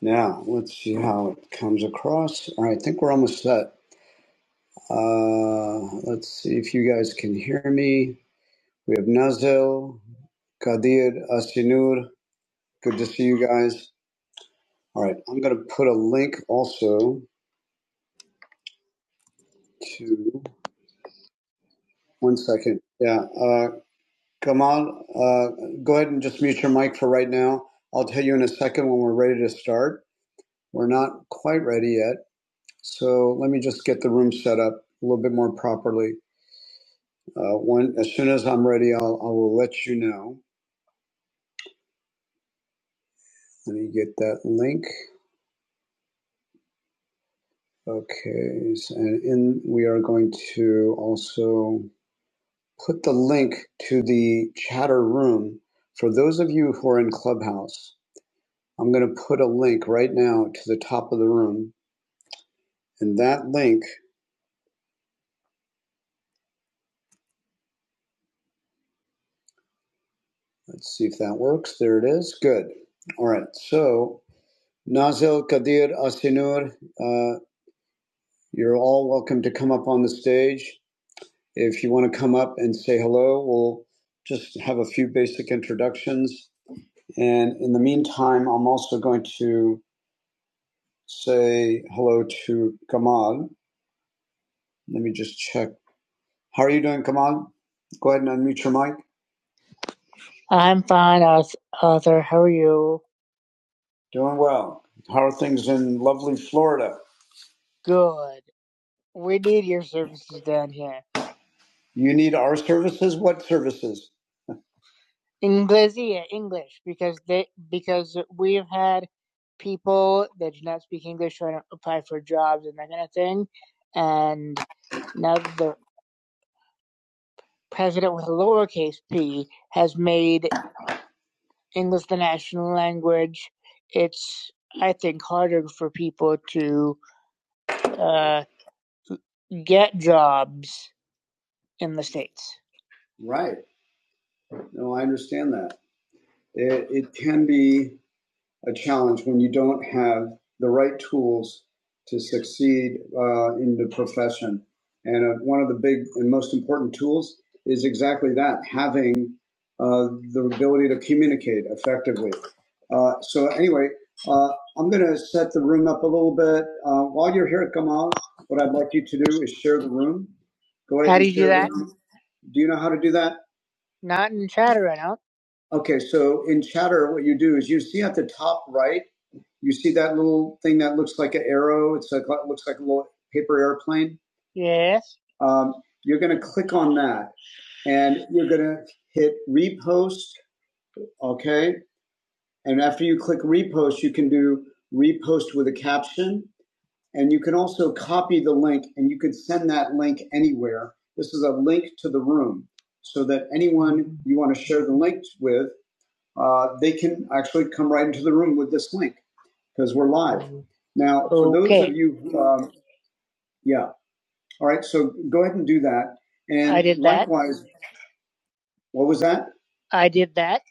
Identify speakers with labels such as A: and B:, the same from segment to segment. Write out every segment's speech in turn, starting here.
A: Now, let's see how it comes across. All right, I think we're almost set. Uh, let's see if you guys can hear me. We have Nazil, Kadir, Asinur. Good to see you guys. All right, I'm going to put a link also to one second. Yeah, uh, Kamal, uh, go ahead and just mute your mic for right now. I'll tell you in a second when we're ready to start. We're not quite ready yet. So let me just get the room set up a little bit more properly. Uh, when as soon as I'm ready, I'll I will let you know. Let me get that link. Okay, so, and in we are going to also put the link to the chatter room for those of you who are in Clubhouse. I'm going to put a link right now to the top of the room, and that link. Let's see if that works. There it is. Good. All right. So Nazil Kadir Asinur, uh, you're all welcome to come up on the stage. If you want to come up and say hello, we'll just have a few basic introductions. And in the meantime, I'm also going to say hello to Kamal. Let me just check. How are you doing, Kamal? Go ahead and unmute your mic. I'm fine, Arthur. How are you? Doing well. How are things in lovely Florida? Good. We need your services down here. You need our services? What services? Inglesia, English, because they because we've had people that do not speak English trying to apply for jobs and that kind of thing, and now the president with a lowercase p has made English the national language. It's I think harder for people to uh, get jobs in the states. Right. No, I understand that. It, it can be. a challenge when you don't have the right tools to succeed uh, in the profession. And uh, one of the big and most important tools is exactly that having uh, the ability to communicate effectively. Uh, so, anyway, uh, I'm going to set the room up a little bit. Uh, while you're here, Kamal, what I'd like you to do is share the room. Go ahead How do and you do share the that? room. Do you know how to do that? Not in Chatter I don't. Okay, so in Chatter, what you do is you see at the top right. You see that little thing that looks like an arrow? It's like it looks like a little paper airplane. Yes. Um, you're going to click on that, and you're going to hit repost. Okay, and after you click repost, you can do repost with a caption, and you can also copy the link, and you can send that link anywhere. This is a link to the room, so that anyone you want to share the link with, uh, they can actually come right into the room with this link because we're live. Now, for okay. those Okay. of you, um, yeah. All right. So go ahead and do that. And I did that. likewise, that. what was that? I did that.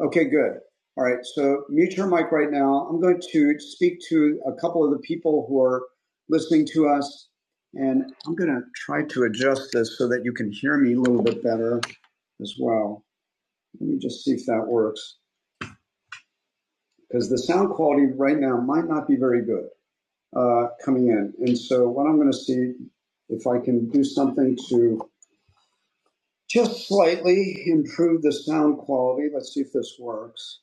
A: Okay, good. All right, so mute your mic right now. I'm going to speak to a couple of the people who are listening to us, and I'm going to try to adjust this so that you can hear me a little bit better as well. Let me just see if that works, because the sound quality right now might not be very good. uh, coming in. And so, what I'm going to see if I can do something to just slightly improve the sound quality. Let's see if this works.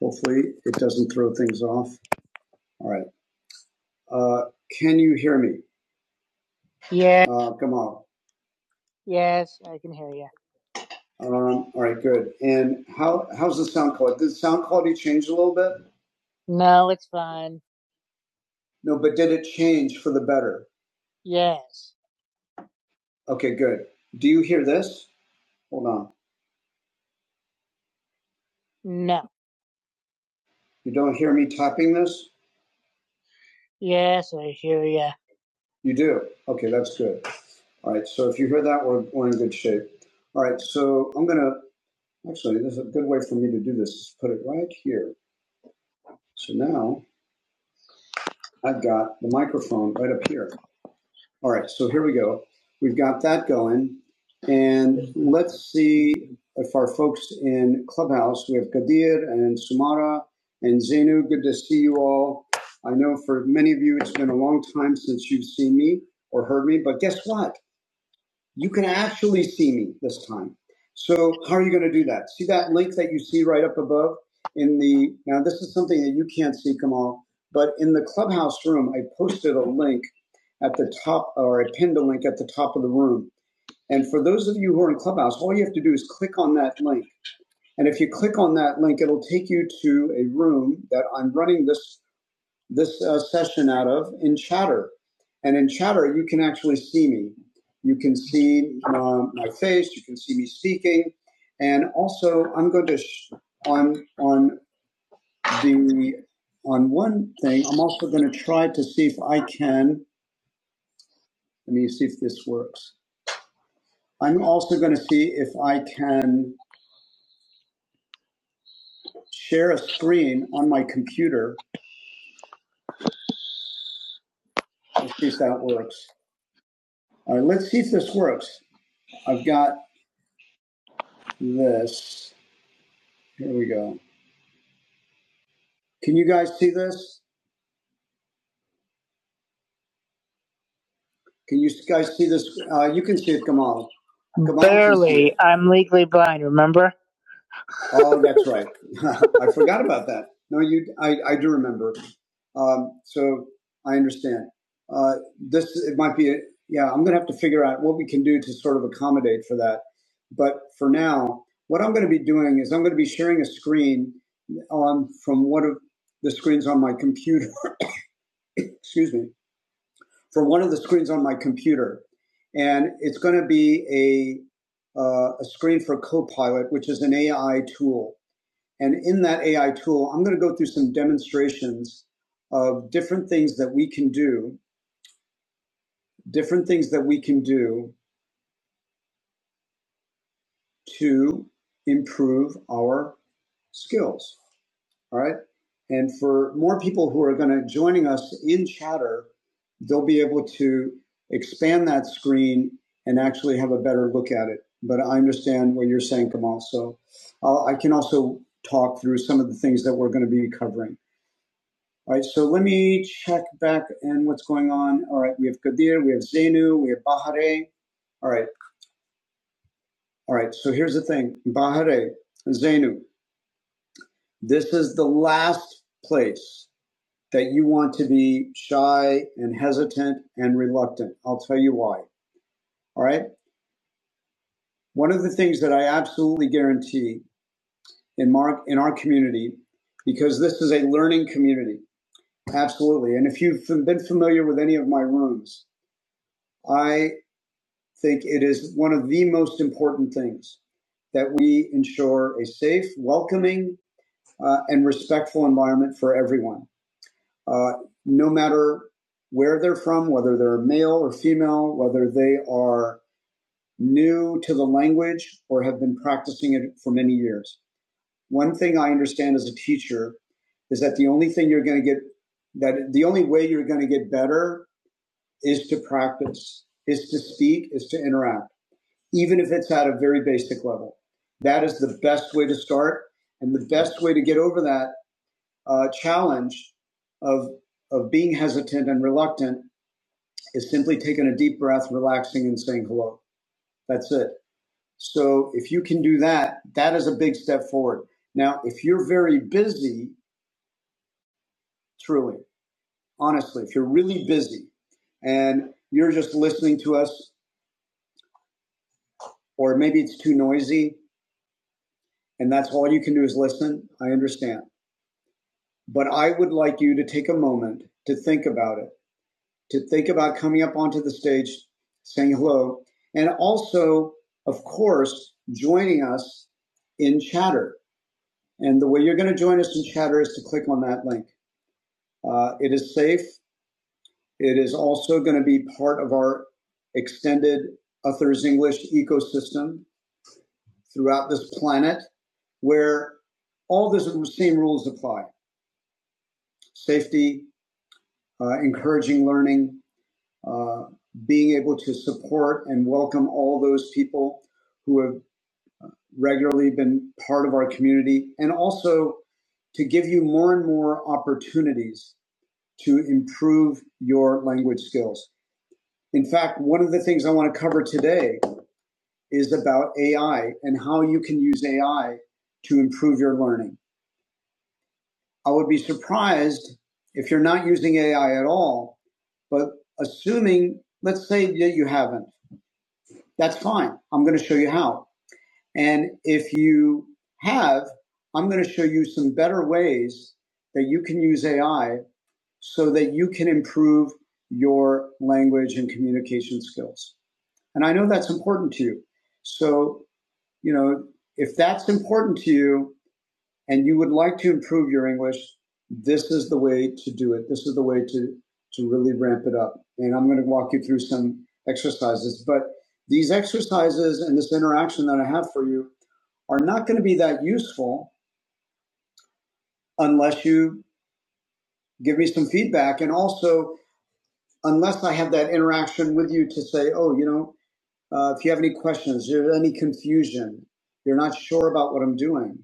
A: Hopefully, it doesn't throw things off. All right. Uh, can you hear me? Yeah. Uh, come on. Yes, I can hear you. Um, all right, good. And how how's the sound quality? Did the sound quality change a little bit? No, it's fine. No, but did it change for the better? Yes. Okay, good. Do you hear this? Hold on. No. You don't hear me tapping this? Yes, I hear you. You do? Okay, that's good. All right, so if you hear that, we're, we're in good shape. All right, so I'm going to, actually, there's a good way for me to do this, is put it right here. So now I've got the microphone right up here. All right, so here we go. We've got that going. And let's see if our folks in Clubhouse, we have Kadir and Sumara and Zainu, good to see you all. I know for many of you, it's been a long time since you've seen me or heard me, but guess what? You can actually see me this time. So how are you going to do that? See that link that you see right up above in the, now this is something that you can't see, Kamal, but in the clubhouse room, I posted a link at the top, or I pinned a link at the top of the room. And for those of you who are in clubhouse, all you have to do is click on that link. And if you click on that link, it'll take you to a room that I'm running this this uh, session out of in Chatter. And in Chatter, you can actually see me. You can see um, my face. You can see me speaking. And also, I'm going to sh- on on the on one thing. I'm also going to try to see if I can. Let me see if this works. I'm also going to see if I can share a screen on my computer. Let's see if that works. All right, let's see if this works. I've got this. Here we go. Can you guys see this? Can you guys see this? Uh, you can see it, Gamal. Gamal can it. Barely. I'm legally blind, remember? Oh, that's right. I forgot about that. No, you. I, I do remember. Um, so I understand. Uh, this it might be. A, yeah, I'm going to have to figure out what we can do to sort of accommodate for that. But for now, what I'm going to be doing is I'm going to be sharing a screen on from one of the screens on my computer. Excuse me. for one of the screens on my computer, and it's going to be a uh, a screen for Copilot, which is an AI tool. And in that AI tool, I'm going to go through some demonstrations of different things that we can do, different things that we can do to improve our skills All right. And for more people who are going to joining us in chatter, they'll be able to expand that screen and actually have a better look at it. But I understand what you're saying, Kamal. So i I can also talk through some of the things that we're going to be covering. All right, so let me check back and what's going on. All right, we have Kadir, we have Zainu, we have Bahare. All right, all right, so here's the thing Bahare, Zainu, this is the last place that you want to be shy and hesitant and reluctant. I'll tell you why. All right. One of the things that I absolutely guarantee in Mark in our community, because this is a learning community, absolutely. And if you've been familiar with any of my rooms, I think it is one of the most important things that we ensure a safe, welcoming, uh, and respectful environment for everyone. uh, no matter where they're from, whether they're male or female, whether they are new to the language or have been practicing it for many years. One thing I understand as a teacher is that the only thing you're going to get that the only way you're going to get better is to practice, is to speak, is to interact, even if it's at a very basic level. That is the best way to start. And the best way to get over that uh, challenge of of being hesitant and reluctant is simply taking a deep breath, relaxing, and saying hello. That's it. So if you can do that, that is a big step forward. Now, if you're very busy, truly, honestly, if you're really busy and you're just listening to us, or maybe it's too noisy and that's all you can do is listen, I understand. But I would like you to take a moment to think about it to think about coming up onto the stage, saying hello, and also, of course, joining us in chatter. And the way you're going to join us in chatter is to click on that link. Uh, it is safe. It is also going to be part of our extended Authors English ecosystem throughout this planet where all the same rules apply safety, uh, encouraging learning, uh, being able to support and welcome all those people who have regularly been part of our community, and also to give you more and more opportunities to improve your language skills. In fact, one of the things I want to cover today is about AI and how you can use AI to improve your learning. I would be surprised if you're not using AI at all, but assuming, let's say that you haven't That's fine. I'm going to show you how. And if you have, I'm going to show you some better ways that you can use AI so that you can improve your language and communication skills. And I know that's important to you. So, you know, if that's important to you, and you would like to improve your English, this is the way to do it. This is the way to, to really ramp it up. And I'm going to walk you through some exercises. But these exercises and this interaction that I have for you are not going to be that useful unless you give me some feedback. And also, unless I have that interaction with you to say, oh, you know, uh, if you have any questions, there's any confusion, you're not sure about what I'm doing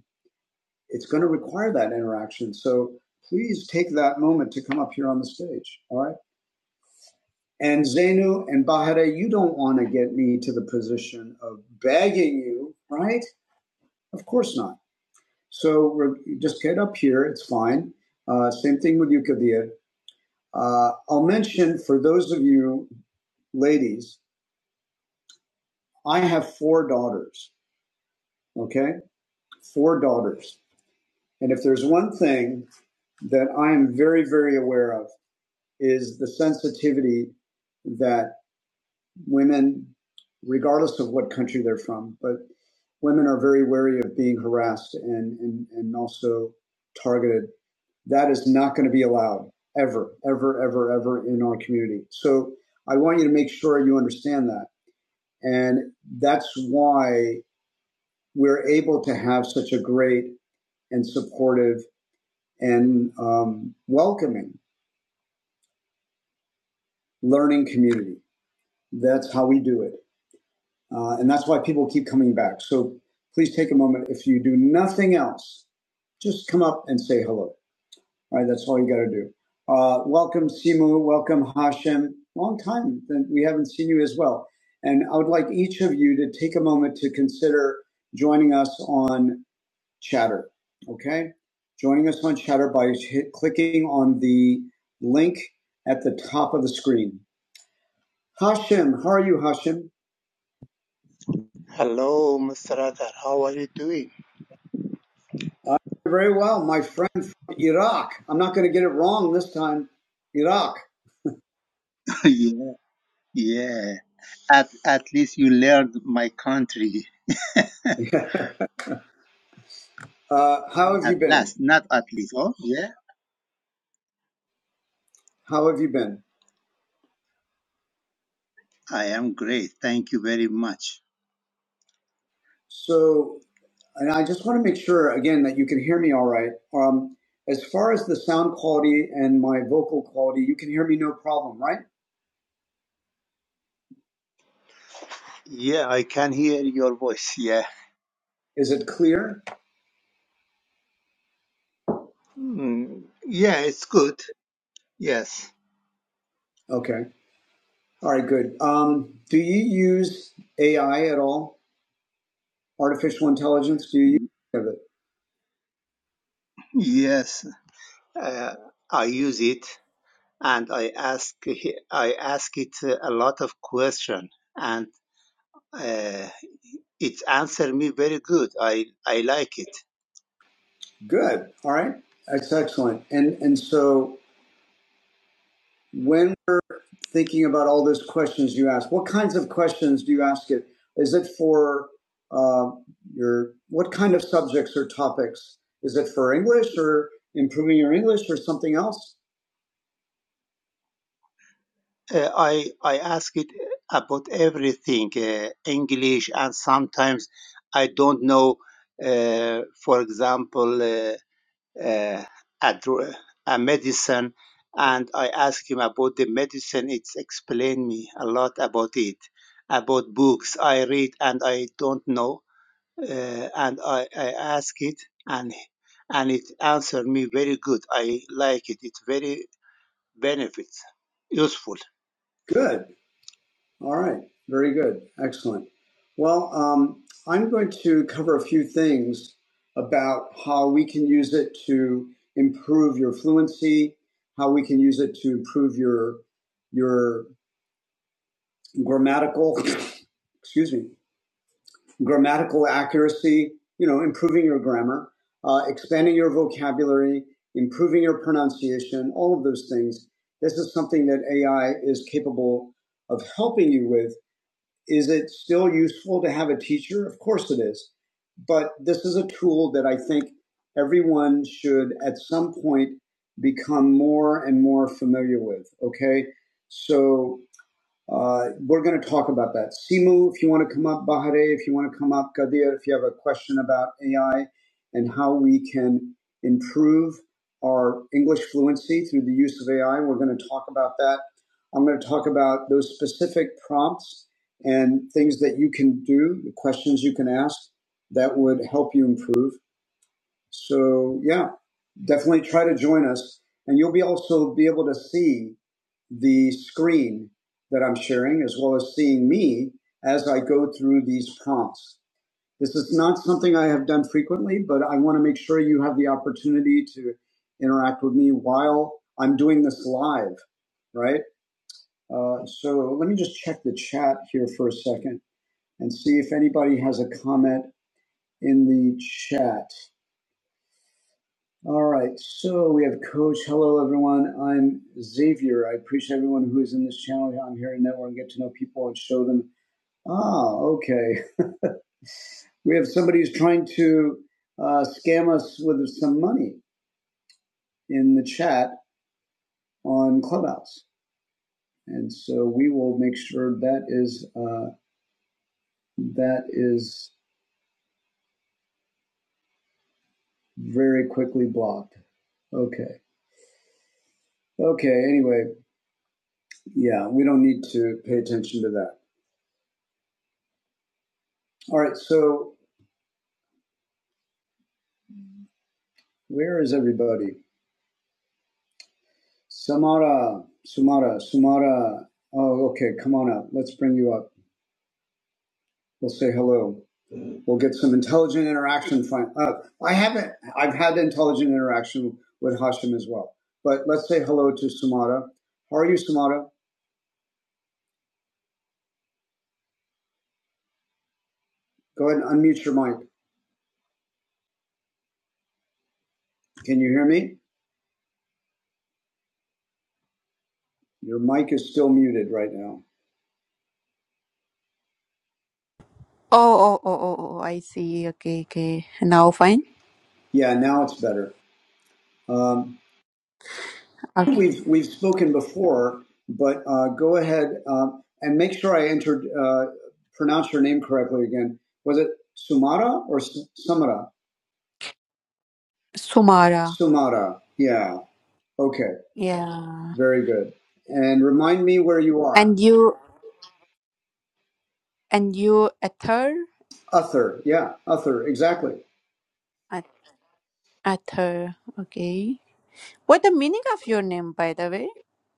A: it's going to require that interaction. So please take that moment to come up here on the stage. All right. And Zainu and Bahare, you don't want to get me to the position of begging you, right? Of course not. So we're, just get up here. It's fine. Uh, same thing with you, Kadir. Uh, I'll mention for those of you ladies, I have four daughters. Okay. Four daughters. And if there's one thing that I am very, very aware of, is the sensitivity that women, regardless of what country they're from, but women are very wary of being harassed and, and, and also targeted. That is not going to be allowed ever, ever, ever, ever in our community. So I want you to make sure you understand that. And that's why we're able to have such a great and supportive and um, welcoming learning community. That's how we do it. Uh, and that's why people keep coming back. So please take a moment. If you do nothing else, just come up and say hello. All right, that's all you got to do. Uh, welcome, Simu. Welcome, Hashem. Long time that we haven't seen you as well. And I would like each of you to take a moment to consider joining us on Chatter. Okay, joining us on Chatter by hit, clicking on the link at the top of the screen. Hashem, how are you, Hashem?
B: Hello, Mr. Adar. How are you doing?
A: Uh, very well, my friend from Iraq. I'm not going to get it wrong this time. Iraq.
B: yeah, yeah. At at least you learned my country
A: uh, how have you
B: at
A: been?
B: last. Not at least. Oh, yeah.
A: How have you been?
B: I am great. Thank you very much.
A: So, and I just want to make sure again that you can hear me all right. Um, as far as the sound quality and my vocal quality, you can hear me no problem, right?
B: Yeah, I can hear your voice. Yeah.
A: Is it clear?
B: Mm, yeah, it's good. Yes.
A: Okay. All right, good. Um, do you use AI at all? Artificial intelligence? Do you use any of it?
B: Yes. Uh, I use it and I ask I ask it a lot of question and uh, it answer me very good. I I like it.
A: Good. All right. That's excellent. And and so when we're thinking about all those questions you ask, what kinds of questions do you ask it? Is it for uh, your, what kind of subjects or topics? Is it for English or improving your English or something else?
B: Uh, I I ask it about everything, uh, English, and sometimes I don't know. Uh, for example, uh, uh, a, dr- a medicine, and I ask him about the medicine. It's explained me a lot about it, about books I read and I don't know, uh, and I, I ask it and and it answered me very good. I like it. It's very benefits useful.
A: Good. All right. Very good. Excellent. Well, um, I'm going to cover a few things about how we can use it to improve your fluency, how we can use it to improve your your grammatical excuse me grammatical accuracy, you know, improving your grammar, uh, expanding your vocabulary, improving your pronunciation, all of those things. This is something that AI is capable of helping you with. Is it still useful to have a teacher? Of course it is. But this is a tool that I think everyone should at some point become more and more familiar with. Okay. So uh, we're going to talk about that. Simu, if you want to come up, Bahare, if you want to come up, Kadir, if you have a question about AI and how we can improve our English fluency through the use of AI, we're going to talk about that. I'm going to talk about those specific prompts and things that you can do, the questions you can ask that would help you improve. So, yeah, definitely try to join us. And you'll be also be able to see the screen that I'm sharing, as well as seeing me as I go through these prompts. This is not something I have done frequently, but I want to make sure you have the opportunity to interact with me while I'm doing this live, right? Uh, so let me just check the chat here for a second and see if anybody has a comment in the chat. All right, so we have Coach. Hello, everyone. I'm Xavier. I appreciate everyone who is in this channel. I'm here to network and get to know people and show them. Ah, okay. We have somebody who's trying to uh, scam us with some money in the chat on Clubhouse, and so we will make sure that is uh, that is very quickly blocked. Okay. Okay. Anyway, yeah, we don't need to pay attention to that. All right. So where is everybody? Samara, Sumara, Sumara. Oh, okay. Come on up. Let's bring you up. We'll say hello. We'll get some intelligent interaction. Fine. Uh, I haven't. I've had intelligent interaction with Hashim as well. But let's say hello to Sumara. How are you, Sumara? Go ahead and unmute your mic. Can you hear me? Your mic is still muted right now.
C: Oh, oh, oh, oh, oh, oh, I see. Okay, okay. Now fine.
A: Yeah, now it's better. Um,
C: Okay.
A: We've we've spoken before, but uh, go ahead um, and make sure I entered uh, pronounce your name correctly again. Was it Sumara or S- Sumara?
C: Sumara.
A: Sumara. Yeah. Okay.
C: Yeah.
A: Very good. And remind me where you are.
C: And you, and you, Ether?
A: Uther. Yeah. Uther. Exactly.
C: At Ether. Okay. What the meaning of your name, by the way?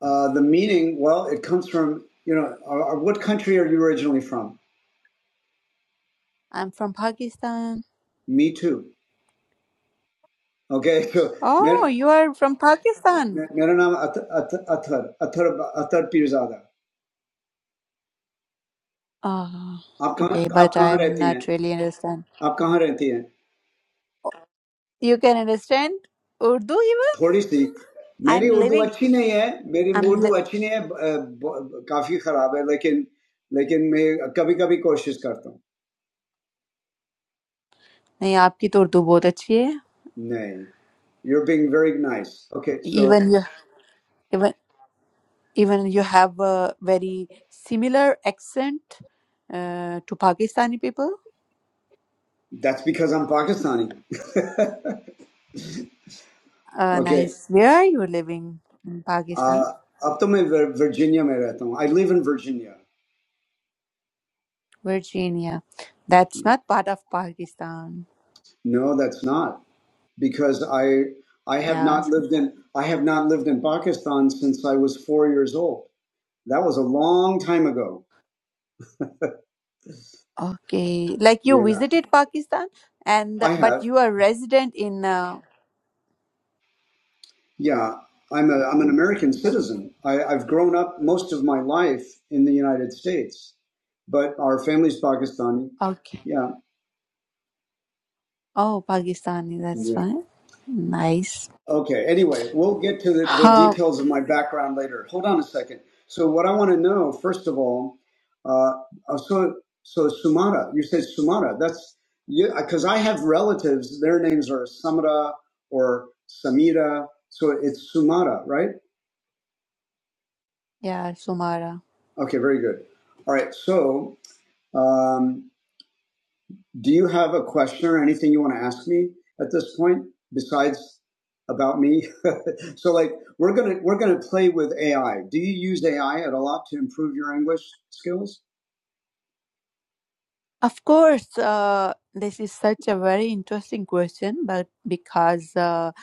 A: Uh, the meaning. Well, it comes from you know. Uh, uh, what country are you originally from?
C: I'm from Pakistan.
A: Me too. Okay. So. मेरा
C: Oh, you are from Pakistan.
A: मेरा नाम अतर अतर अतर अतर Pirzada
C: Oh,
A: आप कहाँ
C: okay.
A: आप
C: But
A: कहाँ
C: I'm
A: रहती हैं
C: not really understand.
A: आप कहाँ रहती हैं
C: You can understand Urdu even?
A: थोड़ी सी
C: I'm
A: मेरी उर्दू
C: living.
A: अच्छी नहीं है मेरी
C: I'm
A: उर्दू
C: li-
A: अच्छी नहीं है है काफी खराब है लेकिन लेकिन मैं कभी कभी कोशिश करता हूँ
C: नहीं आपकी तो उर्दू बहुत अच्छी है
A: नहीं You're being very nice. Okay, so
C: even even you have a very similar accent uh, to Pakistani people.
A: that's because I'm Pakistani.
C: And
A: okay.
C: I swear you're living in Pakistan,
A: Uh, up to my Vir- Virginia, mein rehta I live in Virginia.
C: Virginia. That's
A: Yeah.
C: not part of Pakistan.
A: No, that's not because I I have
C: Yeah. it's-
A: not lived in I have not lived in Pakistan since I was four years old. That was a long time ago.
C: Okay. Like you
A: Yeah,
C: visited Pakistan, and
A: I
C: but
A: have.
C: you are resident in. Uh,
A: Yeah, I'm a I'm an American
C: the-
A: citizen. I, I've grown up most of my life in the United States, but our family's Pakistani.
C: okay.
A: Yeah,
C: Oh, Pakistani. That's
A: yeah.
C: fine. Nice.
A: Okay. Anyway, we'll get to the, the
C: Huh.
A: details of my background later. Hold on a second. So, what I want to know, first of all, uh, uh, so so Sumata, you said Sumata. That's because I have relatives. Their names are Samara or Samira. So it's Sumata, right?
C: Yeah, Sumara.
A: Okay, very good. All right, so um, do you have a question or anything you want to ask me at this point besides about me? so, like, we're gonna we're gonna play with AI. Do you use AI at a lot to improve your English skills?
C: Of course, uh, this is such a very interesting question, but because uh,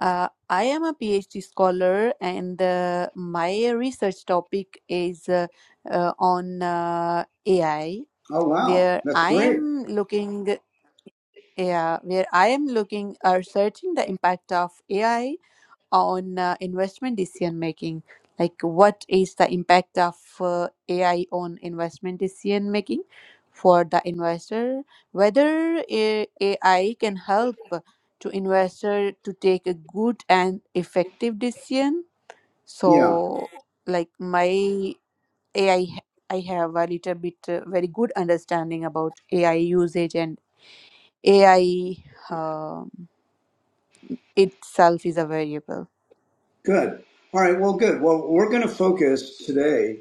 C: uh, I am a PhD scholar and uh, my research topic is uh, uh, on uh, AI,
A: Oh, wow,
C: where
A: that's
C: I
A: great.
C: am looking, yeah, where I am looking, uh, searching the impact of AI on uh, investment decision making like what is the impact of uh, ai on investment decision making for the investor whether uh, a- ai can help to investor to take a good and effective decision
A: Yeah.
C: so like my ai I have a little bit uh, very good understanding about ai usage and ai um, itself is a variable
A: Good. All right. Well, good. Well, we're going to focus today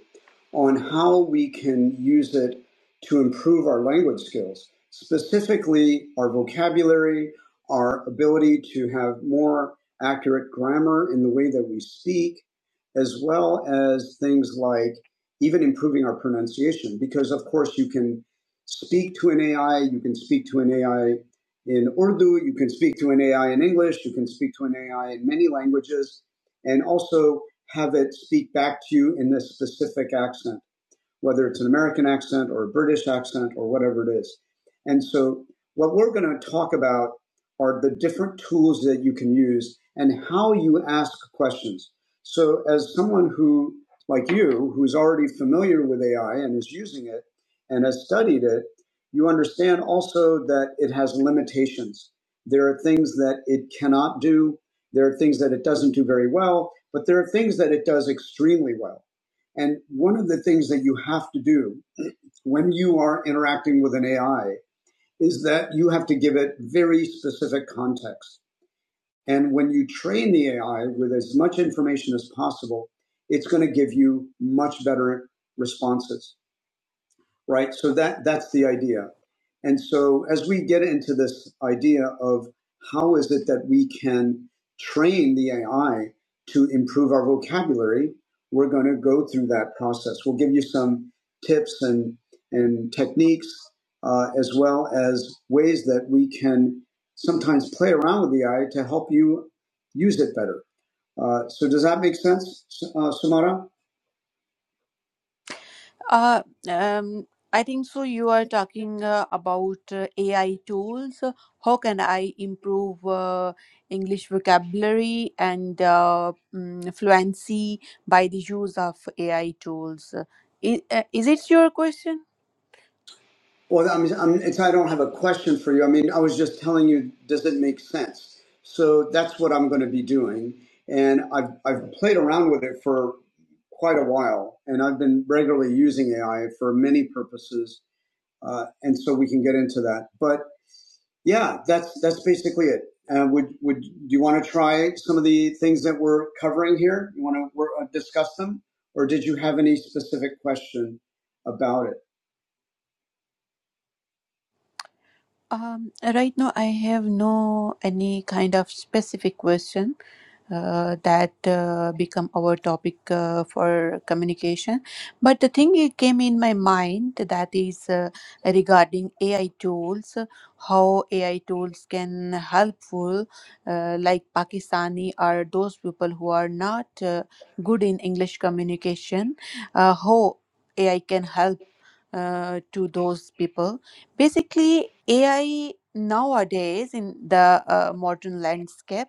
A: on how we can use it to improve our language skills, specifically our vocabulary, our ability to have more accurate grammar in the way that we speak, as well as things like even improving our pronunciation. Because, of course, you can speak to an AI, you can speak to an AI in Urdu, you can speak to an AI in English, you can speak to an AI in many languages and also have it speak back to you in this specific accent whether it's an American accent or a British accent or whatever it is. And so, what we're going to talk about are the different tools that you can use and how you ask questions. So, as someone who, like you, who's already familiar with AI and is using it and has studied it, you understand also that it has limitations. There are things that it cannot do, there are things that it doesn't do very well, but there are things that it does extremely well. And one of the things that you have to do when you are interacting with an AI is that you have to give it very specific context. And when you train the AI with as much information as possible, it's going to give you much better responses right? So that that's the idea. And so as we get into this idea of how is it that we can train the AI to improve our vocabulary, we're going to go through that process. We'll give you some tips and and techniques, uh, as well as ways that we can sometimes play around with the AI to help you use it better. Uh, so does that make sense, S- uh, Samara?
C: Uh, um, I think so. You are talking uh, about uh, AI tools. Uh, How can I improve uh, English vocabulary and uh, mm, fluency by the use of AI tools? Uh, Is, uh, is it your question?
A: Well, I mean, I'm, it's, I don't have a question for you. I mean, I was just telling you, does it make sense? So that's what I'm going to be doing, and I've I've played around with it for quite a while, and I've been regularly using AI for many purposes, uh, and so we can get into that. But yeah, that's that's basically it. Uh, would would do you want to try some of the things that we're covering here? You want to we're, uh, discuss them, or did you have any specific question about it?
C: Um, right now, I have no any kind of specific question. uh, that uh, become our topic uh, for communication. But the thing it came in my mind that is uh, regarding AI tools, how AI tools can helpful, uh, like Pakistani or those people who are not uh, good in English communication, uh, how AI can help uh, to those people. Basically, AI nowadays in the uh, modern landscape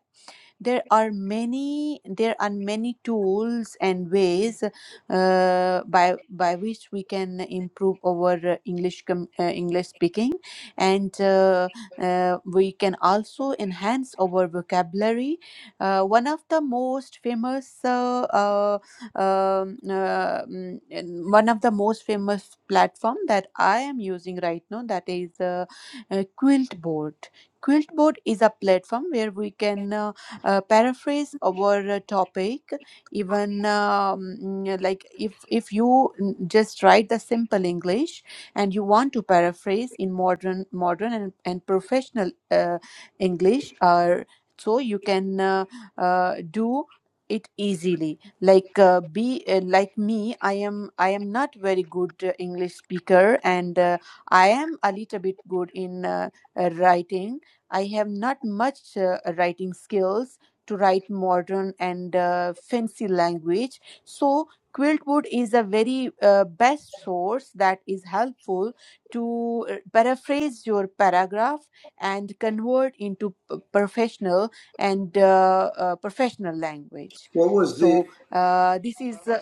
C: there are many there are many tools and ways uh, by by which we can improve our uh, english com- uh, english speaking and uh, uh, we can also enhance our vocabulary uh, one of the most famous uh, uh, um, uh, mm, and one of the most famous platform that i am using right now that is uh, uh, quiltboard quiltboard is a platform where we can uh, uh, paraphrase our uh, topic even um, mm, like if if you mm, just write the simple english and you want to paraphrase in modern modern and, and professional uh, english or so you can uh, uh, do it easily like uh, be uh, like me i am i am not very good uh, english speaker and uh, i am a little bit good in uh, uh, writing i have not much uh, writing skills to write modern and uh, fancy language so quiltwood is a very uh, best source that is helpful to uh, paraphrase your paragraph and convert into p- professional and uh, uh, professional language
A: What was
C: so
A: the
C: uh, this is uh,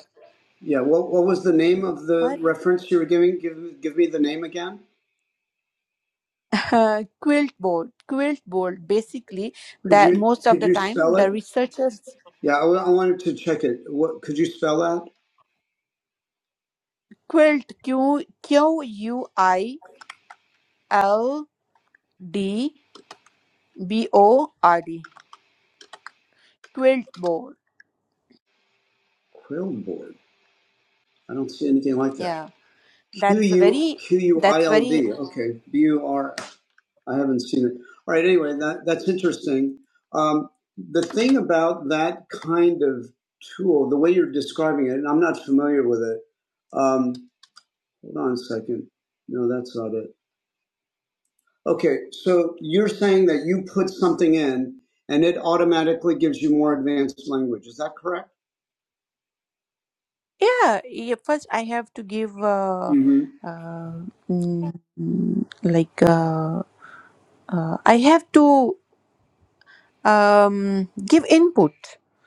A: Yeah. What What was the name of the
C: what
A: reference you were giving? Give Give me the name again.
C: uh, quilt board basically
A: Could
C: that
A: you
C: most of
A: Could
C: the
A: you
C: time
A: spell
C: the
A: it?
C: researchers
A: Yeah, I, w- I wanted to check it. What could you spell out?
C: quilt q q u i l d B O R D. Quilt board.
A: Quillboard. I don't see anything like that.
C: Yeah,
A: Q
C: that's a
A: U
C: very.
A: Q U I
C: That's
A: L
C: very.
A: D. Okay. B U R. I haven't seen it. All right. Anyway, that that's interesting. Um, the thing about that kind of tool, the way you're describing it, and I'm not familiar with it. Um, hold on a second. No, that's not it. Okay, so you're saying that you put something in and it automatically gives you more advanced language. Is that correct?
C: Yeah. yeah first, I have to give. Uh,
A: mm hmm
C: uh, mm, mm, like uh, uh, I have to. um, give input.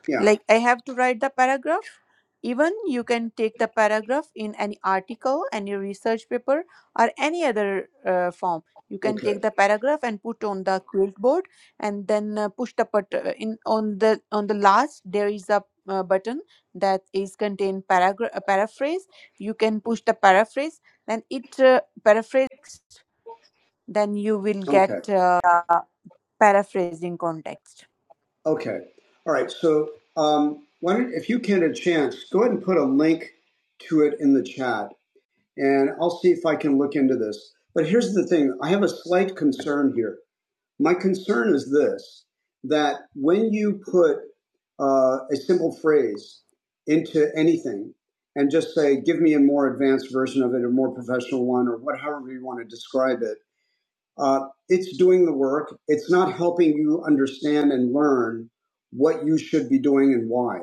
A: Yeah.
C: Like I have to write the paragraph. Even you can take the paragraph in any article, any research paper, or any other uh, form. You can
A: Okay.
C: take the paragraph and put on the quilt board, and then uh, push the but uh, in on the on the last there is a uh, button that is contain paragraph uh, paraphrase. You can push the paraphrase, then it uh, paraphrases. Then you will get
A: Okay.
C: uh, paraphrasing context.
A: Okay. All right. So, um, why don't, if you can, a chance, go ahead and put a link to it in the chat, and I'll see if I can look into this. But here's the thing: I have a slight concern here. My concern is this that when you put uh, a simple phrase into anything and just say, give me a more advanced version of it, a more professional one, or what, however you want to describe it, uh, it's doing the work. It's not helping you understand and learn what you should be doing and why.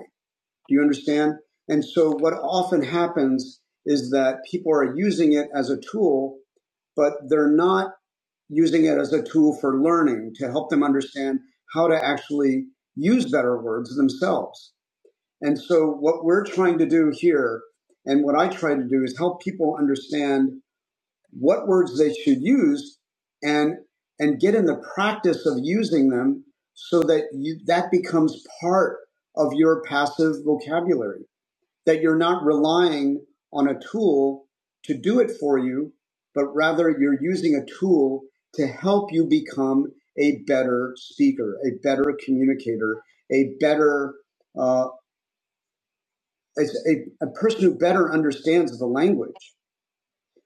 A: Do you understand? And so, what often happens is that people are using it as a tool but they're not using it as a tool for learning to help them understand how to actually use better words themselves. And so, what we're trying to do here, and what I try to do, is help people understand what words they should use, and and get in the practice of using them, so that you, that becomes part of your passive vocabulary that you're not relying on a tool to do it for you, but rather you're using a tool to help you become a better speaker, a better communicator, a better uh, a, a person who better understands the language.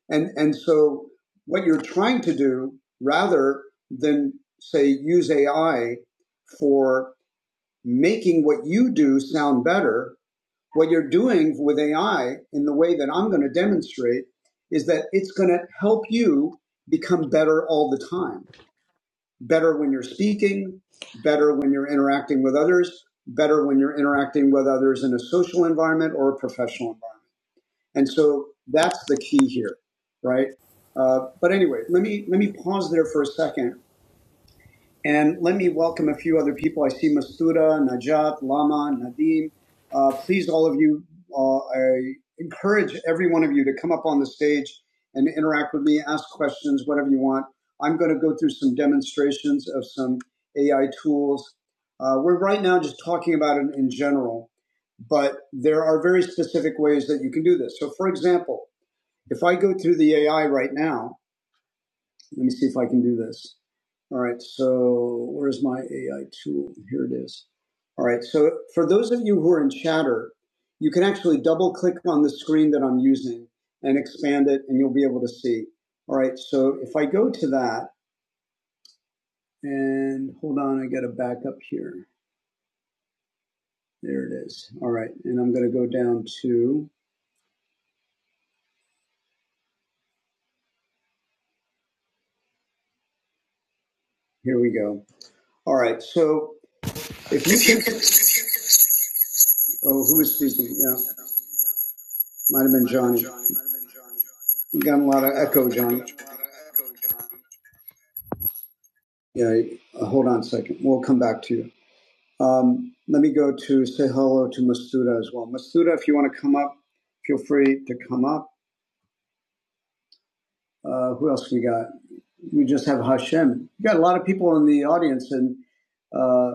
A: And and so what you're trying to do, rather than say use AI for making what you do sound better, What you're doing with AI in the way that I'm going to demonstrate is that it's going to help you become better all the time. Better when you're speaking, better when you're interacting with others, better when you're interacting with others in a social environment or a professional environment. And so that's the key here, right? Uh, but anyway, let me let me pause there for a second and let me welcome a few other people. I see Mastuda, Najat, Lama, Nadim. Uh, please, all of you, uh, I encourage every one of you to come up on the stage and interact with me, ask questions, whatever you want. I'm going to go through some demonstrations of some AI tools. Uh, we're right now just talking about it in general, but there are very specific ways that you can do this. So, for example, if I go through the AI right now, let me see if I can do this. All right, so where's my AI tool? Here it is. All right, so for those of you who are in chatter, you can actually double click on the screen that I'm using and expand it, and you'll be able to see. All right, so if I go to that and hold on, I got to back up here. There it is. All right, and I'm going to go down to here we go. All right, so if you can, oh, who is speaking? Yeah. Might have been Johnny. We got a lot of echo, Johnny. Yeah, uh, hold on a second. We'll come back to you. Um, let me go to say hello to Masuda as well. Masuda, if you want to come up, feel free to come up. Uh, who else we got? We just have Hashem. We got a lot of people in the audience, and uh,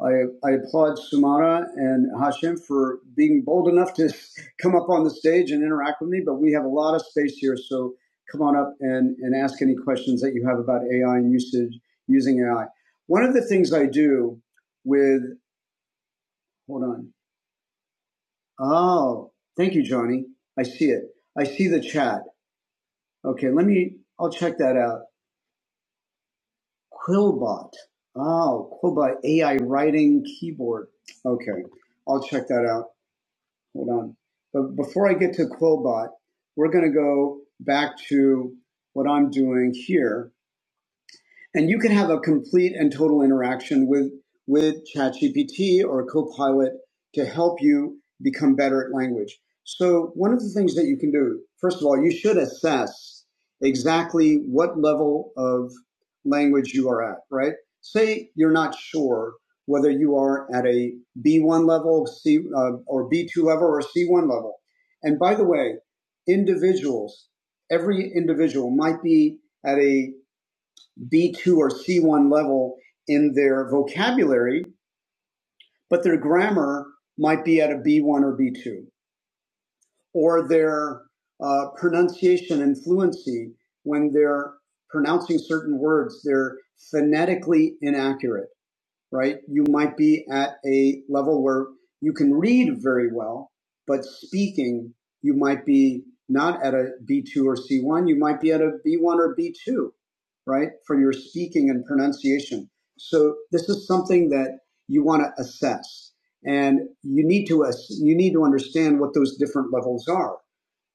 A: I, I applaud Sumana and Hashem for being bold enough to come up on the stage and interact with me, but we have a lot of space here. So come on up and, and ask any questions that you have about AI and usage using AI. One of the things I do with, hold on. Oh, thank you, Johnny. I see it. I see the chat. Okay, let me, I'll check that out. Quillbot. Oh, Quillbot AI writing keyboard. Okay, I'll check that out. Hold on. But before I get to Quillbot, we're going to go back to what I'm doing here and you can have a complete and total interaction with with ChatGPT or Copilot to help you become better at language. So one of the things that you can do, first of all, you should assess exactly what level of language you are at, right? Say you're not sure whether you are at a B1 level, C uh, or B2 level or C1 level. And by the way, individuals, every individual might be at a B2 or C1 level in their vocabulary, but their grammar might be at a B1 or B2, or their uh, pronunciation and fluency when they're pronouncing certain words, they're phonetically inaccurate right? You might be at a level where you can read very well, but speaking, you might be not at a B2 or C1, you might be at a B1 or B2, right? For your speaking and pronunciation. So this is something that you want to assess and you need to you need to understand what those different levels are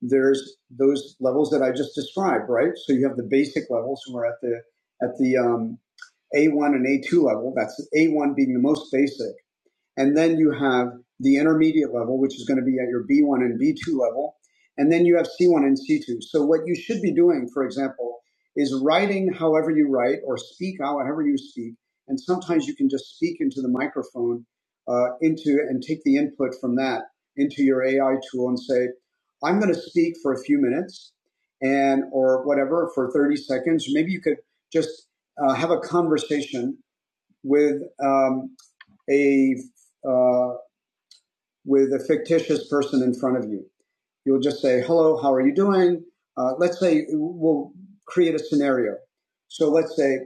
A: there's those levels that I just described, right? So you have the basic levels who are at the at the um, A1 and A2 level. That's A1 being the most basic. And then you have the intermediate level, which is going to be at your B1 and B2 level. And then you have C1 and C2. So what you should be doing, for example, is writing however you write or speak however you speak. And sometimes you can just speak into the microphone, uh, into and take the input from that into your AI tool and say, I'm going to speak for a few minutes and or whatever for 30 seconds. Maybe you could just uh, have a conversation with um, a uh, with a fictitious person in front of you. You'll just say, "Hello, how are you doing?" Uh, let's say we'll create a scenario. So let's say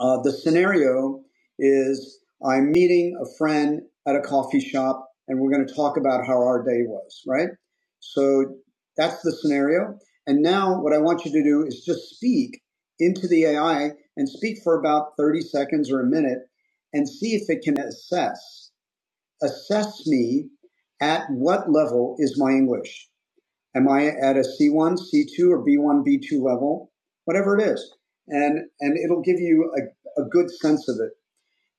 A: uh, the scenario is I'm meeting a friend at a coffee shop, and we're going to talk about how our day was. Right. So that's the scenario. And now what I want you to do is just speak into the AI and speak for about 30 seconds or a minute and see if it can assess assess me at what level is my English? Am I at a C1, C2, or B1, B2 level? Whatever it is. And, and it'll give you a, a good sense of it.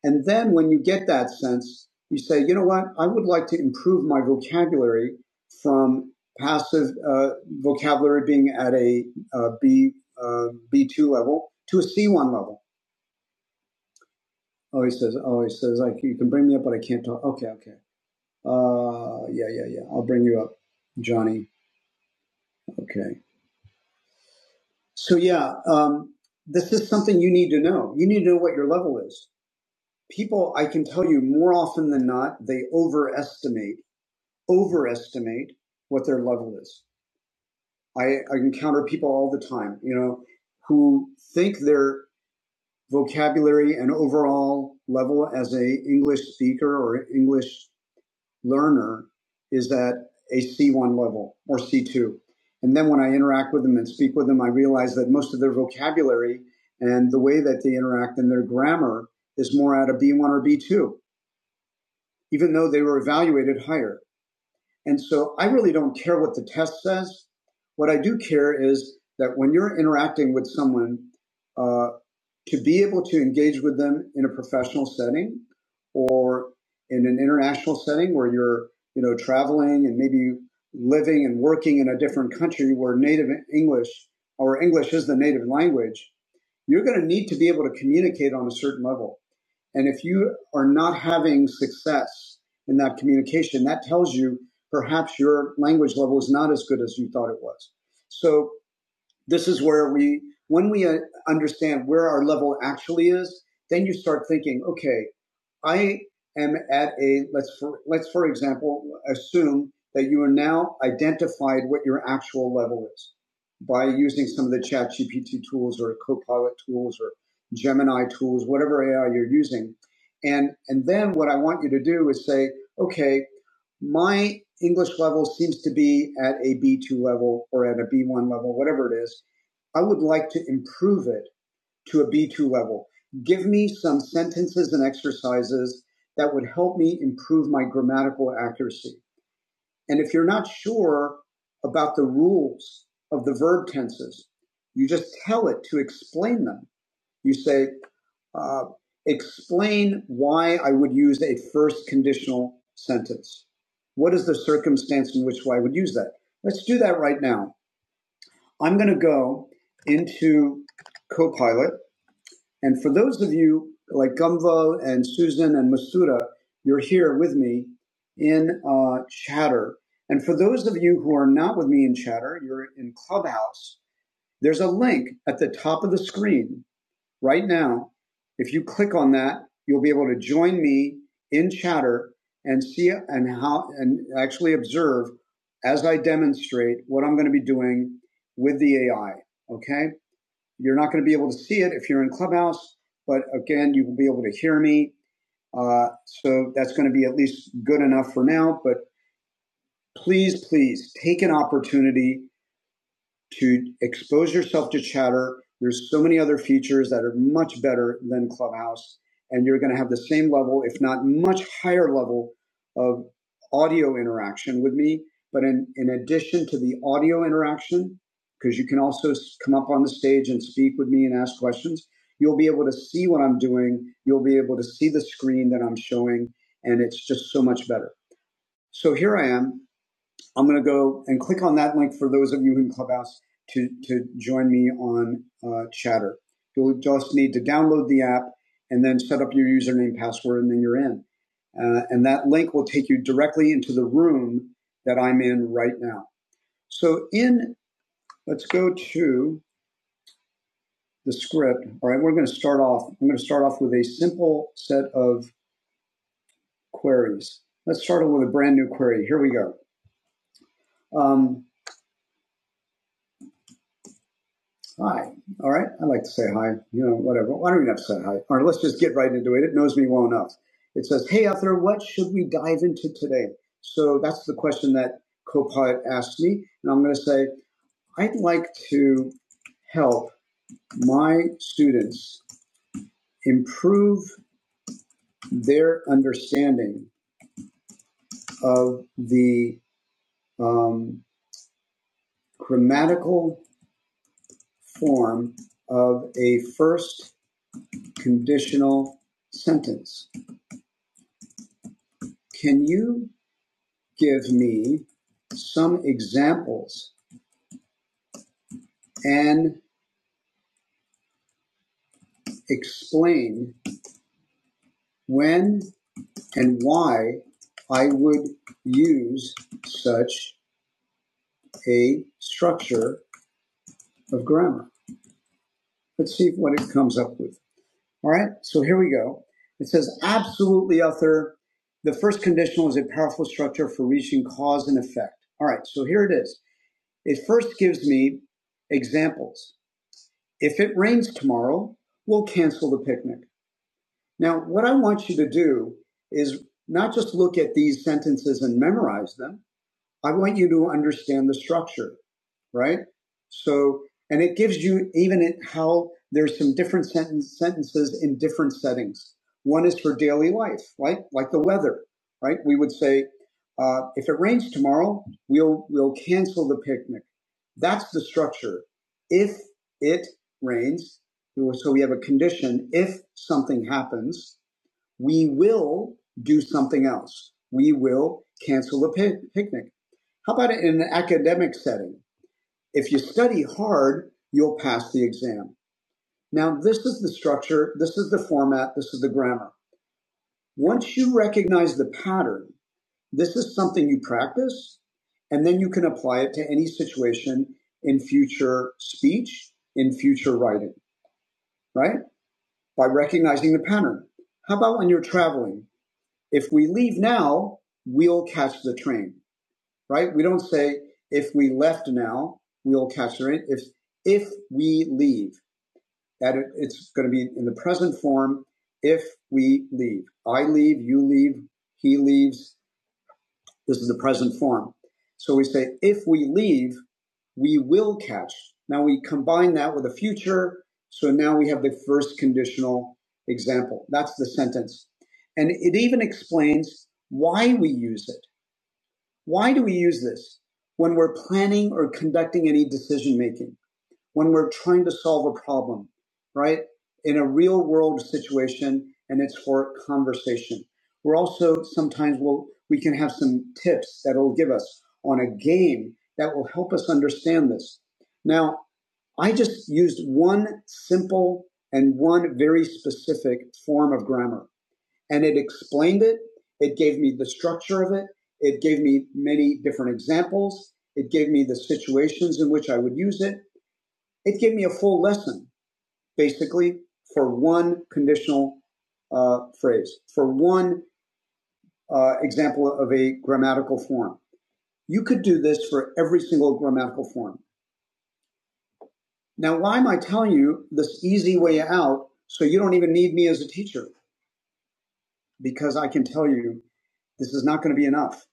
A: And then when you get that sense, you say, you know what? I would like to improve my vocabulary from passive uh, vocabulary being at a uh, B, uh, B2 level to a C1 level. Oh, he says, oh, he says, like, you can bring me up, but I can't talk. Okay, okay. Uh, yeah, yeah, yeah. I'll bring you up, Johnny. Okay. So yeah, um, this is something you need to know. You need to know what your level is. People, I can tell you more often than not, they overestimate, overestimate what their level is. I, I encounter people all the time, you know, who think their vocabulary and overall level as a English speaker or English learner is at a C1 level or C2. And then when I interact with them and speak with them, I realize that most of their vocabulary and the way that they interact and their grammar is more at a B1 or B2, even though they were evaluated higher. And so I really don't care what the test says. What I do care is that when you're interacting with someone, uh, to be able to engage with them in a professional setting or in an international setting where you're, you know, traveling and maybe living and working in a different country where native English or English is the native language, you're going to need to be able to communicate on a certain level. And if you are not having success in that communication, that tells you perhaps your language level is not as good as you thought it was. So this is where we, when we uh, understand where our level actually is, then you start thinking, okay, I am at a let's for, let's for example assume that you are now identified what your actual level is by using some of the chat gpt tools or copilot tools or gemini tools whatever ai you're using and and then what i want you to do is say okay my english level seems to be at a b2 level or at a b1 level whatever it is i would like to improve it to a B2 level. Give me some sentences and exercises that would help me improve my grammatical accuracy. And if you're not sure about the rules of the verb tenses, you just tell it to explain them. You say, uh, explain why I would use a first conditional sentence. What is the circumstance in which I would use that? Let's do that right now. I'm going to go into Copilot and for those of you like Gumval and Susan and Masuda, you're here with me in uh, Chatter. And for those of you who are not with me in Chatter, you're in Clubhouse. There's a link at the top of the screen right now. If you click on that, you'll be able to join me in Chatter and see and how and actually observe as I demonstrate what I'm going to be doing with the AI. Okay. You're not going to be able to see it if you're in Clubhouse, but again, you will be able to hear me. Uh, so that's going to be at least good enough for now. But please, please take an opportunity to expose yourself to chatter. There's so many other features that are much better than Clubhouse, and you're going to have the same level, if not much higher level, of audio interaction with me. But in, in addition to the audio interaction, because you can also s- come up on the stage and speak with me and ask questions, you'll be able to see what I'm doing. You'll be able to see the screen that I'm showing, and it's just so much better. So here I am. I'm going to go and click on that link for those of you in Clubhouse to, to join me on uh, Chatter. You'll just need to download the app and then set up your username, password, and then you're in. Uh, and that link will take you directly into the room that I'm in right now. So in, let's go to the script. All right, we're going to start off. I'm going to start off with a simple set of queries. Let's start with a brand new query. Here we go. Um, Hi. All right. I like to say hi. You know, whatever. Why don't we have to say hi? All right, let's just get right into it. It knows me well enough. It says, Hey, Arthur, what should we dive into today? So that's the question that Copilot asked me. And I'm going to say, I'd like to help my students improve their understanding of the um, grammatical form of a first conditional sentence. Can you give me some examples and explain when and why I would use such a structure of grammar. Let's see what it comes up with. All right, so here we go. It says, absolutely, author. The first conditional is a powerful structure for reaching cause and effect. All right, so here it is. It first gives me examples. If it rains tomorrow, we'll cancel the picnic. Now, what I want you to do is not just look at these sentences and memorize them. I want you to understand the structure, right? So, and it gives you even how there's some different sentence, sentences in different settings. One is for daily life, like like the weather, right? We would say, uh, if it rains tomorrow, we'll we'll cancel the picnic. That's the structure. If it rains, so we have a condition. If something happens, we will do something else. We will cancel the pi- picnic. How about in an academic setting? If you study hard, you'll pass the exam. Now, this is the structure, this is the format, this is the grammar. Once you recognize the pattern, this is something you practice, and then you can apply it to any situation in future speech, in future writing, right? By recognizing the pattern. How about when you're traveling? if we leave now, we'll catch the train, right? We don't say if we left now, we'll catch the train. If if we leave, that it's going to be in the present form. If we leave, I leave, you leave, he leaves, this is the present form. So we say, if we leave, we will catch. Now we combine that with a future. So now we have the first conditional example. That's the sentence. And it even explains why we use it. Why do we use this when we're planning or conducting any decision making? when we're trying to solve a problem, right? In a real world situation, and it's for conversation. We're also sometimes we will we can have some tips that'll give us on a game that will help us understand this. Now, I just used one simple and one very specific form of grammar. And it explained it. It gave me the structure of it. It gave me many different examples. It gave me the situations in which I would use it. It gave me a full lesson, basically, for one conditional uh, phrase, for one uh, example of a grammatical form. You could do this for every single grammatical form. Now, why am I telling you this easy way out so you don't even need me as a teacher? Because I can tell you this is not going to be enough.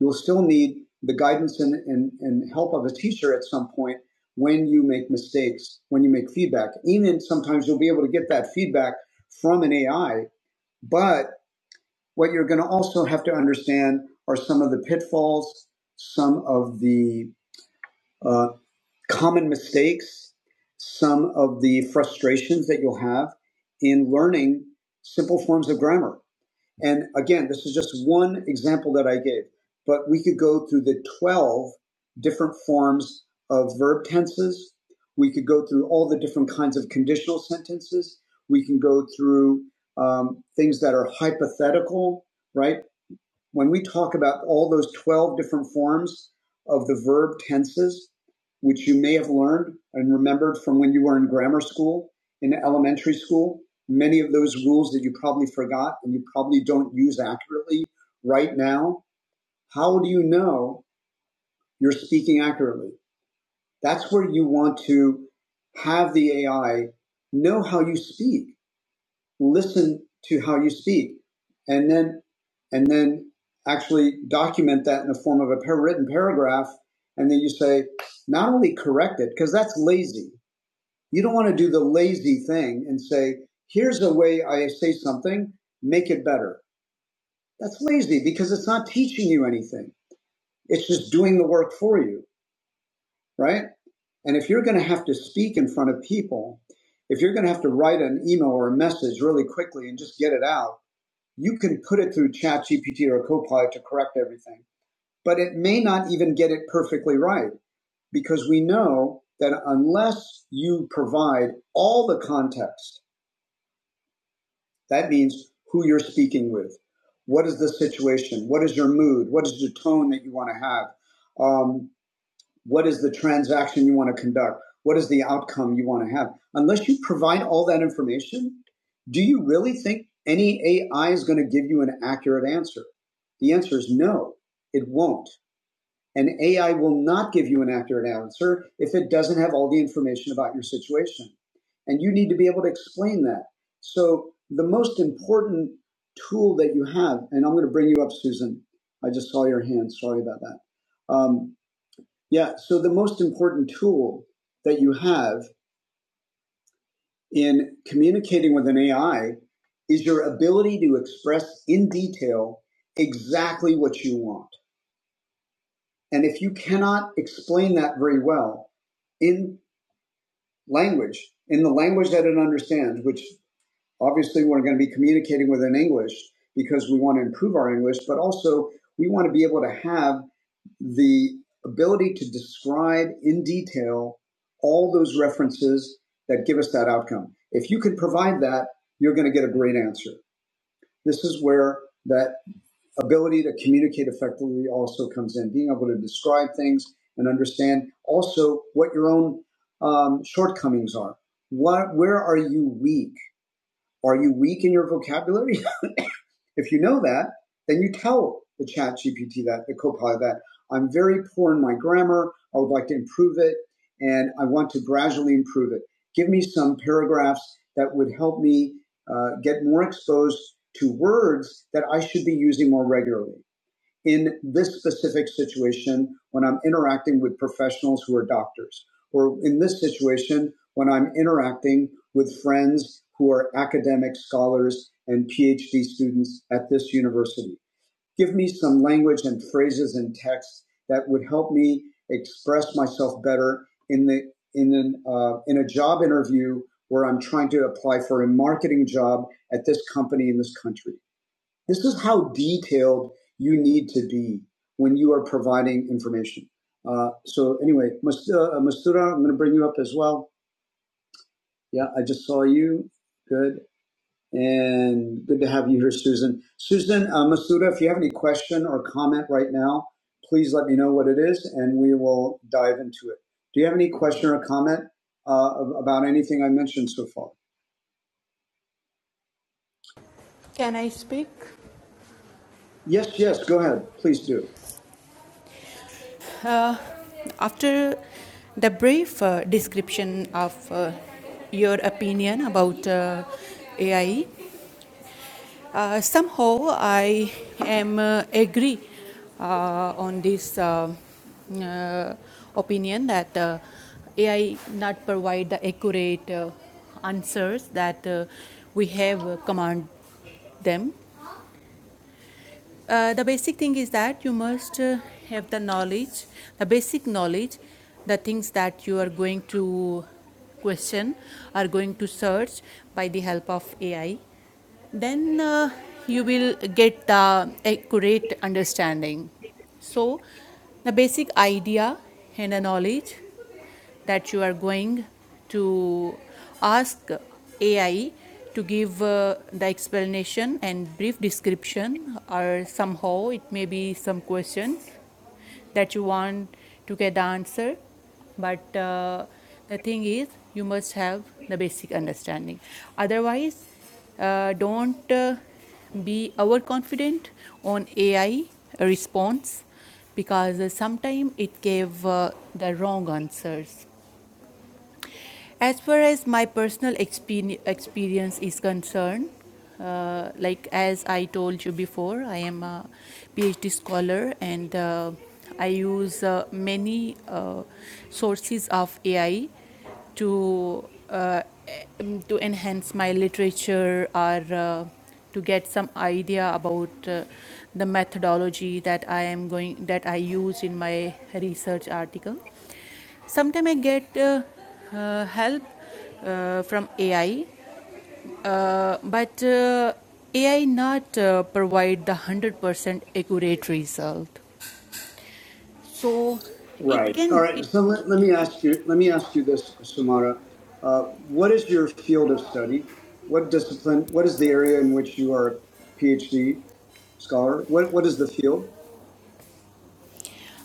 A: You'll still need the guidance and, and, and help of a teacher at some point when you make mistakes, when you make feedback. Even sometimes you'll be able to get that feedback from an AI, but what you're going to also have to understand are some of the pitfalls, some of the uh, common mistakes, some of the frustrations that you'll have in learning simple forms of grammar and again, this is just one example that I gave, but we could go through the 12 different forms of verb tenses. We could go through all the different kinds of conditional sentences. We can go through um, things that are hypothetical, right? when we talk about all those 12 different forms of the verb tenses, which you may have learned and remembered from when you were in grammar school, in elementary school, many of those rules that you probably forgot and you probably don't use accurately right now, how do you know you're speaking accurately? That's where you want to have the AI know how you speak listen to how you speak and then and then actually document that in the form of a par- written paragraph and then you say not only correct it because that's lazy you don't want to do the lazy thing and say here's the way i say something make it better that's lazy because it's not teaching you anything it's just doing the work for you right and if you're going to have to speak in front of people if you're going to have to write an email or a message really quickly and just get it out you can put it through ChatGPT or Copilot to correct everything, but it may not even get it perfectly right because we know that unless you provide all the context, that means who you're speaking with, what is the situation, what is your mood, what is the tone that you want to have. Um, what is the transaction you want to conduct what is the outcome you want to have unless you provide all that information do you really think any ai is going to give you an accurate answer the answer is no it won't and ai will not give you an accurate answer if it doesn't have all the information about your situation and you need to be able to explain that so the most important tool that you have and i'm going to bring you up susan i just saw your hand sorry about that um, yeah. So the most important tool that you have in communicating with an AI is your ability to express in detail exactly what you want. And if you cannot explain that very well in language, in the language that it understands, which obviously we're going to be communicating with in English because we want to improve our English, but also we want to be able to have the ability to describe in detail all those references that give us that outcome. If you can provide that, you're going to get a great answer. This is where that ability to communicate effectively also comes in, being able to describe things and understand also what your own um, shortcomings are. What, where are you weak? Are you weak in your vocabulary? If you know that, then you tell the chat GPT that, the copilot that, I'm very poor in my grammar. I would like to improve it and I want to gradually improve it. Give me some paragraphs that would help me uh, get more exposed to words that I should be using more regularly in this specific situation when I'm interacting with professionals who are doctors, or in this situation when I'm interacting with friends who are academic scholars and PhD students at this university. Give me some language and phrases and text that would help me express myself better in the in an uh, in a job interview where I'm trying to apply for a marketing job at this company in this country. This is how detailed you need to be when you are providing information. Uh, so anyway, Mas- uh, Mastura, I'm going to bring you up as well. Yeah, I just saw you. Good. And good to have you here, Susan. Susan, uh, Mastura, if you have any question or comment right now, please let me know what it is and we will dive into it. Do you have any question or comment uh, about anything I mentioned so far?
C: Can I speak?
A: Yes, yes, go ahead. Please do.
C: Uh, after the brief uh, description of uh, your opinion about uh, AI, uh, somehow I am uh, agree uh, on this uh, uh, opinion that uh, AI not provide the accurate uh, answers that uh, we have uh, command them Uh, the basic thing is that you must uh, have the knowledge, the basic knowledge, the things that you are going to question are going to search by the help of AI. Then uh, you will get the accurate understanding. So, the basic idea and the knowledge that you are going to ask AI to give uh, the explanation and brief description, or somehow it may be some questions that you want to get the answer. But uh, the thing is, you must have the basic understanding. Otherwise, uh, don't uh, be overconfident on AI response because uh, sometimes it gave uh, the wrong answers. As far as my personal expe- experience is concerned, uh, like as I told you before, I am a PhD scholar and uh, I use uh, many uh, sources of AI to uh, em- to enhance my literature or uh, to get some idea about uh, the methodology that I am going that I use in my research article Sometimes I get uh, uh, help uh, from AI, uh, but uh, AI not uh, provide the one hundred percent accurate result. So it
A: Right. All
C: can
A: right.
C: it
A: So let, let me ask you. Let me ask you this, Sumara. Uh, what is your field of study? What discipline? What is the area in which you are a PhD scholar? What What is the field?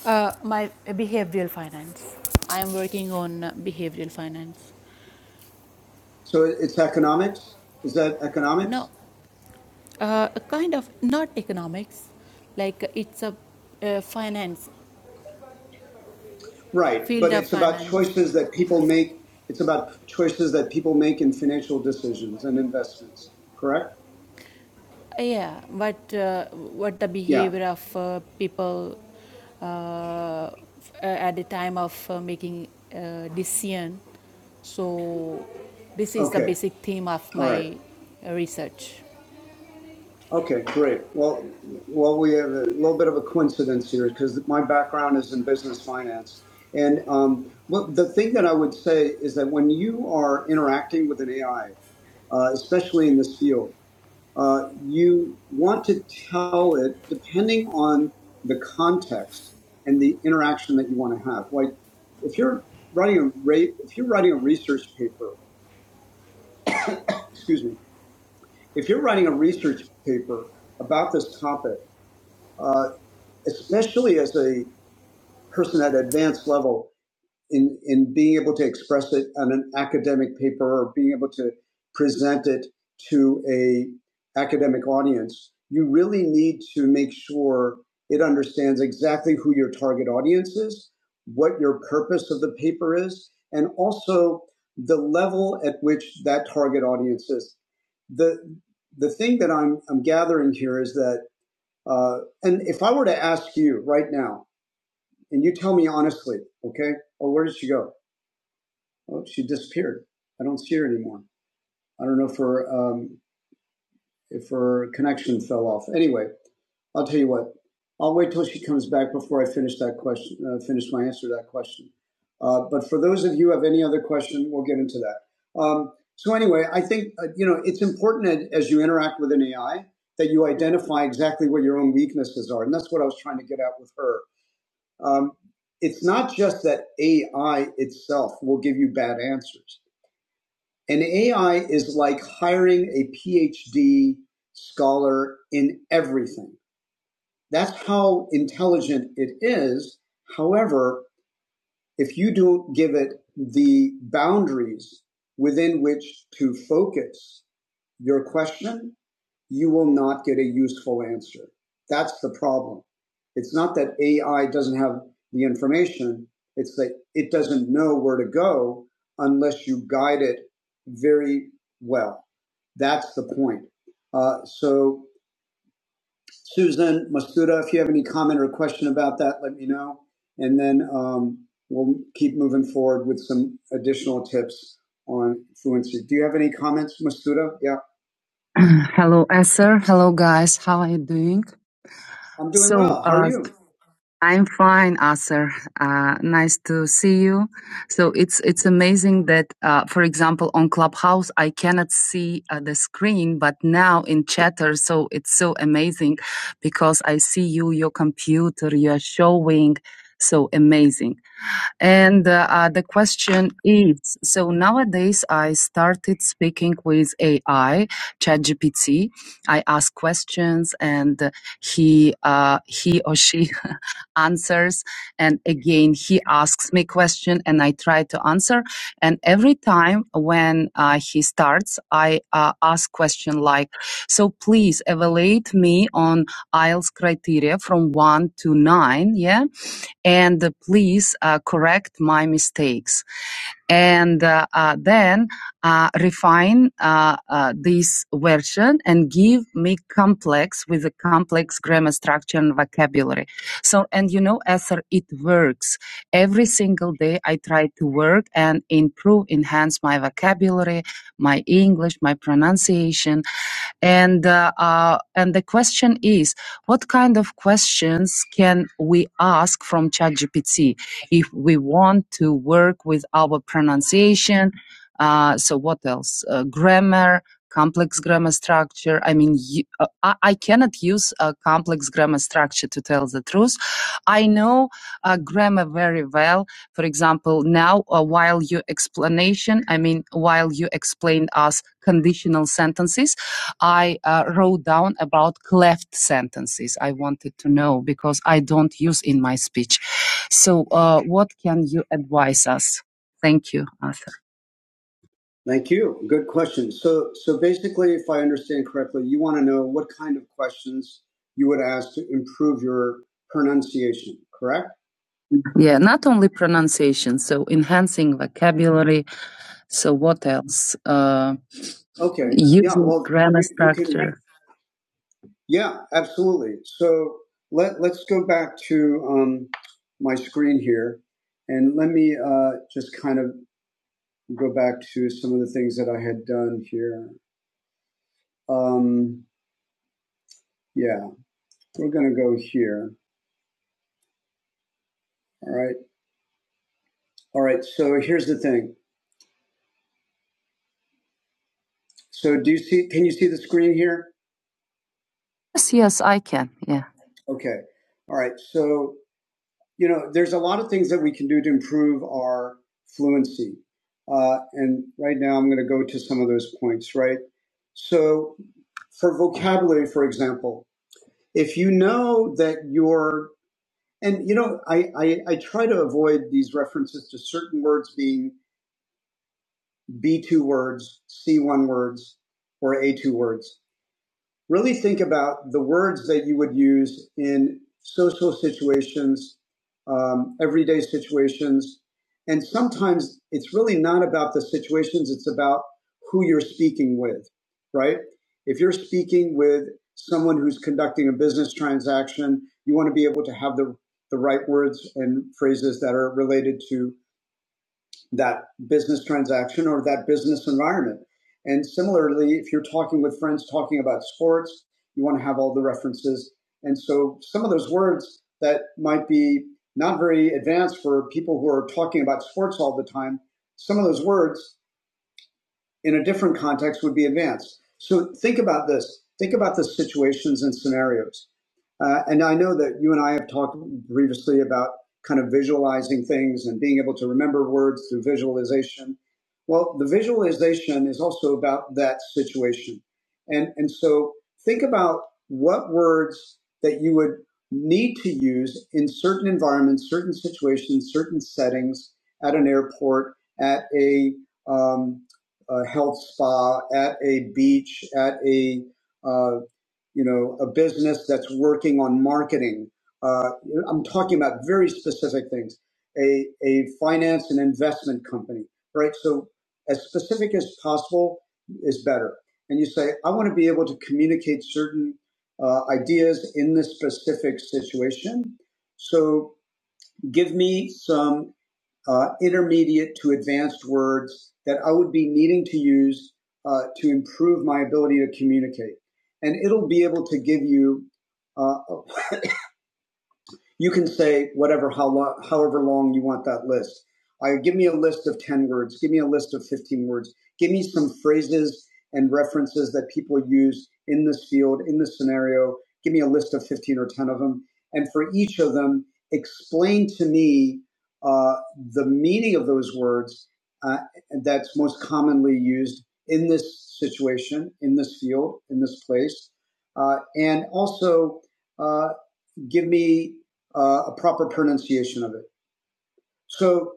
C: uh, my behavioral finance. I am working on uh, behavioral finance.
A: So it's economics. Is that
C: now.
A: economics?
C: uh, a kind of not economics, like it's a uh, finance
A: Right.
C: field
A: But
C: of
A: it's about
C: finance
A: choices that people make. It's about choices that people make in financial decisions and investments. Correct.
C: Yeah, but uh, what the
A: Yeah.
C: behavior of uh, people uh, f- uh, at the time of uh, making uh, decision. So this is the
A: Okay.
C: basic theme of
A: All right.
C: my uh, research.
A: Okay, great. Well, well, we have a little bit of a coincidence here because my background is in business finance. And um, well, the thing that I would say is that when you are interacting with an AI, uh, especially in this field, uh, you want to tell it depending on the context and the interaction that you want to have. Like if you're writing a rate, if you're writing a research paper, excuse me, if you're writing a research paper about this topic Uh, especially as a person at advanced level in, in being able to express it on an academic paper or being able to present it to a academic audience you really need to make sure it understands exactly who your target audience is what your purpose of the paper is and also the level at which that target audience is the the thing that i'm, I'm gathering here is that uh, and if i were to ask you right now and you tell me honestly, okay? Oh, where did she go? Oh, she disappeared. I don't see her anymore. I don't know if her um, if her connection fell off. Anyway, I'll tell you what. I'll wait till she comes back before I finish that question. Uh, finish my answer to that question. Uh, but for those of you who have any other question, we'll get into that. Um, so anyway, I think uh, you know it's important as you interact with an AI that you identify exactly what your own weaknesses are, and that's what I was trying to get at with her um, it's not just that AI itself will give you bad answers. And AI is like hiring a PhD scholar in everything. That's how intelligent it is. However, if you don't give it the boundaries within which to focus your question you will not get a useful answer. That's the problem. It's not that AI doesn't have the information, it's that it doesn't know where to go unless you guide it very well. That's the point. Uh, so, Susan Masuda, if you have any comment or question about that, let me know. And then um, we'll keep moving forward with some additional tips on fluency. Do you have any comments, Masuda? Yeah. Hello, Asher. Hello, guys. How are you doing? I'm doing So, well. How uh, are uh, you? I'm fine, Asher. Uh, nice to see you. So it's it's amazing that, uh, for example, on Clubhouse I cannot see uh, the screen, but now in Chatter, so it's so amazing because I see you, your computer, you are showing. So amazing. And uh, uh, the question is, so nowadays I started speaking with AI, ChatGPT. I ask questions and uh, he, uh, he or she answers. And again, he asks me question and I try to answer. And every time when uh, he starts, I uh, ask question like, so please evaluate me on IELTS criteria from one to nine. Yeah and uh, please uh, correct my mistakes and uh, uh, then uh, refine uh, uh, this version and give me complex with a complex grammar structure and vocabulary. So, and you know, Esther, it works. Every single day I try to work and improve, enhance my vocabulary, my English, my pronunciation. And, uh, uh, and the question is, what kind of questions can we ask from ChatGPT if we want to work with our pronunciation? Uh, so what else? Uh, grammar, complex grammar structure. I mean, you, uh, I, I cannot use a complex grammar structure to tell the truth. I know uh, grammar very well. For example, now uh, while you explanation, I mean, while you explained us conditional sentences, I uh, wrote down about cleft sentences. I wanted to know because I don't use in my speech. So, uh, what can you advise us? Thank you, Arthur. Thank you. Good question. So, so basically, if I understand correctly, you want to know what kind of questions you would ask to improve your pronunciation, correct? Yeah, not only pronunciation, so enhancing vocabulary. So, what else? Uh, Okay. Yeah. using yeah, Well, grammar structure. Yeah, absolutely. So let let's go back to um, my screen here, and let me uh, just kind of go back to some of the things that I had done here. Um, yeah, we're gonna go here. All right, all right. So here's the thing. So do you see? Can you see the screen here? Yes, yes, I can. Yeah. Okay. All right. So you know, there's a lot of things that we can do to improve our fluency. Uh, and right now I'm going to go to some of those points, right? So for vocabulary, for example, if you know that you're, and you know, I, I, I try to avoid these references to certain words being B2 words, C1 words, or A2 words Really think about the words that you would use in social situations, um, everyday situations. And sometimes it's really not about the situations, it's about who you're speaking with, right? If you're speaking with someone who's conducting a business transaction, you want to be able to have the, the right words and phrases that are related to that business transaction or that business environment. And similarly, if you're talking with friends talking about sports, you want to have all the references. And so some of those words that might be not very advanced for people who are talking about sports all the time, some of those words in a different context would be advanced. So think about this. Think about the situations and scenarios. Uh, and I know that you and I have talked previously about kind of visualizing things and being able to remember words through visualization. Well, the visualization is also about that situation. And, and so think about what words that you would need to use in certain environments, certain situations, certain settings at an airport, at a, um, a health spa, at a beach, at a uh, you know a business that's working on marketing. Uh, I'm talking about very specific things. A a finance and investment company, right? So as specific as possible is better. And you say, I want to be able to communicate certain uh, ideas in this specific situation. So give me some uh, intermediate to advanced words that I would be needing to use uh, to improve my ability to communicate. And it'll be able to give you uh, a you can say whatever, how lo- however long you want that list. I give me a list of 10 words. Give me a list of 15 words. Give me some phrases and references that people use in this field, in this scenario. Give me a list of 15 or 10 of them. And for each of them, explain to me uh, the meaning of those words uh, that's most commonly used in this situation, in this field, in this place. Uh, and also, uh, give me uh, a proper pronunciation of it. So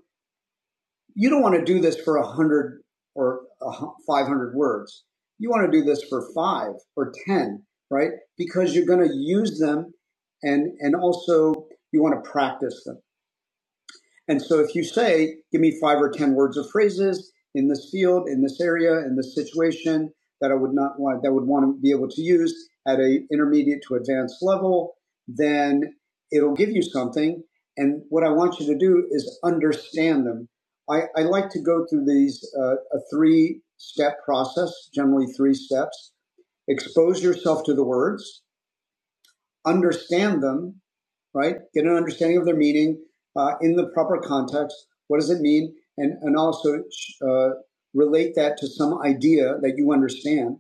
A: you don't want to do this for a hundred or 500 words. You want to do this for five or 10, right? Because you're going to use them and, and also you want to practice them. And so if you say, give me five or 10 words of phrases in this field, in this area, in this situation that I would not want, that I would want to be able to use at a intermediate to advanced level, then it'll give you something. And what I want you to do is understand them. I, I like to go through these, uh, a three step process, generally three steps. Expose yourself to the words, understand them, right? Get an understanding of their meaning uh, in the proper context. What does it mean? And, and also uh, relate that to some idea that you understand,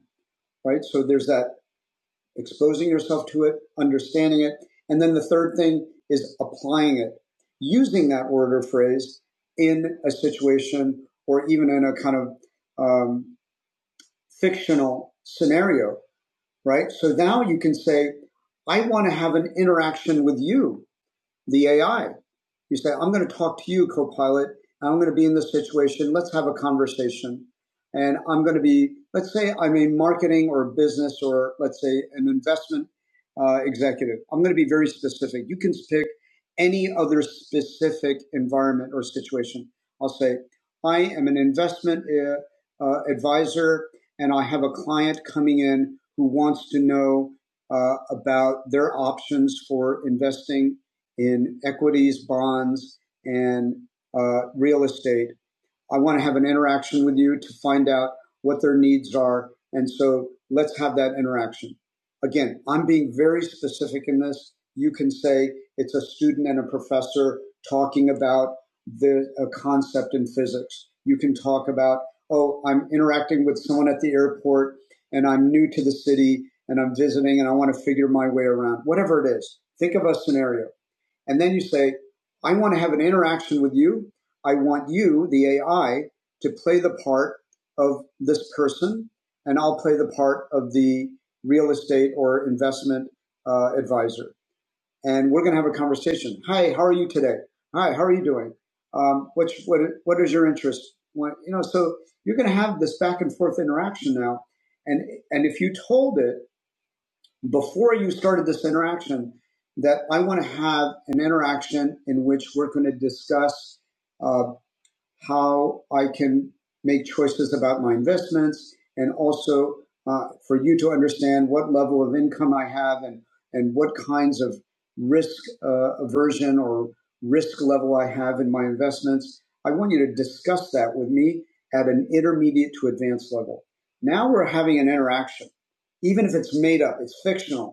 A: right? So there's that exposing yourself to it, understanding it. And then the third thing is applying it, using that word or phrase in a situation or even in a kind of um, fictional scenario, right? So now you can say, I want to have an interaction with you the AI. You say, I'm going to talk to you, Copilot. I'm going to be in this situation. Let's have a conversation. And I'm going to be, let's say I'm a marketing or a business or let's say an investment uh, executive. I'm going to be very specific. You can pick any other specific environment or situation. I'll say, I am an investment uh, uh, advisor and I have a client coming in who wants to know uh, about their options for investing in equities, bonds, and uh, real estate. I want to have an interaction with you to find out what their needs are. And so let's have that interaction. Again, I'm being very specific in this. You can say it's a student and a professor talking about the, a concept in physics. You can talk about, oh, I'm interacting with someone at the airport and I'm new to the city and I'm visiting and I want to figure my way around. Whatever it is, think of a scenario. And then you say, I want to have an interaction with you. I want you, the AI, to play the part of this person, and I'll play the part of the real estate or investment uh, advisor. And we're going to have a conversation. Hi, how are you today? Hi, how are you doing? Um, what's, what, what is your interest? What, you know, so you're going to have this back and forth interaction now. And, and if you told it before you started this interaction that I want to have an interaction in which we're going to discuss. uh, how I can make choices about my investments and also uh, for you to understand what level of income I have and, and what kinds of risk uh, aversion or risk level I have in my investments. I want you to discuss that with me at an intermediate to advanced level. Now we're having an interaction, even if it's made up, it's fictional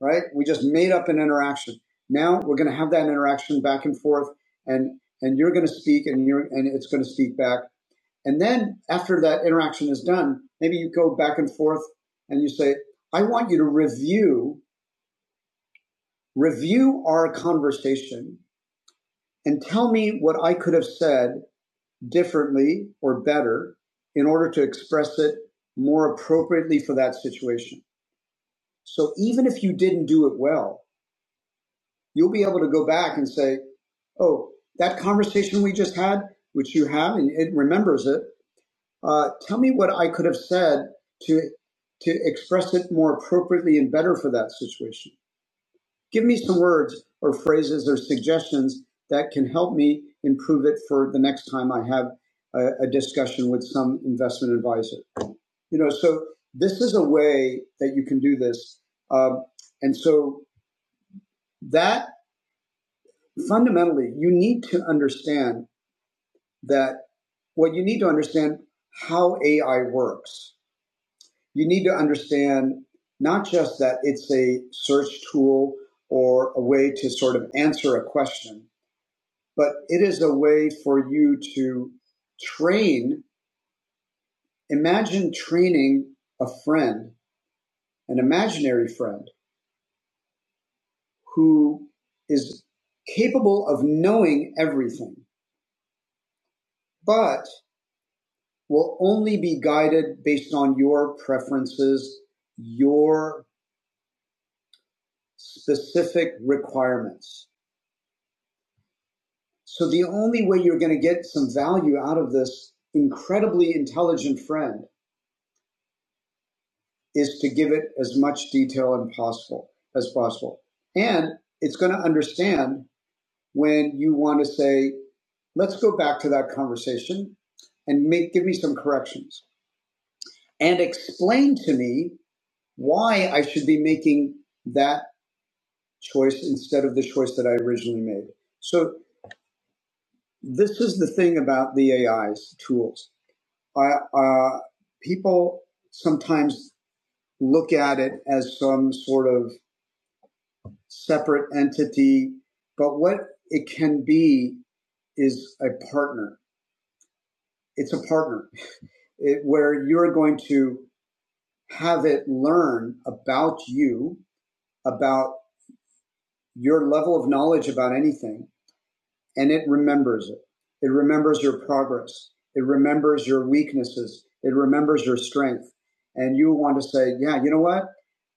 A: right? We just made up an interaction. Now we're going to have that interaction back and forth, and and you're going to speak, and you're and it's going to speak back. And then after that interaction is done, maybe you go back and forth, and you say, "I want you to review review our conversation and tell me what I could have said differently or better in order to express it more appropriately for that situation." So even if you didn't do it well, you'll be able to go back and say, oh, that conversation we just had, which you have and it remembers it, uh, tell me what I could have said to to express it more appropriately and better for that situation. Give me some words or phrases or suggestions that can help me improve it for the next time I have a, a discussion with some investment advisor. You know, so this is a way that you can do this, um, and so that fundamentally, you need to understand that what well, you need to understand how AI works. You need to understand not just that it's a search tool or a way to sort of answer a question, but it is a way for you to train. Imagine training a friend, an imaginary friend, who is capable of knowing everything, but will only be guided based on your preferences, your specific requirements. So the only way you're going to get some value out of this incredibly intelligent friend is to give it as much detail and possible as possible. And it's going to understand when you want to say, let's go back to that conversation and make, give me some corrections and explain to me why I should be making that choice instead of the choice that I originally made. So this is the thing about the AI's tools. I, uh, people sometimes look at it as some sort of separate entity, but what it can be is a partner. It's a partner it, where you're going to have it learn about you, about your level of knowledge about anything, and it remembers it. It remembers your progress. It remembers your weaknesses. It remembers your strength. And you want to say, yeah, you know what?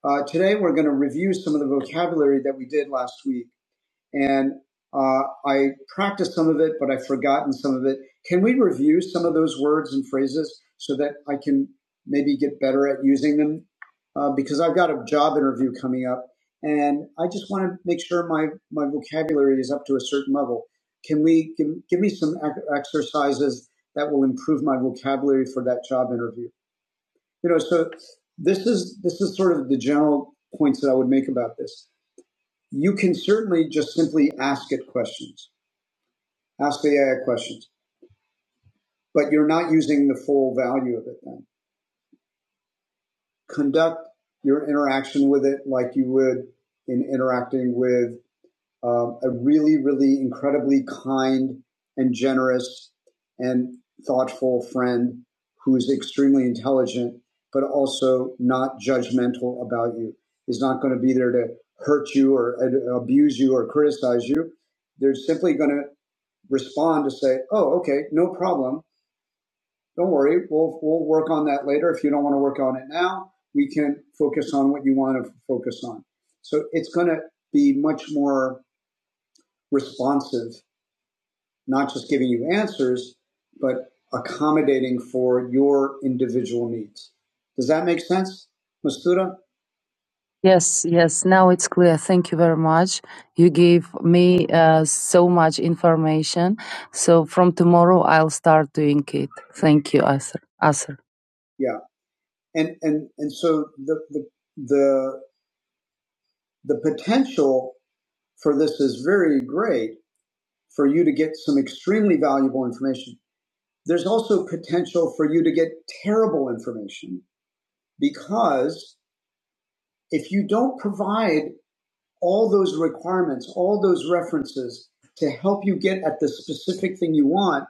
A: Uh, today we're going to review some of the vocabulary that we did last week and uh, I practiced some of it, but I've forgotten some of it. Can we review some of those words and phrases so that I can maybe get better at using them? Uh, because I've got a job interview coming up, and I just want to make sure my my vocabulary is up to a certain level. Can we give, give me some exercises that will improve my vocabulary for that job interview? You know, so this is this is sort of the general points that I would make about this you can certainly just simply ask it questions, ask the AI questions, but you're not using the full value of it then. Conduct your interaction with it like you would in interacting with um, a really, really incredibly kind and generous and thoughtful friend who's extremely intelligent, but also not judgmental about you, is not going to be there to hurt you or uh, abuse you or criticize you. They're simply going to respond to say, oh, okay, no problem. Don't worry. We'll, we'll work on that later. If you don't want to work on it now, we can focus on what you want to focus on. So it's going to be much more responsive, not just giving you answers, but accommodating for your individual needs. Does that make sense, Mastuda? Yes, yes. Now it's clear. Thank you very much. You gave me uh, so much information. So from tomorrow, I'll start doing it. Thank you, Asr. Asr. Yeah, and and and so the the the, the potential for this is very great for you to get some extremely valuable information. There's also potential for you to get terrible information because if you don't provide all those requirements, all those references to help you get at the specific thing you want,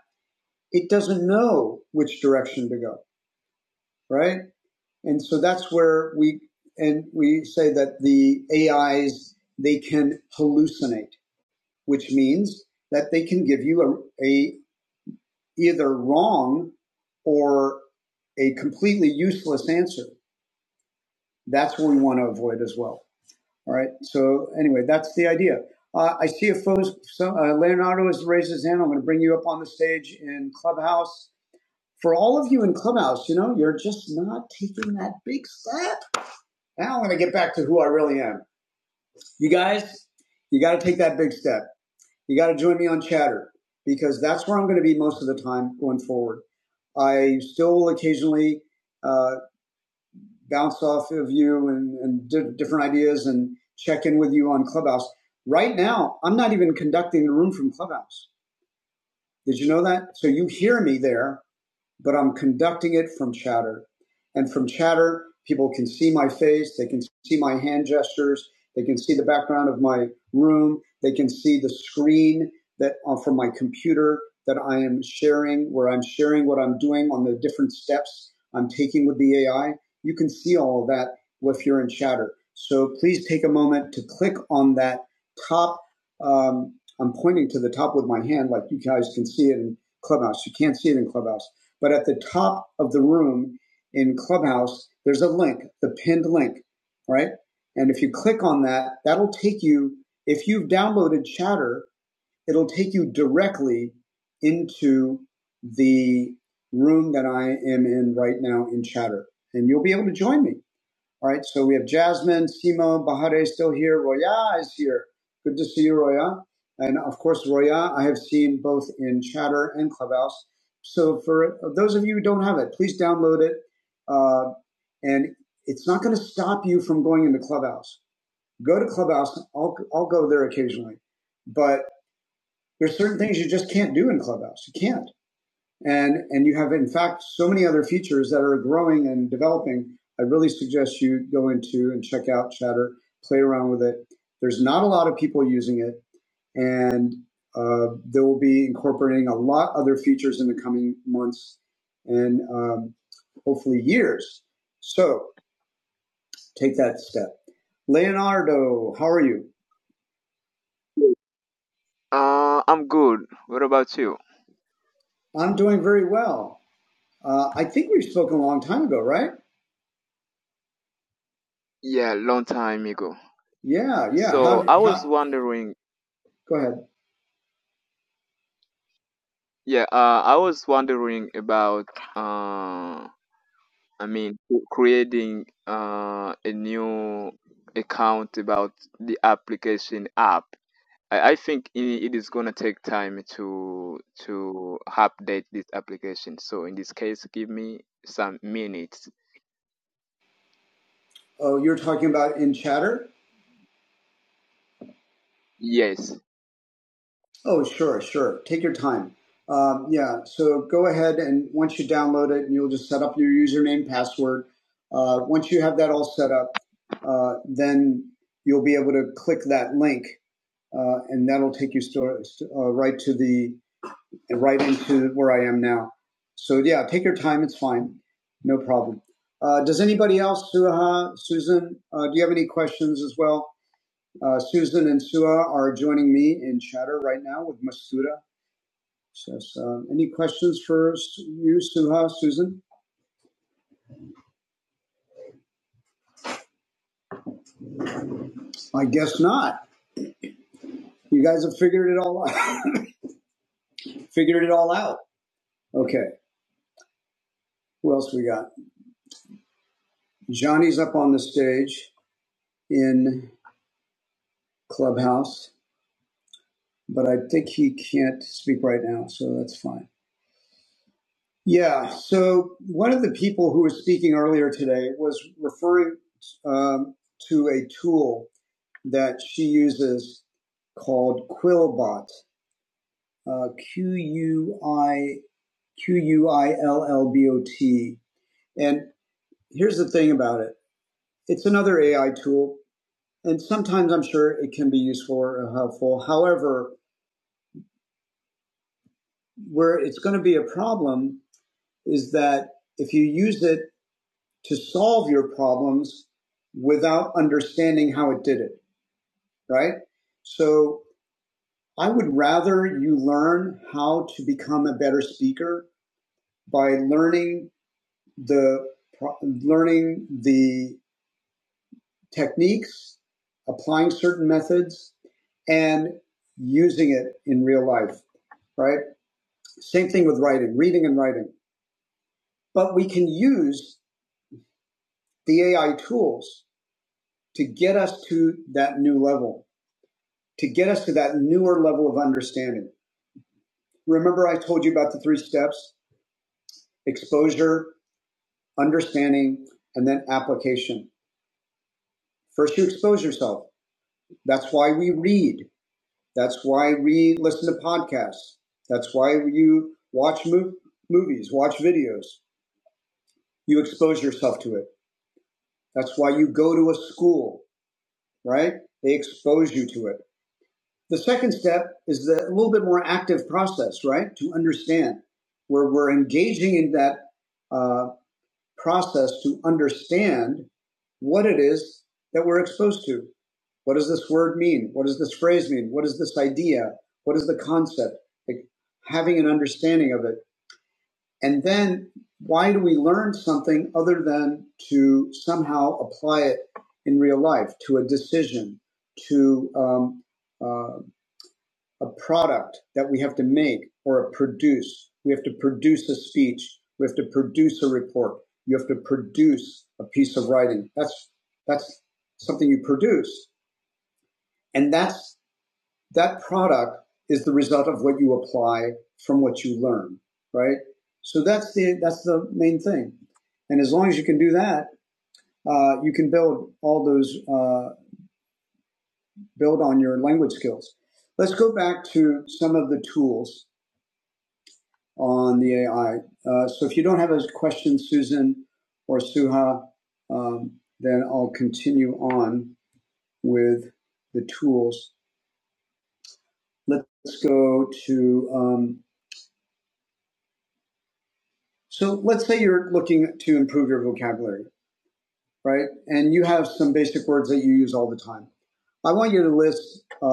A: it doesn't know which direction to go, right? And so that's where we and we say that the AIs they can hallucinate, which means that they can give you a, a either wrong or a completely useless answer. That's what we want to avoid as well. All right. So anyway, that's the idea. Uh, I see a photo. So, uh, Leonardo has raised his hand. I'm going to bring you up on the stage in Clubhouse. For all of you in Clubhouse, you know, you're just not taking that big step. Now I'm going to get back to who I really am. You guys, you got to take that big step. You got to join me on Chatter because that's where I'm going to be most of the time going forward. I still occasionally uh, bounce off of you and, and di- different ideas and check in with you on Clubhouse. Right now, I'm not even conducting the room from Clubhouse. Did you know that? So you hear me there but I'm conducting it from chatter. And from chatter, people can see my face, they can see my hand gestures, they can see the background of my room, they can see the screen that uh, from my computer that I am sharing, where I'm sharing what I'm doing on the different steps I'm taking with the AI. You can see all of that if you're in chatter. So please take a moment to click on that top. Um, I'm pointing to the top with my hand, like you guys can see it in Clubhouse. You can't see it in Clubhouse but at the top of the room in Clubhouse, there's a link, the pinned link, right? And if you click on that, that'll take you, if you've downloaded Chatter, it'll take you directly into the room that I am in right now in Chatter. And you'll be able to join me. All right, so we have Jasmine, Simo, Bahare is still here. Roya is here. Good to see you, Roya. And of course, Roya, I have seen both in Chatter and Clubhouse. So for those of you who don't have it, please download it. Uh, and it's not going to stop you from going into Clubhouse. Go to Clubhouse. I'll, I'll go there occasionally. But there's certain things you just can't do in Clubhouse. You can't. And, and you have, in fact, so many other features that are growing and developing. I really suggest you go into and check out Chatter, play around with it. There's not a lot of people using it, and uh, they will be incorporating a lot of other features in the coming months and um, hopefully years. So take that step. Leonardo, how are you?
D: Uh, I'm good. What about you?
A: I'm doing very well. Uh, I think we've spoken a long time ago, right?
D: Yeah, long time ago.
A: Yeah, yeah.
D: So
A: How,
D: I was
A: how,
D: wondering,
A: go ahead.
D: yeah, uh, I was wondering about, uh, I mean, c- creating uh, a new account about the application app. I, I think i it is gonna take time to to update this application. So in this case, give me some minutes.
A: Oh, you're talking about in chatter?
D: Yes.
A: Oh, sure, sure. Take your time. Um, yeah, so go ahead and once you download it, and you'll just set up your username, password. Uh, once you have that all set up, uh, then you'll be able to click that link, uh, and that'll take you sto- uh, right to the right into where I am now. So yeah, take your time. It's fine, no problem. Uh, does anybody else, Suha, Susan, uh, do you have any questions as well? Uh, Susan and Sua are joining me in chatter right now with Masuda. Says, um, any questions for you, Suha, Susan? I guess not. You guys have figured it all out. figured it all out. Okay. Who else we got? Johnny's up on the stage in Clubhouse, but I think he can't speak right now, so that's fine. Yeah. So one of the people who was speaking earlier today was referring um, to a tool that she uses called Quillbot, uh, Q U I Q U I L L B O T. And here's the thing about it it's another AI tool, and sometimes I'm sure it can be useful or helpful. However, where it's going to be a problem is that if you use it to solve your problems without understanding how it did it, right? So I would rather you learn how to become a better speaker by learning the learning the techniques, applying certain methods, and using it in real life, right? Same thing with writing, reading and writing. But we can use the AI tools to get us to that new level, to get us to that newer level of understanding. Remember, I told you about the three steps exposure, understanding, and then application. First, you expose yourself. That's why we read. That's why we listen to podcasts. That's why you watch mov- movies, watch videos. You expose yourself to it. That's why you go to a school, right? They expose you to it. The second step is the a little bit more active process, right? To understand where we're engaging in that uh, process to understand what it is that we're exposed to. What does this word mean? What does this phrase mean? What is this idea? What is the concept? Like having an understanding of it. And then why do we learn something other than to somehow apply it in real life to a decision, to um, uh, a product that we have to make or a produce. We have to produce a speech. We have to produce a report. You have to produce a piece of writing. That's that's something you produce. And that's that product is the result of what you apply from what you learn, right? So that's the that's the main thing. And as long as you can do that, uh, you can build all those uh, build on your language skills. Let's go back to some of the tools on the AI. Uh, so if you don't have a question, Susan or Suha, um, then I'll continue on with the tools. Let's go to, um, so let's say you're looking to improve your vocabulary, right? And you have some basic words that you use all the time. I want you to list uh,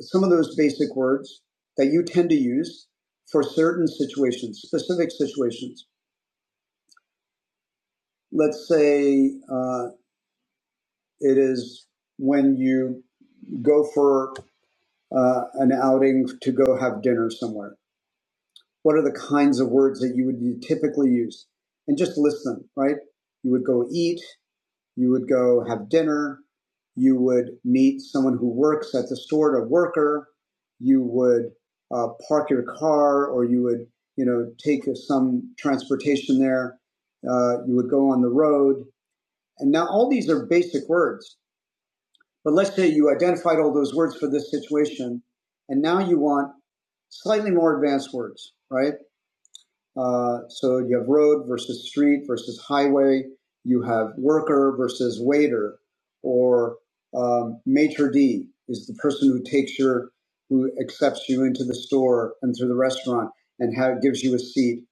A: some of those basic words that you tend to use for certain situations, specific situations. Let's say uh, It is when you go for uh, an outing to go have dinner somewhere. What are the kinds of words that you would you typically use? And just list them, right? You would go eat, you would go have dinner, you would meet someone who works at the store, a worker, you would uh, park your car or you would, you know, take some transportation there, uh, you would go on the road. And now all these are basic words But let's say you identified all those words for this situation, and now you want slightly more advanced words, right? Uh, so you have road versus street versus highway. You have worker versus waiter, or um, maitre d is the person who takes your, who accepts you into the store and through the restaurant and how it gives you a seat,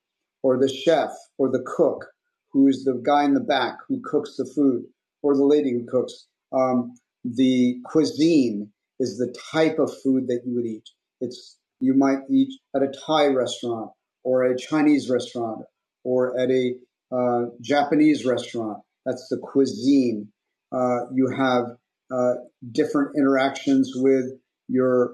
A: or the chef or the cook, who is the guy in the back who cooks the food, or the lady who cooks. Um, the cuisine is the type of food that you would eat. It's you might eat at a Thai restaurant or a Chinese restaurant or at a uh, Japanese restaurant. That's the cuisine. Uh, you have uh, different interactions with your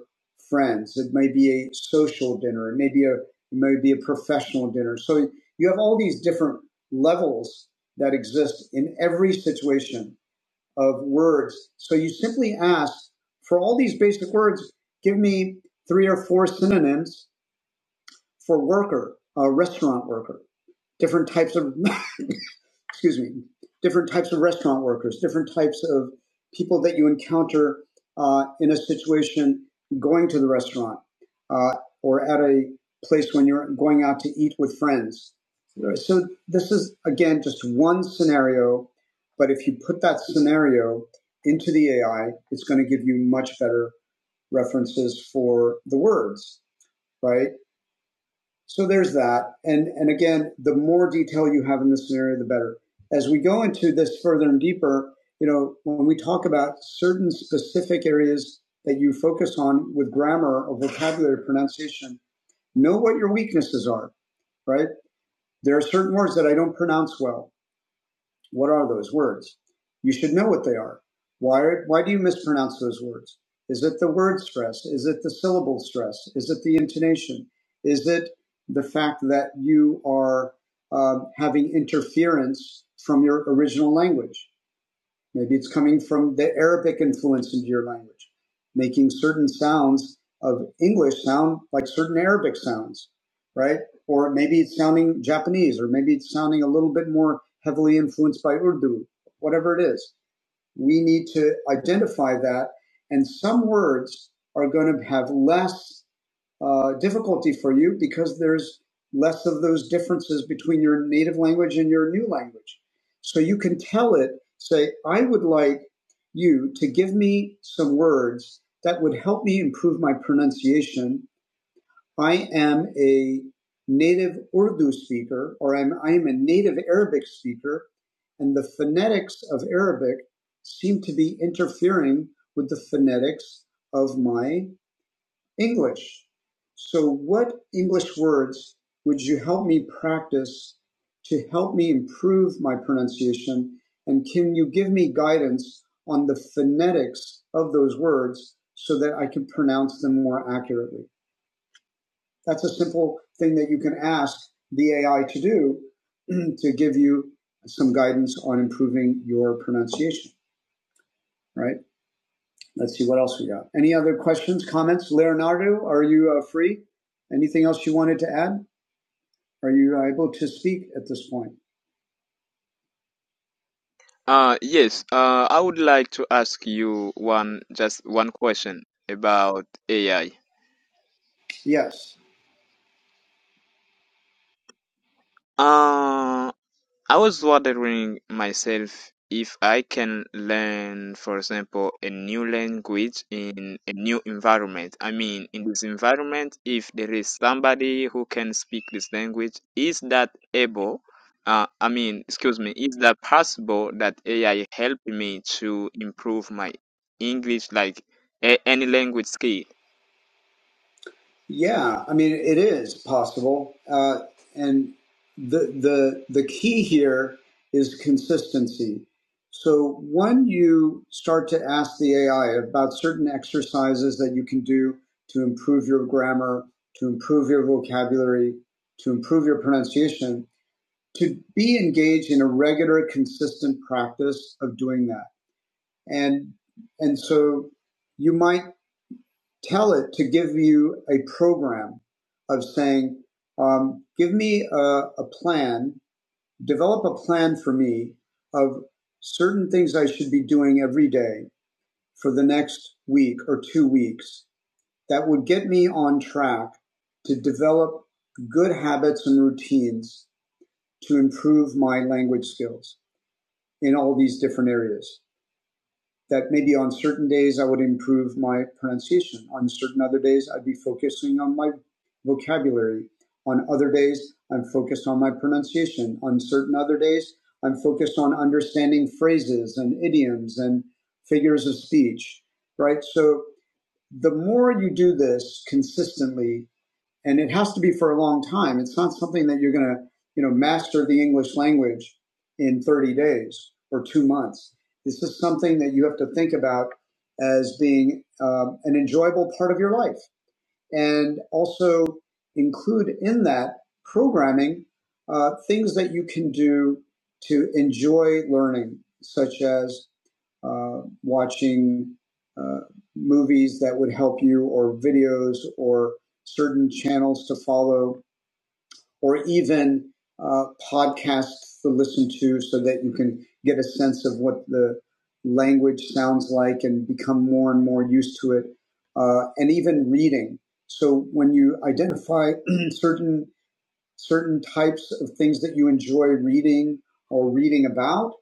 A: friends. It may be a social dinner. It may be a it may be a professional dinner. So you have all these different levels that exist in every situation of words. So you simply ask for all these basic words. Give me three or four synonyms for worker, uh, restaurant worker, different types of, excuse me, different types of restaurant workers, different types of people that you encounter uh, in a situation going to the restaurant uh, or at a place when you're going out to eat with friends. Right, So this is again just one scenario, but if you put that scenario into the AI, it's going to give you much better references for the words, right? So there's that. And, and again, the more detail you have in this scenario, the better. As we go into this further and deeper, you know, when we talk about certain specific areas that you focus on with grammar or vocabulary pronunciation, know what your weaknesses are, right? There are certain words that I don't pronounce well. What are those words? You should know what they are. Why, why do you mispronounce those words? Is it the word stress? Is it the syllable stress? Is it the intonation? Is it the fact that you are um, having interference from your original language? Maybe it's coming from the Arabic influence into your language, making certain sounds of English sound like certain Arabic sounds, right? Or maybe it's sounding Japanese, or maybe it's sounding a little bit more heavily influenced by Urdu, whatever it is. We need to identify that, and some words are going to have less uh, difficulty for you because there's less of those differences between your native language and your new language. So you can tell it, say, I would like you to give me some words that would help me improve my pronunciation I am a native Urdu speaker, or I'm, I am a native Arabic speaker, and the phonetics of Arabic seem to be interfering with the phonetics of my English. So, what English words would you help me practice to help me improve my pronunciation? And can you give me guidance on the phonetics of those words so that I can pronounce them more accurately? That's a simple thing that you can ask the AI to do to give you some guidance on improving your pronunciation, right? Let's see what else we got. Any other questions, comments? Leonardo, are you uh, free? Anything else you wanted to add? Are you able to speak at this point?
D: Uh, yes, uh, I would like to ask you one, just one question about AI.
A: Yes.
D: Uh, I was wondering myself if I can learn, for example, a new language in a new environment. I mean, in this environment, if there is somebody who can speak this language, is that able? Uh, I mean, excuse me, is that possible that AI help me to improve my English, like a- any language skill?
A: Yeah, I mean it is possible, uh, and the the the key here is consistency. So when you start to ask the AI about certain exercises that you can do to improve your grammar, to improve your vocabulary, to improve your pronunciation, to be engaged in a regular, consistent practice of doing that, and and so you might tell it to give you a program of saying, um, give me a, a plan, develop a plan for me of certain things I should be doing every day for the next week or two weeks that would get me on track to develop good habits and routines to improve my language skills in all these different areas that maybe on certain days I would improve my pronunciation. On certain other days, I'd be focusing on my vocabulary. On other days, I'm focused on my pronunciation. On certain other days, I'm focused on understanding phrases and idioms and figures of speech, right? So the more you do this consistently, and it has to be for a long time. It's not something that you're going to, you know, master the English language in 30 days or two months. This is something that you have to think about as being um, an enjoyable part of your life and also include in that programming uh, things that you can do to enjoy learning, such as uh, watching uh, movies that would help you, or videos, or certain channels to follow or even uh, podcasts to listen to so that you can get a sense of what the language sounds like and become more and more used to it, uh, and even reading. So when you identify certain certain types of things that you enjoy reading or reading about,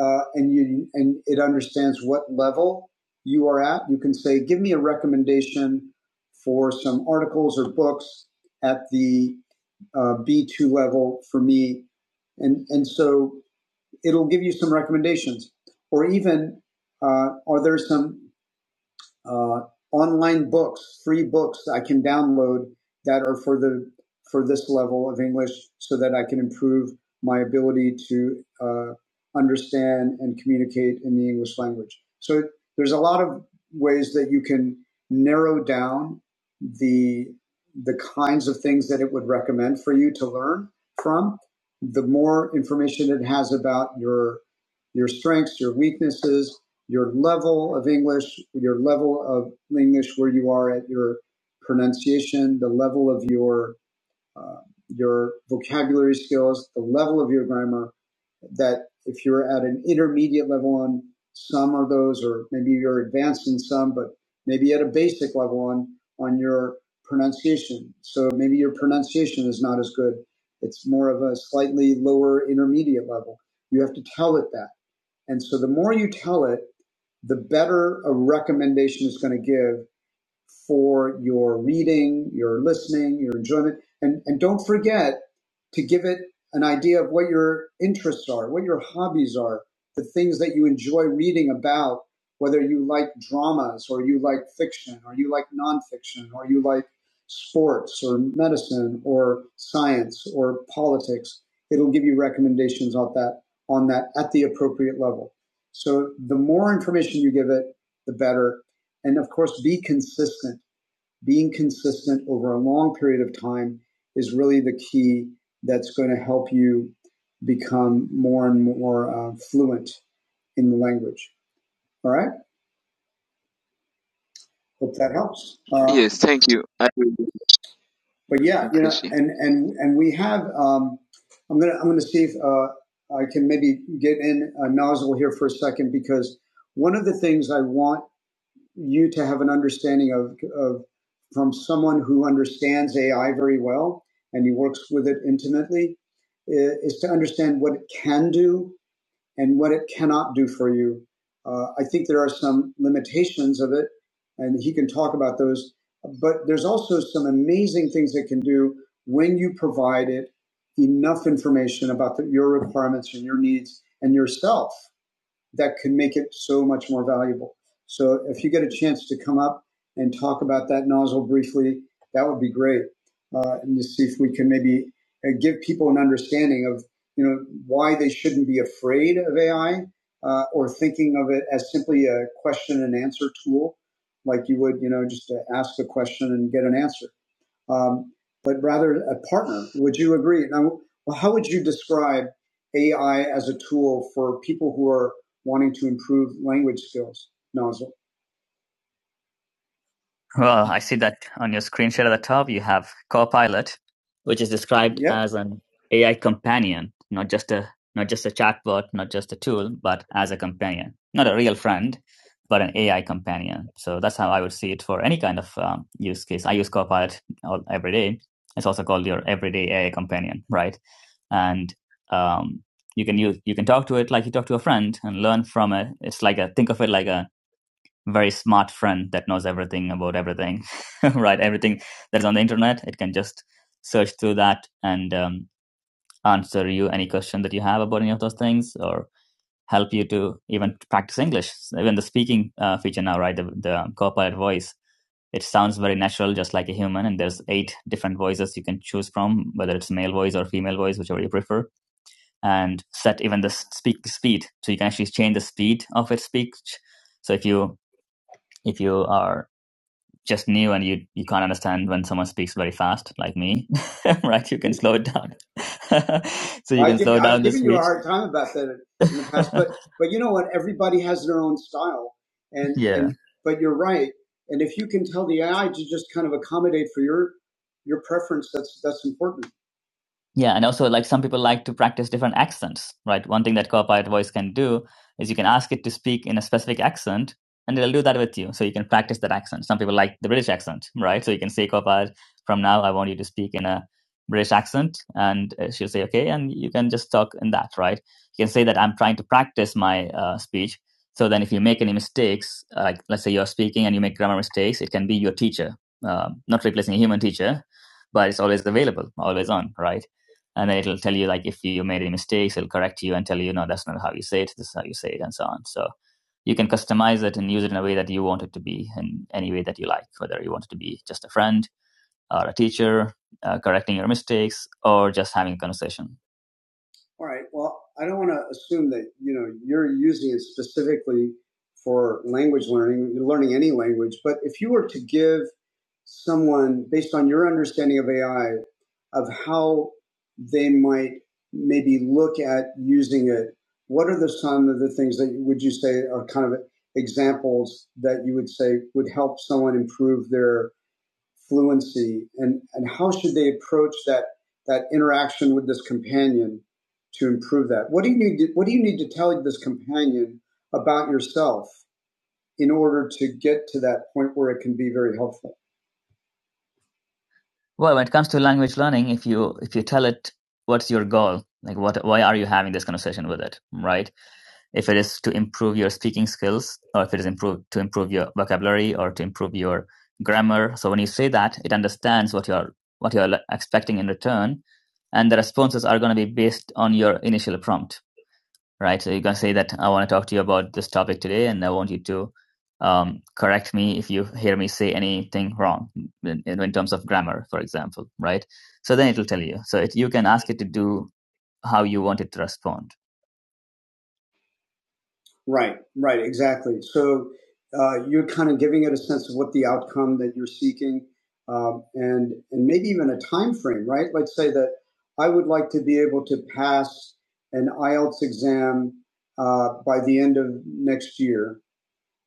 A: uh, and you and it understands what level you are at. You can say, "Give me a recommendation for some articles or books at the uh, B2 level for me," and and so it'll give you some recommendations, or even uh, are there some uh, online books, free books I can download that are for the for this level of English, so that I can improve my ability to uh, understand and communicate in the English language. So there's a lot of ways that you can narrow down the the kinds of things that it would recommend for you to learn from. The more information it has about your your strengths, your weaknesses, your level of English, your level of English where you are at your pronunciation, the level of your uh, your vocabulary skills, the level of your grammar. That if you're at an intermediate level on some of those, or maybe you're advanced in some, but maybe at a basic level on on your pronunciation. So maybe your pronunciation is not as good. It's more of a slightly lower intermediate level. You have to tell it that. And so the more you tell it, the better a recommendation is going to give for your reading, your listening, your enjoyment. And, and don't forget to give it an idea of what your interests are, what your hobbies are, the things that you enjoy reading about, whether you like dramas or you like fiction or you like nonfiction or you like sports or medicine or science or politics. It'll give you recommendations on that on that at the appropriate level. So the more information you give it, the better and of course, be consistent. Being consistent over a long period of time is really the key that's going to help you become more and more uh, fluent in the language. All right. Hope that helps. Uh,
D: Yes, thank you. I really
A: but yeah, you know,
D: appreciate.
A: and and and we have. Um, I'm gonna I'm gonna see if uh, I can maybe get in a nozzle here for a second because one of the things I want you to have an understanding of, of from someone who understands AI very well and he works with it intimately is to understand what it can do and what it cannot do for you. Uh, I think there are some limitations of it, and he can talk about those. But there's also some amazing things it can do when you provide it enough information about the, your requirements and your needs and yourself that could make it so much more valuable. So if you get a chance to come up and talk about that nozzle briefly, that would be great. Uh, and to see if we can maybe uh, give people an understanding of you know why they shouldn't be afraid of AI uh, or thinking of it as simply a question and answer tool, like you would you know just to ask a question and get an answer um, but rather a partner. Would you agree? Now, well, how would you describe AI as a tool for people who are wanting to improve language skills? No. Well, I see that on your screen share at the top, you have Copilot, which is described Yeah. as an AI companion, not just a not just a chatbot, not just a tool, but as a companion, not a real friend, but an AI companion. So that's how I would see it for any kind of um, use case. I use Copilot all, every day. It's also called your everyday AI companion, right? And um, you can use you can talk to it like you talk to a friend and learn from it. It's like a think of it like a very smart friend that knows everything about everything, right? Everything that is on the internet, it can just search through that and um, answer you any question that you have about any of those things or help you to even practice English. Even the speaking uh, feature now, right? The, the Copilot voice, it sounds very natural, just like a human. And there's eight different voices you can choose from, whether it's male voice or female voice, whichever you prefer, and set even the speak speed. So you can actually change the speed of its speech. So if you if you are just new and you you can't understand when someone speaks very fast like me right you can slow it down so you i can given slow I've down the speech. I've given you a speech hard time about that in the past, but but you know what? Everybody has their own style, and yeah and but you're right. And if you can tell the AI to just kind of accommodate for your your preference, that's that's important. Yeah, and also like some people like to practice different accents, right? One thing that Copilot Voice can do is you can ask it to speak in a specific accent, and it'll do that with you. So you can practice that accent. Some people like the British accent, right? So you can say Copilot, from now I want you to speak in a British accent, and uh, she'll say okay, and you can just talk in that, right? You can say that I'm trying to practice my uh, speech. So then, if you make any mistakes, uh, like let's say you're speaking and you make grammar mistakes, it can be your teacher, uh, not replacing a human teacher, but it's always available, always on, right? and then it'll tell you like if you made any mistakes it'll correct you and tell you no that's not how you say it this is how you say it and so on so you can customize it and use it in a way that you want it to be in any way that you like whether you want it to be just a friend or a teacher uh, correcting your mistakes or just having a conversation all right. Well, I don't want to assume that you know you're using it specifically for language learning, learning any language. But if you were to give someone, based on your understanding of AI, of how they might maybe look at using it, what are the some of the things that would you say are kind of examples that you would say would help someone improve their fluency and, and how should they approach that that interaction with this companion to improve that what do you need to, what do you need to tell this companion about yourself in order to get to that point where it can be very helpful well, when it comes to language learning, if you if you tell it what's your goal, like what why are you having this conversation with it, right? If it is to improve your speaking skills, or if it is improve to improve your vocabulary or to improve your grammar, so when you say that, it understands what you're what you're expecting in return, and the responses are going to be based on your initial prompt right? So you can say that I want to talk to you about this topic today, and I want you to um, correct me if you hear me say anything wrong in, in terms of grammar, for example, right? So then it will tell you. So it, you can ask it to do how you want it to respond, Right, right, exactly. So uh, you're kind of giving it a sense of what the outcome that you're seeking, um, and and maybe even a time frame, right? Let's say that I would like to be able to pass an IELTS exam uh, by the end of next year,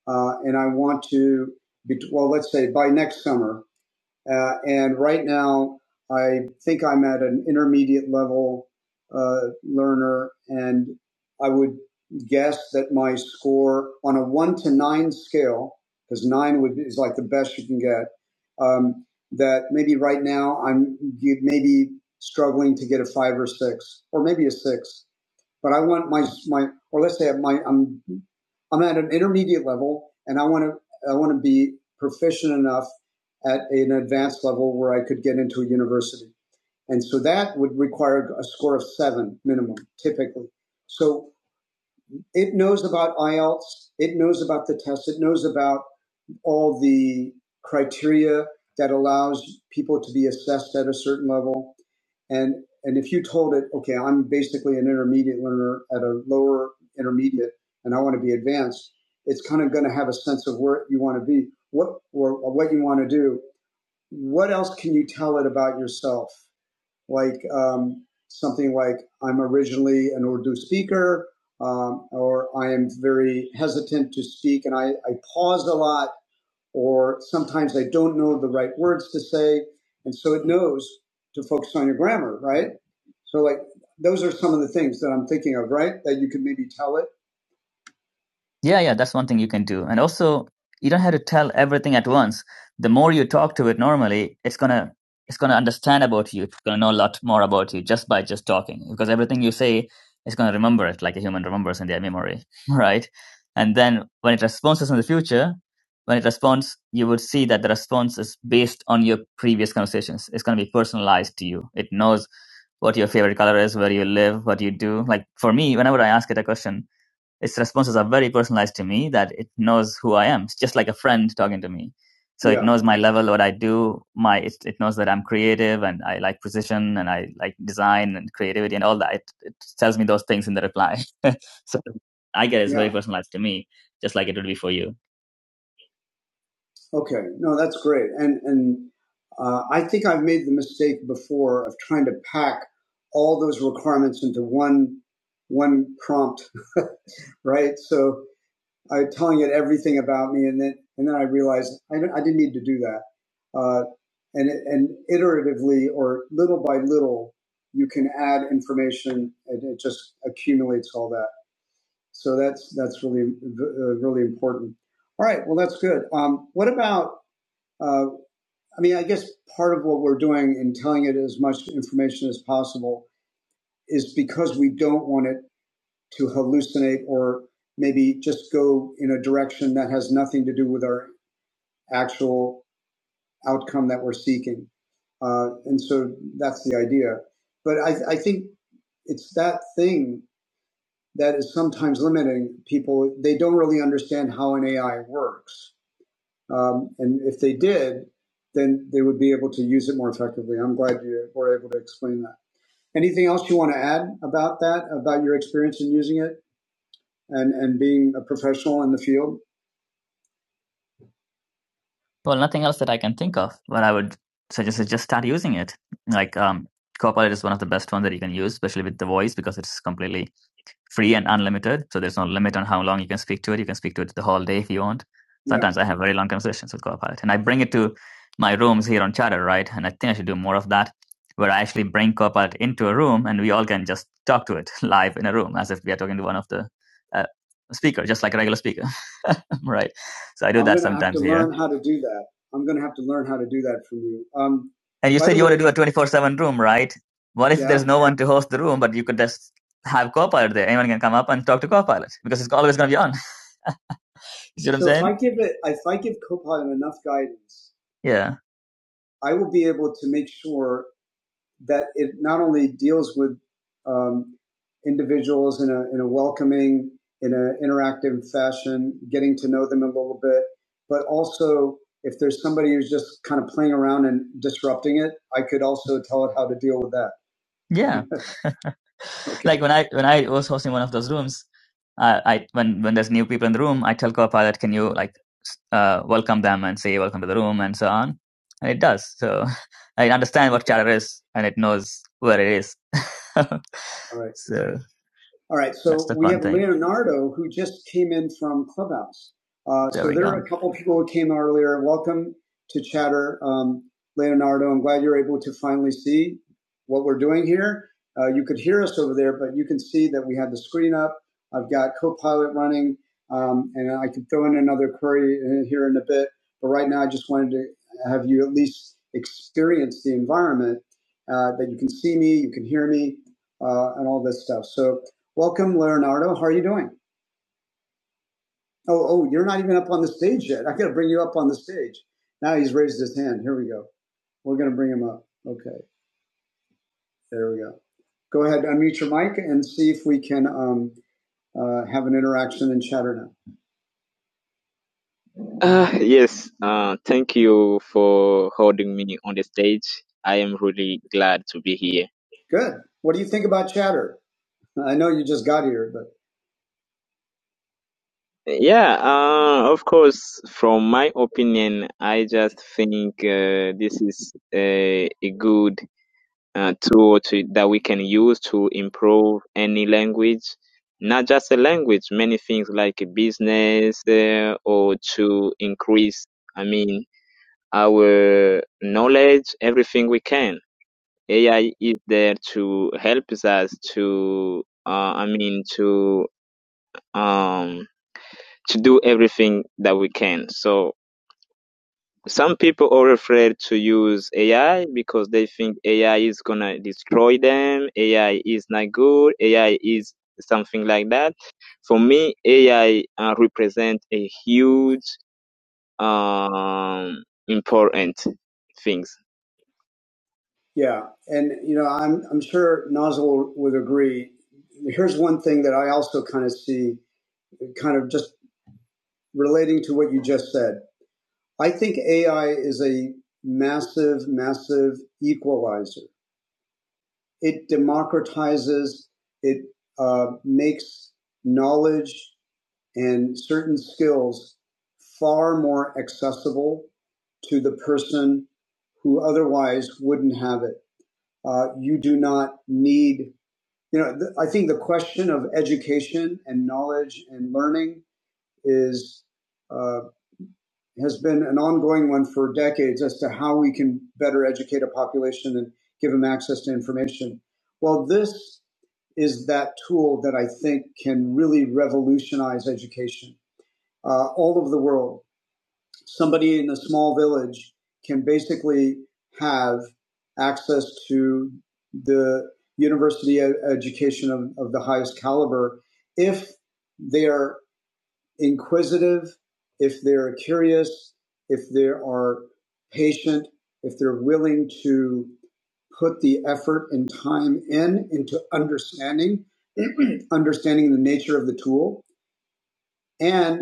A: uh, and I want to, be, well, let's say by next summer, uh, and right now, I think I'm at an intermediate level uh, learner, and I would guess that my score on a one to nine scale, because nine would is like the best you can get. Um, that maybe right now I'm maybe struggling to get a five or six, or maybe a six but I want my my or let's say my I'm I'm at an intermediate level and I want to I want to be proficient enough at an advanced level where I could get into a university. And so that would require a score of seven minimum, typically. So it knows about IELTS, it knows about the test, it knows about all the criteria that allows people to be assessed at a certain level. And and if you told it, okay, I'm basically an intermediate learner at a lower intermediate, and I want to be advanced, it's kind of going to have a sense of where you want to be, what or what you want to do. What else can you tell it about yourself? Like um, something like I'm originally an Urdu speaker, um, or I am very hesitant to speak, and I, I pause a lot or sometimes I don't know the right words to say. And so it knows to focus on your grammar, right? So like those are some of the things that I'm thinking of, right? That you could maybe tell it yeah, yeah, that's one thing you can do. And also, you don't have to tell everything at once. The more you talk to it normally, it's gonna it's gonna understand about you. It's gonna know a lot more about you just by just talking. Because everything you say it's gonna remember it like a human remembers in their memory, right? And then when it responds in the future, when it responds, you would see that the response is based on your previous conversations. It's gonna be personalized to you. It knows what your favorite color is, where you live, what you do. Like for me, whenever I ask it a question, its responses are very personalized to me that it knows who I am. It's just like a friend talking to me. So Yeah. it knows my level, what I do. My it, it knows that I'm creative and I like precision and I like design and creativity and all that. It, it tells me those things in the reply. so I get it's yeah. very Yeah. personalized to me, just like it would be for you. Okay. No, that's great. And and uh, I think I've made the mistake before of trying to pack all those requirements into one one prompt, right? So uh, telling it everything about me, and then and then I realized I, I didn't need to do that. Uh, and and iteratively or little by little, you can add information, and it just accumulates all that. So that's that's really uh, really important. All right, well that's good. Um, what about? Uh, I mean, I guess part of what we're doing in telling it as much information as possible is because we don't want it to hallucinate or maybe just go in a direction that has nothing to do with our actual outcome that we're seeking. Uh, and so that's the idea. But I, I think it's that thing that is sometimes limiting people. They don't really understand how an AI works. Um, and if they did, then they would be able to use it more effectively. I'm glad you were able to explain that. Anything else you want to add about that, about your experience in using it? and and being a professional in the field? Well, nothing else that I can think of. What I would suggest is just start using it. Like um, Copilot is one of the best ones that you can use, especially with the voice because it's completely free and unlimited. So there's no limit on how long you can speak to it. You can speak to it the whole day if you want. Yeah. Sometimes yeah. I have very long conversations with Copilot, and I bring it to my rooms here on Chatter, right? And I think I should do more of that, where I actually bring Copilot into a room, and we all can just talk to it live in a room, as if we are talking to one of the uh, speaker, just like a regular speaker, right? So I do I'm that sometimes here. I'm going to have to sometimes learn how to do that. I'm going to have to learn how to do that from you. Um, And you said the you way, want to do a twenty four seven room, right? What if yeah, there's no one to host the room, but you could just have Copilot there. Anyone can come up and talk to Copilot because it's always going to be on. You see what so I'm So if I give it, if I give Copilot enough guidance, Yeah. I will be able to make sure that it not only deals with um, individuals in a, in a welcoming, in an interactive fashion, getting to know them a little bit, but also if there's somebody who's just kind of playing around and disrupting it, I could also tell it how to deal with that. Yeah. Okay. Like when I when I was hosting one of those rooms, uh, I when when there's new people in the room, I tell Copilot, that can you like uh, welcome them and say welcome to the room and so on, and it does. So I understand what chatter is, and it knows where it is. All right. so. All right, so we have thing. Leonardo who just came in from Clubhouse. Uh, There so there are a couple people who came earlier. Welcome to Chatter, um, Leonardo. I'm glad you're able to finally see what we're doing here. Uh, you could hear us over there, but you can see that we have the screen up. I've got Copilot running, um, and I can throw in another query here in a bit. But right now, I just wanted to have you at least experience the environment uh, that you can see me, you can hear me, uh, and all this stuff. So Welcome, Leonardo. How are you doing? Oh, oh, you're not even up on the stage yet. I got to bring you up on the stage. Now he's raised his hand. Here we go. We're going to bring him up. Okay, there we go. Go ahead, unmute your mic and see if we can um, uh, have an interaction in chatter now. Uh, yes, uh, thank you for holding me on the stage. I am really glad to be here. Good. What do you think about chatter? I know you just got here, but. Yeah, uh, of course, from my opinion, I just think uh, this is a, a good uh, tool to, that we can use to improve any language, not just a language, many things like business uh, or to increase, I mean, our knowledge, everything we can. AI is there to help us to, uh, I mean, to. Um, to do everything that we can. So some people are afraid to use AI because they think AI is gonna destroy them. AI is not good. AI is something like that. For me, AI uh, represent a huge, um, important things. Yeah, and you know, I'm I'm sure Nozzle would agree. Here's one thing that I also kind of see, kind of just relating to what you just said. I think AI is a massive, massive equalizer. It democratizes, it uh, makes knowledge and certain skills far more accessible to the person who otherwise wouldn't have it. Uh, you do not need, you know, th- I think the question of education and knowledge and learning is uh, has been an ongoing one for decades as to how we can better educate a population and give them access to information. Well, this is that tool that I think can really revolutionize education uh, all over the world. Somebody in a small village can basically have access to the university e- education of, of the highest caliber if they are inquisitive, if they're curious, if they are patient, if they're willing to put the effort and time in into understanding understanding the nature of the tool and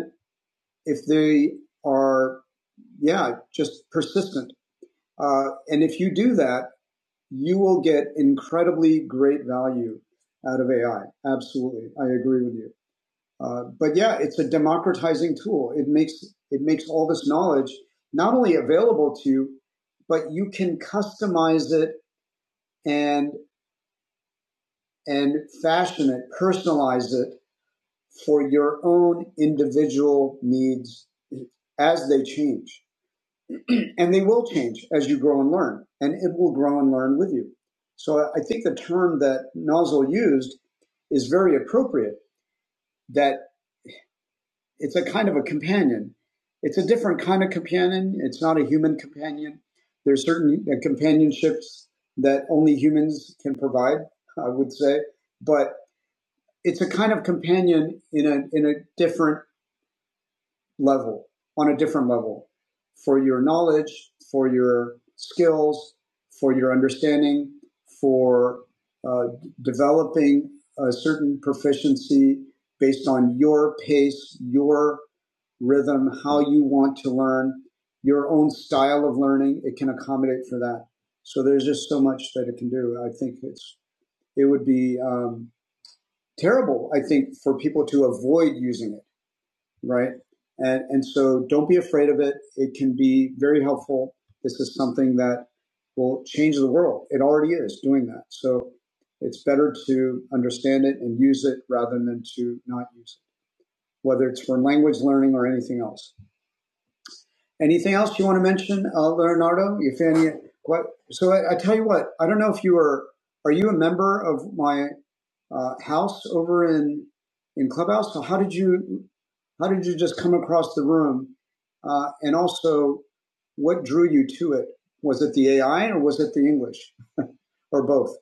A: if they are yeah just persistent uh, and if you do that you will get incredibly great value out of ai absolutely i agree with you uh, but yeah, it's a democratizing tool. It makes it makes all this knowledge not only available to you, but you can customize it and and fashion it, personalize it for your own individual needs as they change. and they will change as you grow and learn, and it will grow and learn with you. So I think the term that Nozzle used is very appropriate That It's a kind of a companion. It's a different kind of companion. It's not a human companion. There's certain uh, companionships that only humans can provide, I would say, but it's a kind of companion in a in a different level, on a different level, for your knowledge, for your skills, for your understanding, for uh, developing a certain proficiency based on your pace, your rhythm, how you want to learn, your own style of learning. It can accommodate for that. So there's just so much that it can do. I think it's it would be um, terrible. I think for people to avoid using it right? And, and so don't be afraid of it. It can be very helpful. This is something that will change the world. It already is doing that. So it's better to understand it and use it rather than to not use it, whether it's for language learning or anything else. Anything else you want to mention, uh, Leonardo? You what? So I, I tell you what. I don't know if you are. Are you a member of my uh, house over in in Clubhouse? So how did you how did you just come across the room? Uh, and also, what drew you to it? Was it the AI or was it the English or both?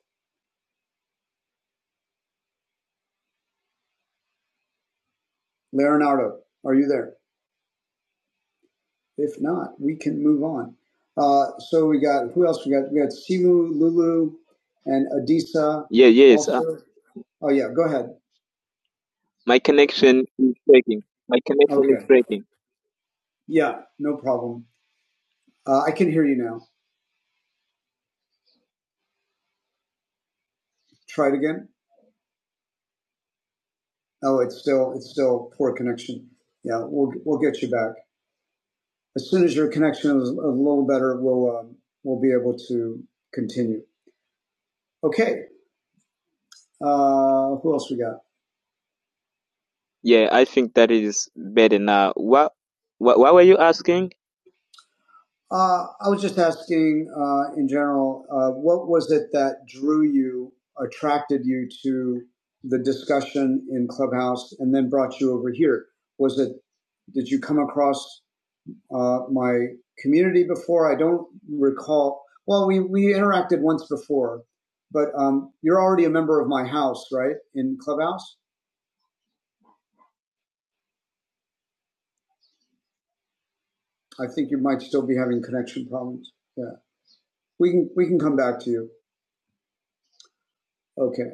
A: Leonardo, are you there? If not, we can move on. Uh, so we got who else? We got we got Simu, Lulu, and Adisa. Yeah. Yes. Also. Oh yeah, go ahead. My connection is breaking. My connection is Okay. breaking. Yeah, no problem. Uh, I can hear you now. Try it again. Oh, it's still it's still poor connection. Yeah, we'll we'll get you back as soon as your connection is a little better. We'll um, we'll be able to continue. Okay. Uh, who else we got? Yeah, I think that is better now. What, what, what were you asking? Uh, I was just asking, uh, in general, uh, what was it that drew you, attracted you to the discussion in Clubhouse, and then brought you over here? Was it did you come across uh, my community before? I don't recall. Well, we we interacted once before, but um, you're already a member of my house, right? In Clubhouse, I think you might still be having connection problems. Yeah, we can we can come back to you. Okay.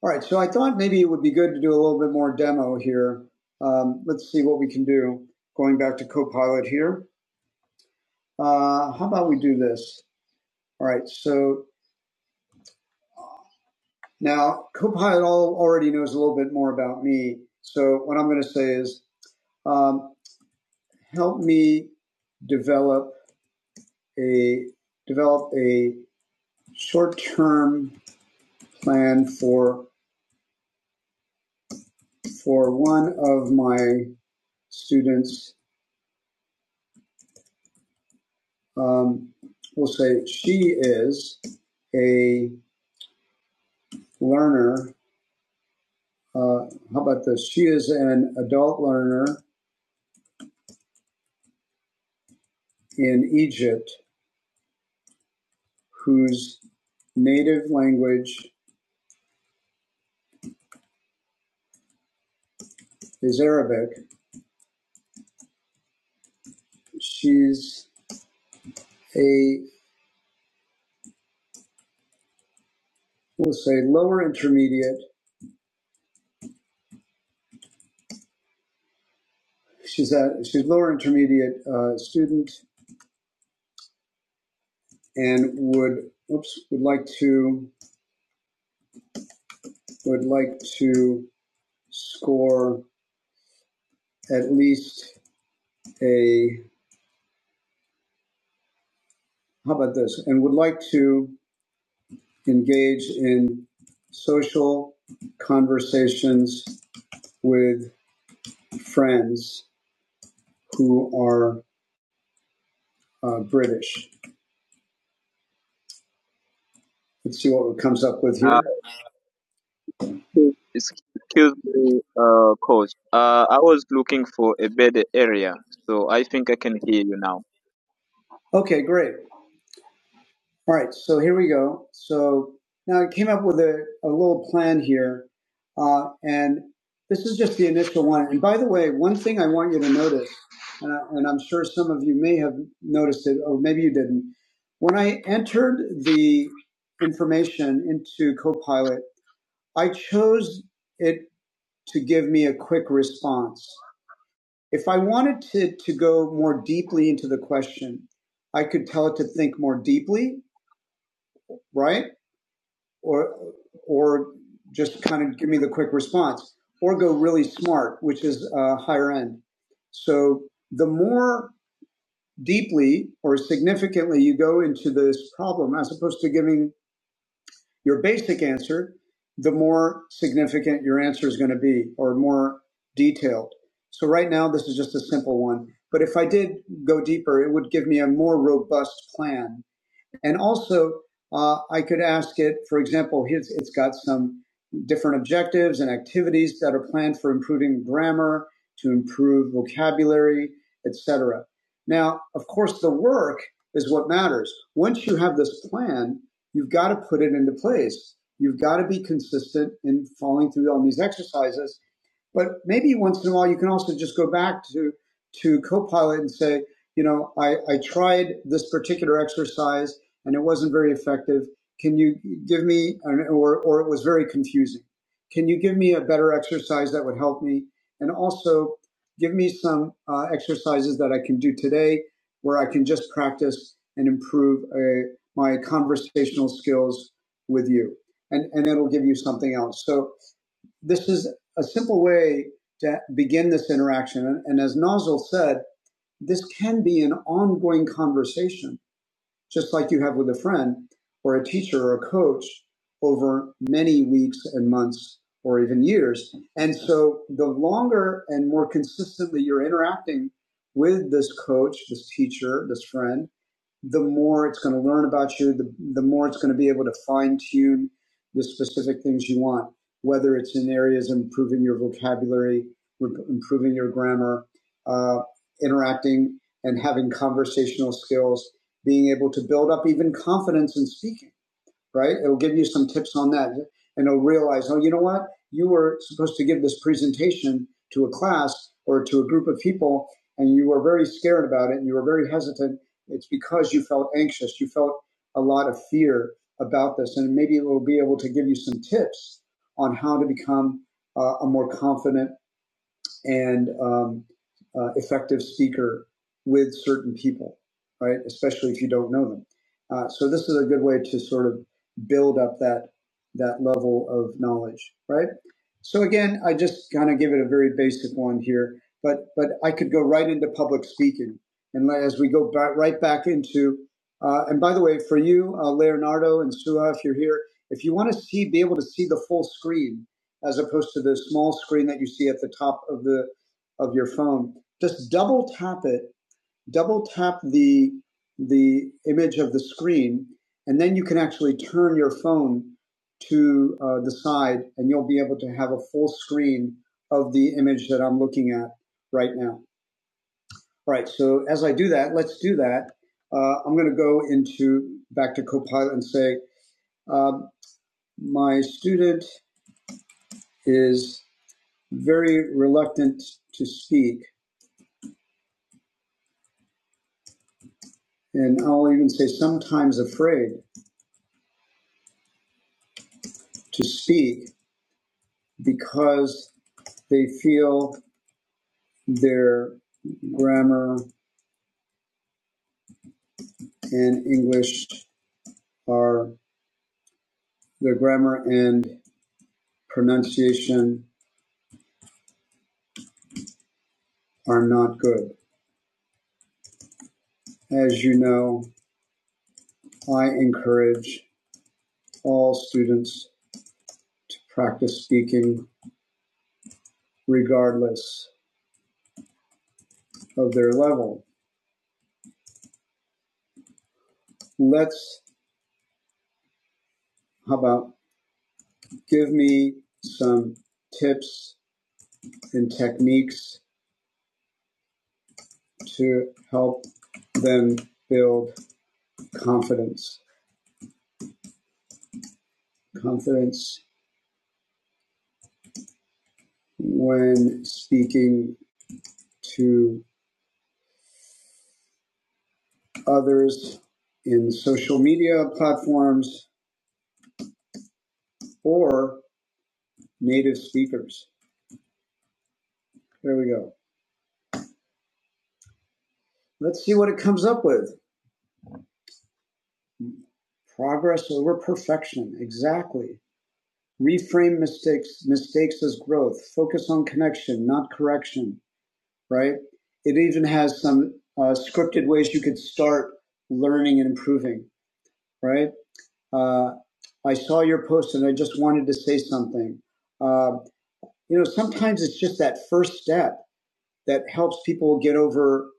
A: All right, so I thought maybe it would be good to do a little bit more demo here. Um, let's see what we can do. Going back to Copilot here. Uh, how about we do this? All right, so now Copilot already knows a little bit more about me. So what I'm going to say is, um, help me develop a develop a short-term plan for for one of my students um, we'll say she is a learner. Uh, how about this? She is an adult learner in Egypt whose native language is Arabic. She's a we'll say lower intermediate. She's a she's lower intermediate uh, student and would oops would like to would like to score at least a. How about this? And would like to engage in social conversations with friends who are uh, British. Let's see what comes up with Uh, here. Uh, excuse me, uh, coach. Uh, I was looking for a better area, so I think I can hear you now. Okay, great. All right, so here we go. So now I came up with a, a little plan here, uh, and this is just the initial one. And by the way, one thing I want you to notice, and, I, and I'm sure some of you may have noticed it, or maybe you didn't. When I entered the information into Copilot, I chose it to give me a quick response. If I wanted to, to go more deeply into the question, I could tell it to think more deeply, right? or or just kind of give me the quick response, or go really smart, which is uh, higher end. So the more deeply or significantly you go into this problem, as opposed to giving your basic answer, the more significant your answer is going to be, or more detailed. So right now, this is just a simple one. But if I did go deeper, it would give me a more robust plan and also, uh, I could ask it, for example, it's, it's got some different objectives and activities that are planned for improving grammar, to improve vocabulary, etc. Now, of course, the work is what matters. Once you have this plan, you've got to put it into place. You've got to be consistent in following through on these exercises. But maybe once in a while, you can also just go back to to Copilot and say, you know, I, I tried this particular exercise and it wasn't very effective. Can you give me, or, or it was very confusing. Can you give me a better exercise that would help me? And also give me some uh, exercises that I can do today where I can just practice and improve uh my conversational skills with you. And, and it'll give you something else. So this is a simple way to begin this interaction. And, and as Nozzle said, this can be an ongoing conversation just like you have with a friend or a teacher or a coach over many weeks and months or even years. And so the longer and more consistently you're interacting with this coach, this teacher, this friend, the more it's going to learn about you, the, the more it's going to be able to fine tune the specific things you want, whether it's in areas of improving your vocabulary, improving your grammar, uh, interacting and having conversational skills being able to build up even confidence in speaking, right? It'll give you some tips on that and it'll realize, oh, you know what? You were supposed to give this presentation to a class or to a group of people and you were very scared about it and you were very hesitant. It's because you felt anxious. You felt a lot of fear about this. And maybe it will be able to give you some tips on how to become uh, a more confident and um, uh, effective speaker with certain people, right? Especially if you don't know them. Uh, so this is a good way to sort of build up that that level of knowledge, right? So again, I just kind of give it a very basic one here, but but I could go right into public speaking, and as we go back, right back into, uh, and by the way, for you, uh, Leonardo and Sua, if you're here, if you want to see, be able to see the full screen, as opposed to the small screen that you see at the top of the of your phone. Just double tap it, double tap the the image of the screen, and then you can actually turn your phone to uh, the side, and you'll be able to have a full screen of the image that I'm looking at right now. All right, so as I do that, let's do that. Uh, I'm going to go into back to Copilot and say, uh, my student is very reluctant to speak, and I'll even say sometimes afraid to speak because they feel their grammar and English are their grammar and pronunciation are not good. As you know, I encourage all students to practice speaking regardless of their level. Let's, how about give me some tips and techniques to help them build confidence. Confidence when speaking to others in social media platforms or native speakers. There we go. Let's see what it comes up with. Progress over perfection. Exactly. Reframe mistakes, mistakes as growth. Focus on connection, not correction. right? It even has some uh, scripted ways you could start learning and improving, right? Uh, I saw your post and I just wanted to say something. Uh, you know, sometimes it's just that first step that helps people get over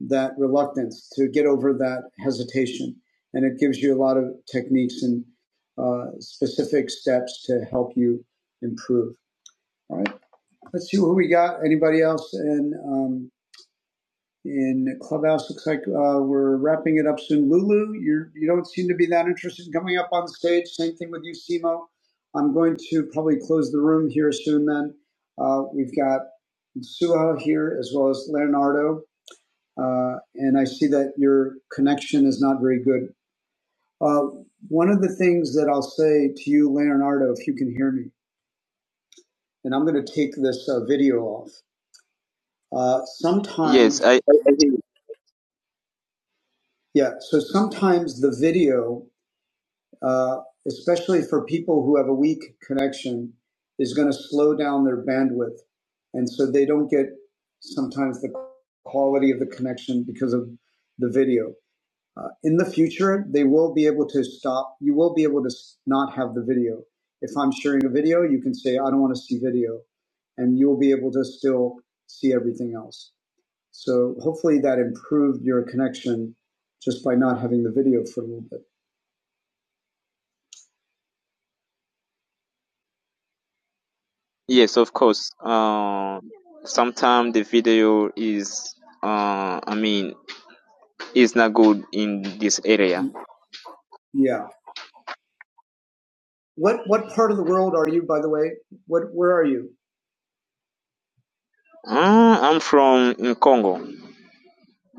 A: that reluctance, to get over that hesitation. And it gives you a lot of techniques and uh, specific steps to help you improve. All right. Let's see who we got. Anybody else? And um, in Clubhouse. Looks like uh, we're wrapping it up soon. Lulu, you you don't seem to be that interested in coming up on stage. Same thing with you, Simo. I'm going to probably close the room here soon. Then uh, we've got Suha here as well as Leonardo, uh, and I see that your connection is not very good. Uh, one of the things that I'll say to you, Leonardo, if you can hear me, and I'm going to take this uh, video off. Uh, sometimes, yeah. So sometimes the video uh, especially for people who have a weak connection, is going to slow down their bandwidth. And so they don't get sometimes the quality of the connection because of the video. Uh, in the future, they will be able to stop. You will be able to not have the video. If I'm sharing a video, you can say, I don't want to see video. And you'll be able to still see everything else. So hopefully that improved your connection just by not having the video for a little bit. Yes, of course. Uh, sometimes the video is, uh, I mean, is not good in this area. Yeah. What what part of the world are you, by the way? What where are you? Uh, I'm from in Congo.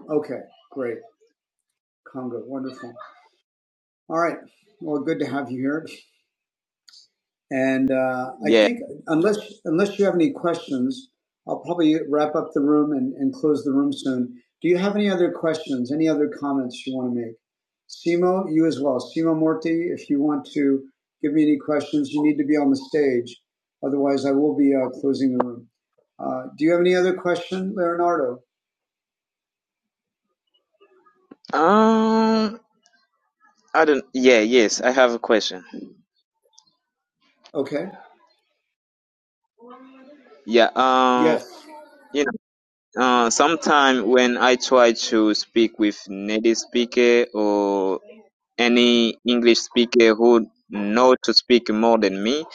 A: Okay, great. Congo, wonderful. All right. Well, good to have you here. And uh, I Yeah. think unless unless you have any questions, I'll probably wrap up the room and, and close the room soon. Do you have any other questions? Any other comments you want to make? Simo, you as well. Simo Morty, if you want to give me any questions, you need to be on the stage. Otherwise, I will be uh, closing the room. Uh, do you have any other question, Leonardo? Um, I don't. Yeah. Yes, I have a question. Okay. Yeah. Um. Yes. Uh, sometime when I try to speak with native speaker or any English speaker who know to speak more than me,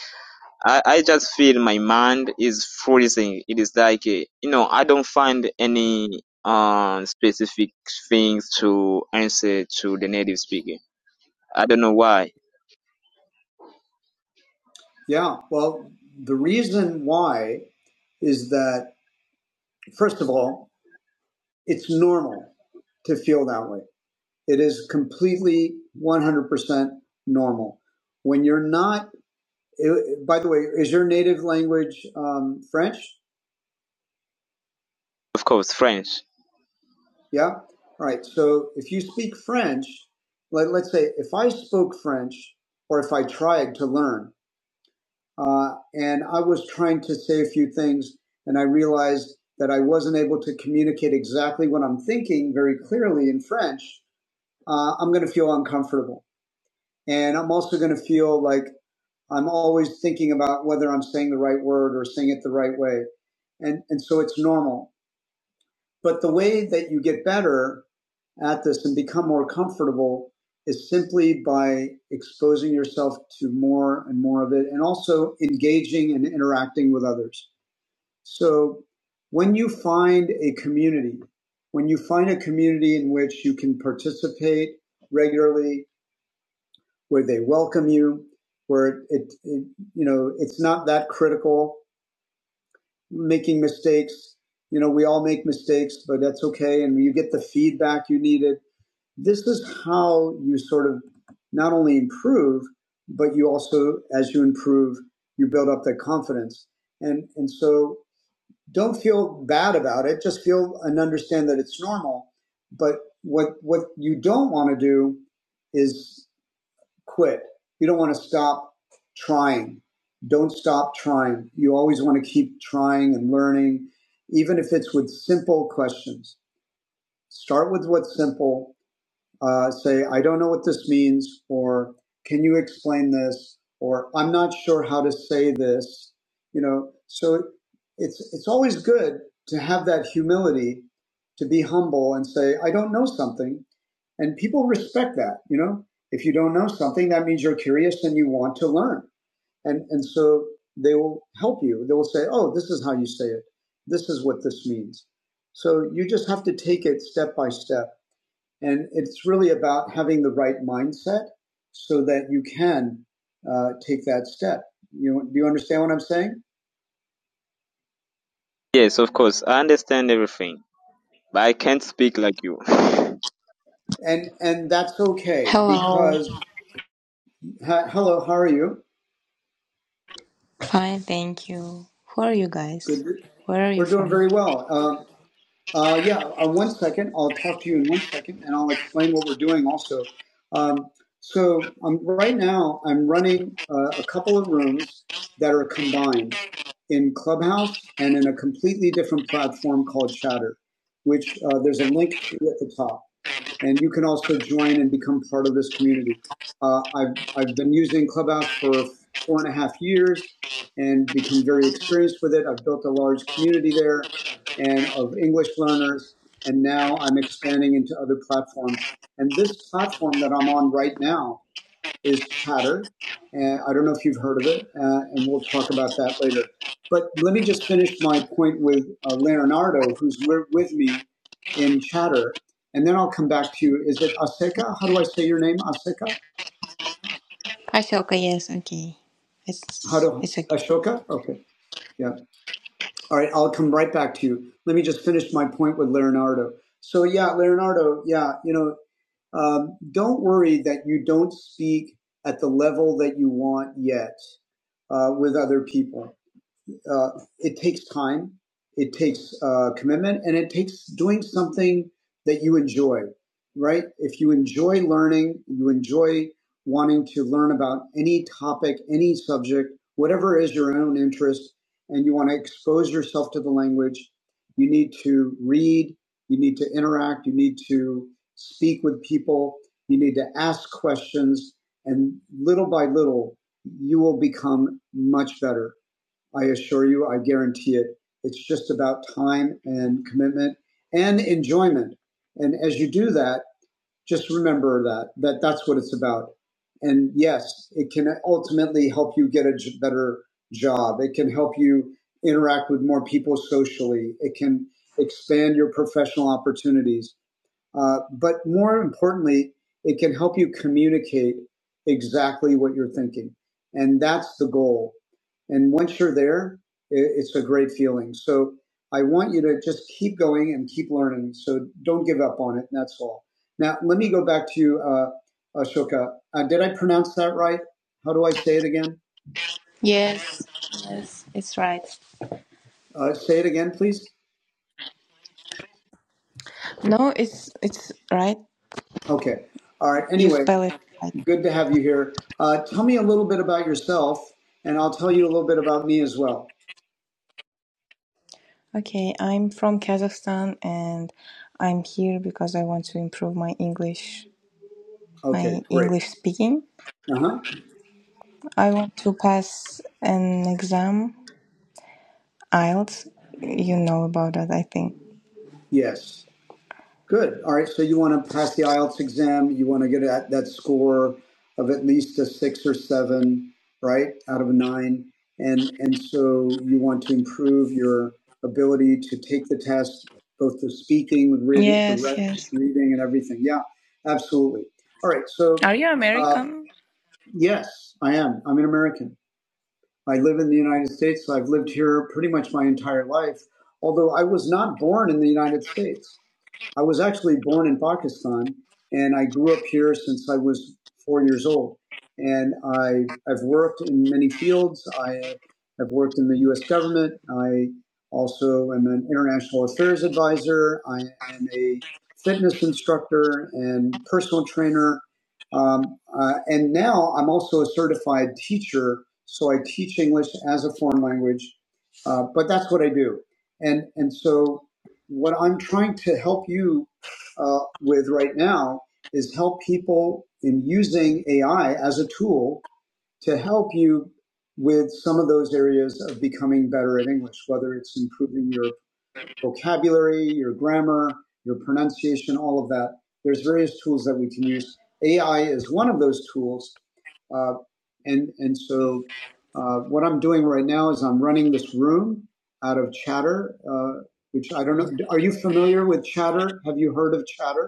A: I, I just feel my mind is freezing. It is like, eh, you know, I don't find any uh, specific things to answer to the native speaker. I don't know why. Yeah, well, the reason why is that, first of all, it's normal to feel that way. It is completely 100% normal. When you're not, it, by the way, is your native language um, French? Of course, French. Yeah. All right. So if you speak French, let, let's say if I spoke French or if I tried to learn uh, and I was trying to say a few things and I realized that I wasn't able to communicate exactly what I'm thinking very clearly in French, uh, I'm going to feel uncomfortable. And I'm also going to feel like I'm always thinking about whether I'm saying the right word or saying it the right way. And, and so it's normal. But the way that you get better at this and become more comfortable is simply by exposing yourself to more and more of it and also engaging and interacting with others. So when you find a community, when you find a community in which you can participate regularly, where they welcome you, where it, it you know it's not that critical. Making mistakes, you know, we all make mistakes, but that's okay, and you get the feedback you needed. This is how you sort of not only improve, but you also, as you improve, you build up that confidence. And and so don't feel bad about it. Just feel and understand that it's normal. But what what you don't want to do is quit. You don't want to stop trying. Don't stop trying. You always want to keep trying and learning, even if it's with simple questions. Start with what's simple uh, say, I don't know what this means, or can you explain this, or I'm not sure how to say this. You know, so it's it's always good to have that humility, to be humble and say, I don't know something, and people respect that. You know, if you don't know something, that means you're curious and you want to learn, and and so they will help you. They will say, Oh, this is how you say it. This is what this means. So you just have to take it step by step and it's really about having the right mindset so that you can uh, take that step. You, do you understand what I'm saying? Yes, of course. I understand everything, but I can't speak like you. And and that's okay
E: Hello.
A: because hi, hello, how are you?
E: Fine, thank you. Who are you guys?
A: Good.
E: Where are
A: We're
E: you
A: doing
E: from?
A: very well. Uh, uh, yeah, uh, one second. I'll talk to you in one second, and I'll explain what we're doing also. Um, so um, right now, I'm running uh, a couple of rooms that are combined in Clubhouse and in a completely different platform called Chatter, which uh, there's a link to at the top and you can also join and become part of this community. Uh, I've, I've been using Clubhouse for four and a half years and become very experienced with it. I've built a large community there and of English learners, and now I'm expanding into other platforms. And this platform that I'm on right now is Chatter. And I don't know if you've heard of it, uh, and we'll talk about that later. But let me just finish my point with uh, Leonardo, who's with me in Chatter, and then I'll come back to you. Is it Aseka? How do I say your name, Aseka?
E: Ashoka, yes, okay.
A: How
E: It's
A: do
E: it's okay.
A: Ashoka? Okay, yeah. All right, I'll come right back to you. Let me just finish my point with Leonardo. So yeah, Leonardo, yeah, you know, um, don't worry that you don't speak at the level that you want yet uh, with other people uh, it takes time, it takes uh, commitment, and it takes doing something that you enjoy, right? If you enjoy learning, you enjoy wanting to learn about any topic, any subject, whatever is your own interest, and you want to expose yourself to the language, you need to read, you need to interact, you need to speak with people, you need to ask questions, and little by little, you will become much better I assure you, I guarantee it. It's just about time and commitment and enjoyment. And as you do that, just remember that that that's what it's about. And yes, it can ultimately help you get a j- better job. It can help you interact with more people socially. It can expand your professional opportunities. Uh, but more importantly, it can help you communicate exactly what you're thinking. And that's the goal. And once you're there, it's a great feeling. So I want you to just keep going and keep learning. So don't give up on it. And that's all. Now, let me go back to uh, Ashoka. Uh, did I pronounce that right? How do I say it again?
E: Yes. Yes, it's right.
A: Uh, say it again, please.
E: No, it's it's right.
A: Okay. All right.
E: You
A: Anyway,
E: spell it right.
A: Good to have you here. Uh, tell me a little bit about yourself, and I'll tell you a little bit about me as well.
E: Okay, I'm from Kazakhstan and I'm here because I want to improve my English
A: Okay,
E: my
A: great.
E: English speaking.
A: Uh huh.
E: I want to pass an exam, IELTS. You know about that, I think.
A: Yes. Good. All right. So you want to pass the IELTS exam? You want to get at that score of at least a six or seven, right, out of a nine, and and so you want to improve your ability to take the test, both the speaking, the reading, the
E: Yes,
A: re-
E: yes.
A: reading, and everything. Yeah, absolutely. All right. So
E: Are you
A: uh,
E: American?
A: yes, I am. I'm an American. I live in the United States. So I've lived here pretty much my entire life, although I was not born in the United States. I was actually born in Pakistan, and I grew up here since I was four years old. And I, I've worked in many fields. I have worked in the U.S. government. I also am an international affairs advisor. I am a fitness instructor and personal trainer. Um, uh, and now I'm also a certified teacher, so I teach English as a foreign language. Uh, but that's what I do. And and so what I'm trying to help you uh, with right now is help people in using AI as a tool to help you with some of those areas of becoming better at English, whether it's improving your vocabulary, your grammar, your pronunciation, all of that. There's various tools that we can use. AI is one of those tools, uh, and and so uh, what I'm doing right now is I'm running this room out of Chatter, uh, which I don't know. Are you familiar with Chatter? Have you heard of Chatter?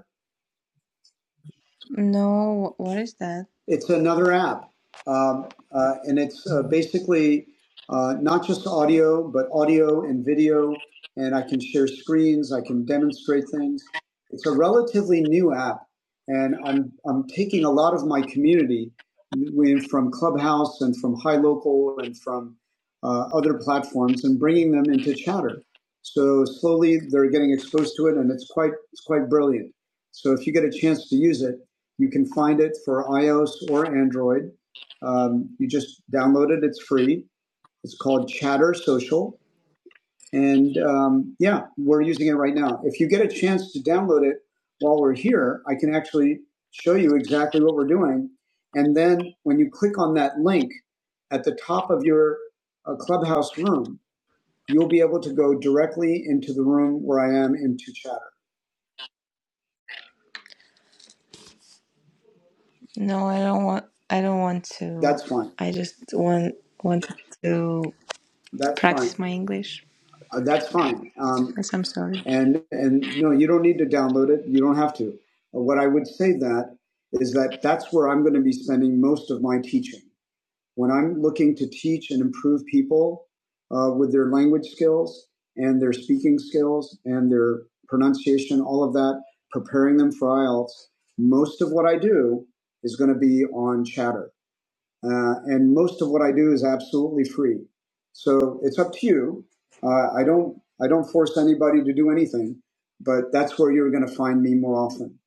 E: No, what is that?
A: It's another app, um, uh, and it's uh, basically uh, not just audio, but audio and video. And I can share screens. I can demonstrate things. It's a relatively new app, and I'm I'm taking a lot of my community we- from Clubhouse and from High Local and from uh, other platforms and bringing them into Chatter. So slowly they're getting exposed to it, and it's quite it's quite brilliant. So if you get a chance to use it you can find it for iOS or Android. Um, you just download it, it's free. It's called Chatter Social. And um, yeah, we're using it right now. If you get a chance to download it while we're here, I can actually show you exactly what we're doing. And then when you click on that link at the top of your uh, clubhouse room, you'll be able to go directly into the room where I am into Chatter.
E: No, I don't want. I don't want to.
A: That's fine.
E: I just want want to
A: That's
E: practice
A: fine.
E: my English.
A: Uh, that's fine. Um,
E: Yes, I'm sorry.
A: and and no, you don't need to download it. You don't have to. What I would say that is that that's where I'm going to be spending most of my teaching. When I'm looking to teach and improve people uh, with their language skills and their speaking skills and their pronunciation, all of that, preparing them for IELTS, most of what I do is going to be on chatter uh, and most of what I do is absolutely free. So it's up to you. Uh, I don't I don't force anybody to do anything, but that's where you're going to find me more often,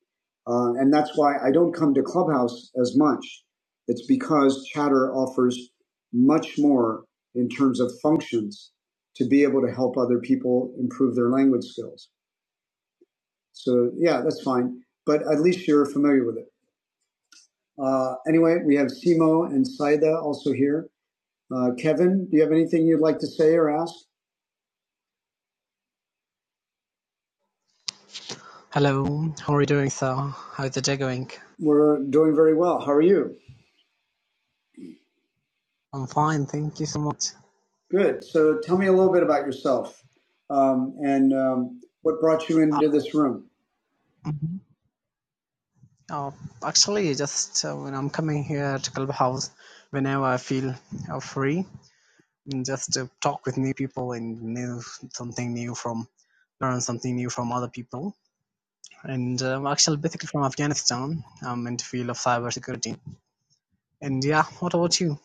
A: uh, and that's why I don't come to Clubhouse as much. It's because Chatter offers much more in terms of functions to be able to help other people improve their language skills. So yeah, that's fine. But at least you're familiar with it. Uh, anyway, we have Simo and Saida also here. Uh, Kevin, do you have anything you'd like to say or ask?
F: Hello, how are you doing, sir? How's the day going?
A: We're doing very well. How are you?
F: I'm fine, thank you so much.
A: Good. So tell me a little bit about yourself um, and um, what brought you
F: Uh,
A: into this room.
F: mhm. uh, actually, just uh, when I'm coming here to Clubhouse, whenever I feel uh, free, and just to talk with new people and new something new from learn something new from other people. And um, actually, basically from Afghanistan, I'm in the field of cybersecurity. And yeah, what about you?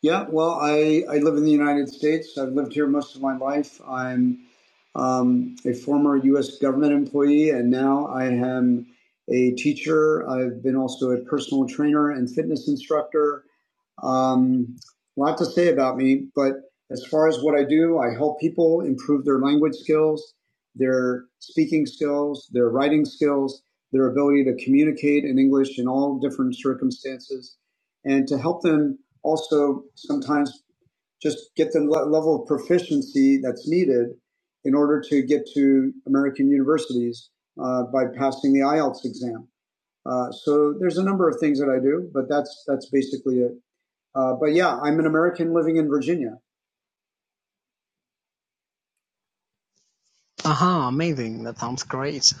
A: Yeah, well, I, I live in the United States. I've lived here most of my life. I'm um, a former U.S. government employee, and now I am a teacher. I've been also a personal trainer and fitness instructor. Um, a lot to say about me, but as far as what I do, I help people improve their language skills, their speaking skills, their writing skills, their ability to communicate in English in all different circumstances, and to help them also sometimes just get the le- level of proficiency that's needed in order to get to American universities uh, by passing the IELTS exam. Uh, so there's a number of things that I do, but that's that's basically it. Uh, but yeah, I'm an American living in Virginia.
F: Aha, amazing! That sounds great.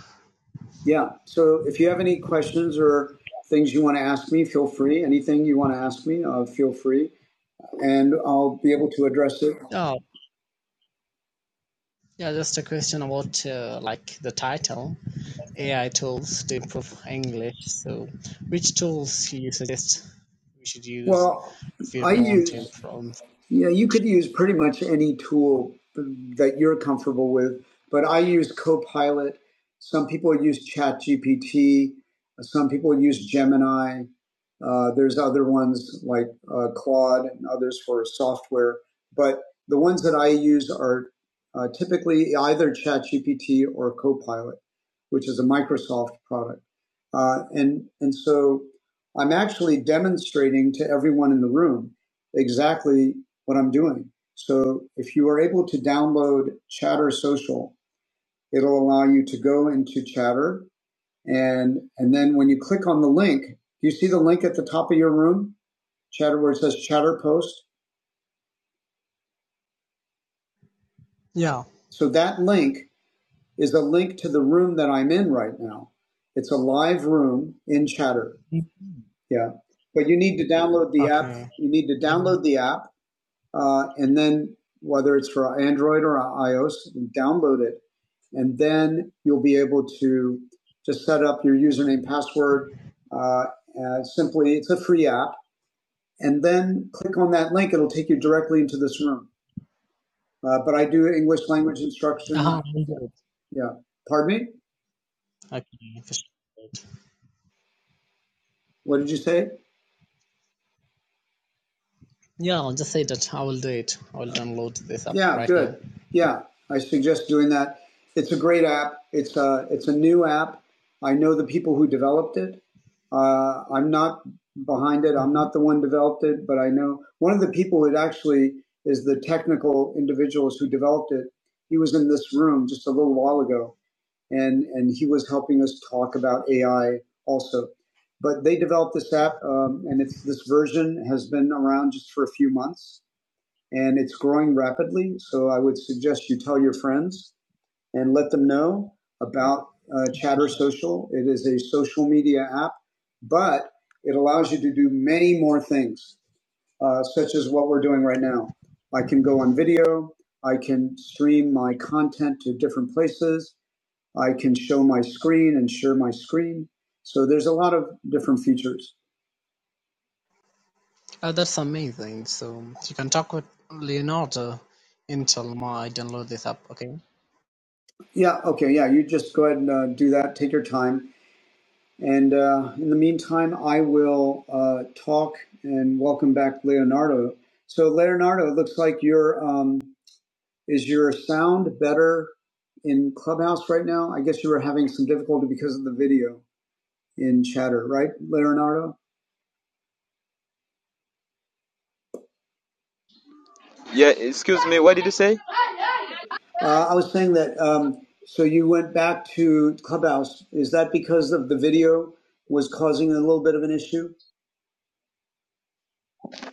A: Yeah. So if you have any questions or things you want to ask me, feel free. Anything you want to ask me, uh, feel free, and I'll be able to address it.
F: Oh, yeah, just a question about uh, like the title. AI tools to improve English. So, which tools you suggest we should use
A: Well,
F: if we
A: I
F: really want to
A: use
F: improve
A: Yeah, you could
F: English?
A: use pretty much any tool that you're comfortable with, but I use Copilot. Some people use ChatGPT. Some people use Gemini. Uh, there's other ones like uh, Claude and others for software, but the ones that I use are uh, typically either ChatGPT or Copilot, which is a Microsoft product. Uh, and and so I'm actually demonstrating to everyone in the room exactly what I'm doing. So if you are able to download Chatter Social, it'll allow you to go into Chatter and and then when you click on the link, do you see the link at the top of your room? Chatter where it says Chatter Post.
F: Yeah.
A: So that link is a link to the room that I'm in right now. It's a live room in Chatter. Yeah. But you need to download the app.
F: Okay.
A: You need to
F: Yeah.
A: download the app uh, and then whether it's for Android or iOS, download it, and then you'll be able to just set up your username, password. Uh, uh, simply, it's a free app, and then click on that link. It'll take you directly into this room. Uh, but I do English language instruction.
F: Uh-huh,
A: I,
F: I'll do
A: yeah,
F: it.
A: yeah. Pardon me.
F: Okay, for sure.
A: What did you say?
F: Yeah, I'll just say that I will do it. I will download this app
A: Yeah,
F: right now.
A: good. Yeah, I suggest doing that. It's a great app. It's a it's a new app. I know the people who developed it. Uh, I'm not behind it. I'm
F: Mhm.
A: not the one developed it, but I know one of the people that actually is the technical individuals who developed it. He was in this room just a little while ago, and and he was helping us talk about AI also. But they developed this app, um, and it's this version has been around just for a few months and it's growing rapidly. So I would suggest you tell your friends and let them know about uh, Chatter Social. It is a social media app, but it allows you to do many more things, uh, such as what we're doing right now. I can go on video. I can stream my content to different places. I can show my screen and share my screen. So there's a lot of different features.
F: Oh, that's amazing. So you can talk with Leonardo until I download this app. Okay.
A: Yeah. Okay. Yeah. You just go ahead and uh, do that. Take your time And uh, in the meantime, I will uh, talk and welcome back Leonardo. So Leonardo, it looks like your um, is your sound better in Clubhouse right now? I guess you were having some difficulty because of the video in Chatter, right, Leonardo?
D: Yeah, excuse me, what did you say?
A: Uh, I was saying that. Um, so you went back to Clubhouse. Is that because of the video was causing a little bit of an issue?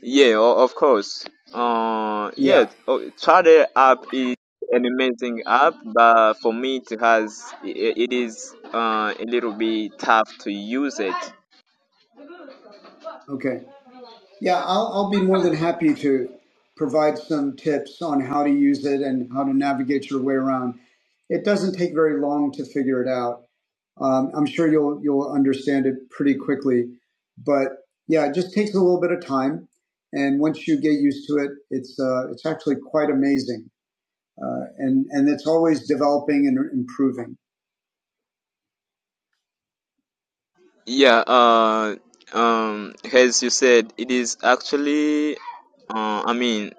D: Yeah, o- of course. Uh, yeah,
A: Yeah.
D: oh, Trader app is an amazing app, but for me, it has i- i- it is uh, a little bit tough to use it.
A: Okay. Yeah, I'll, I'll be more than happy to provide some tips on how to use it and how to navigate your way around. It doesn't take very long to figure it out. Um, I'm sure you'll you'll understand it pretty quickly, but yeah, it just takes a little bit of time. And once you get used to it, it's uh, it's actually quite amazing, uh, and and it's always developing and improving.
D: Yeah, uh, um, as you said, it is actually, uh, I mean,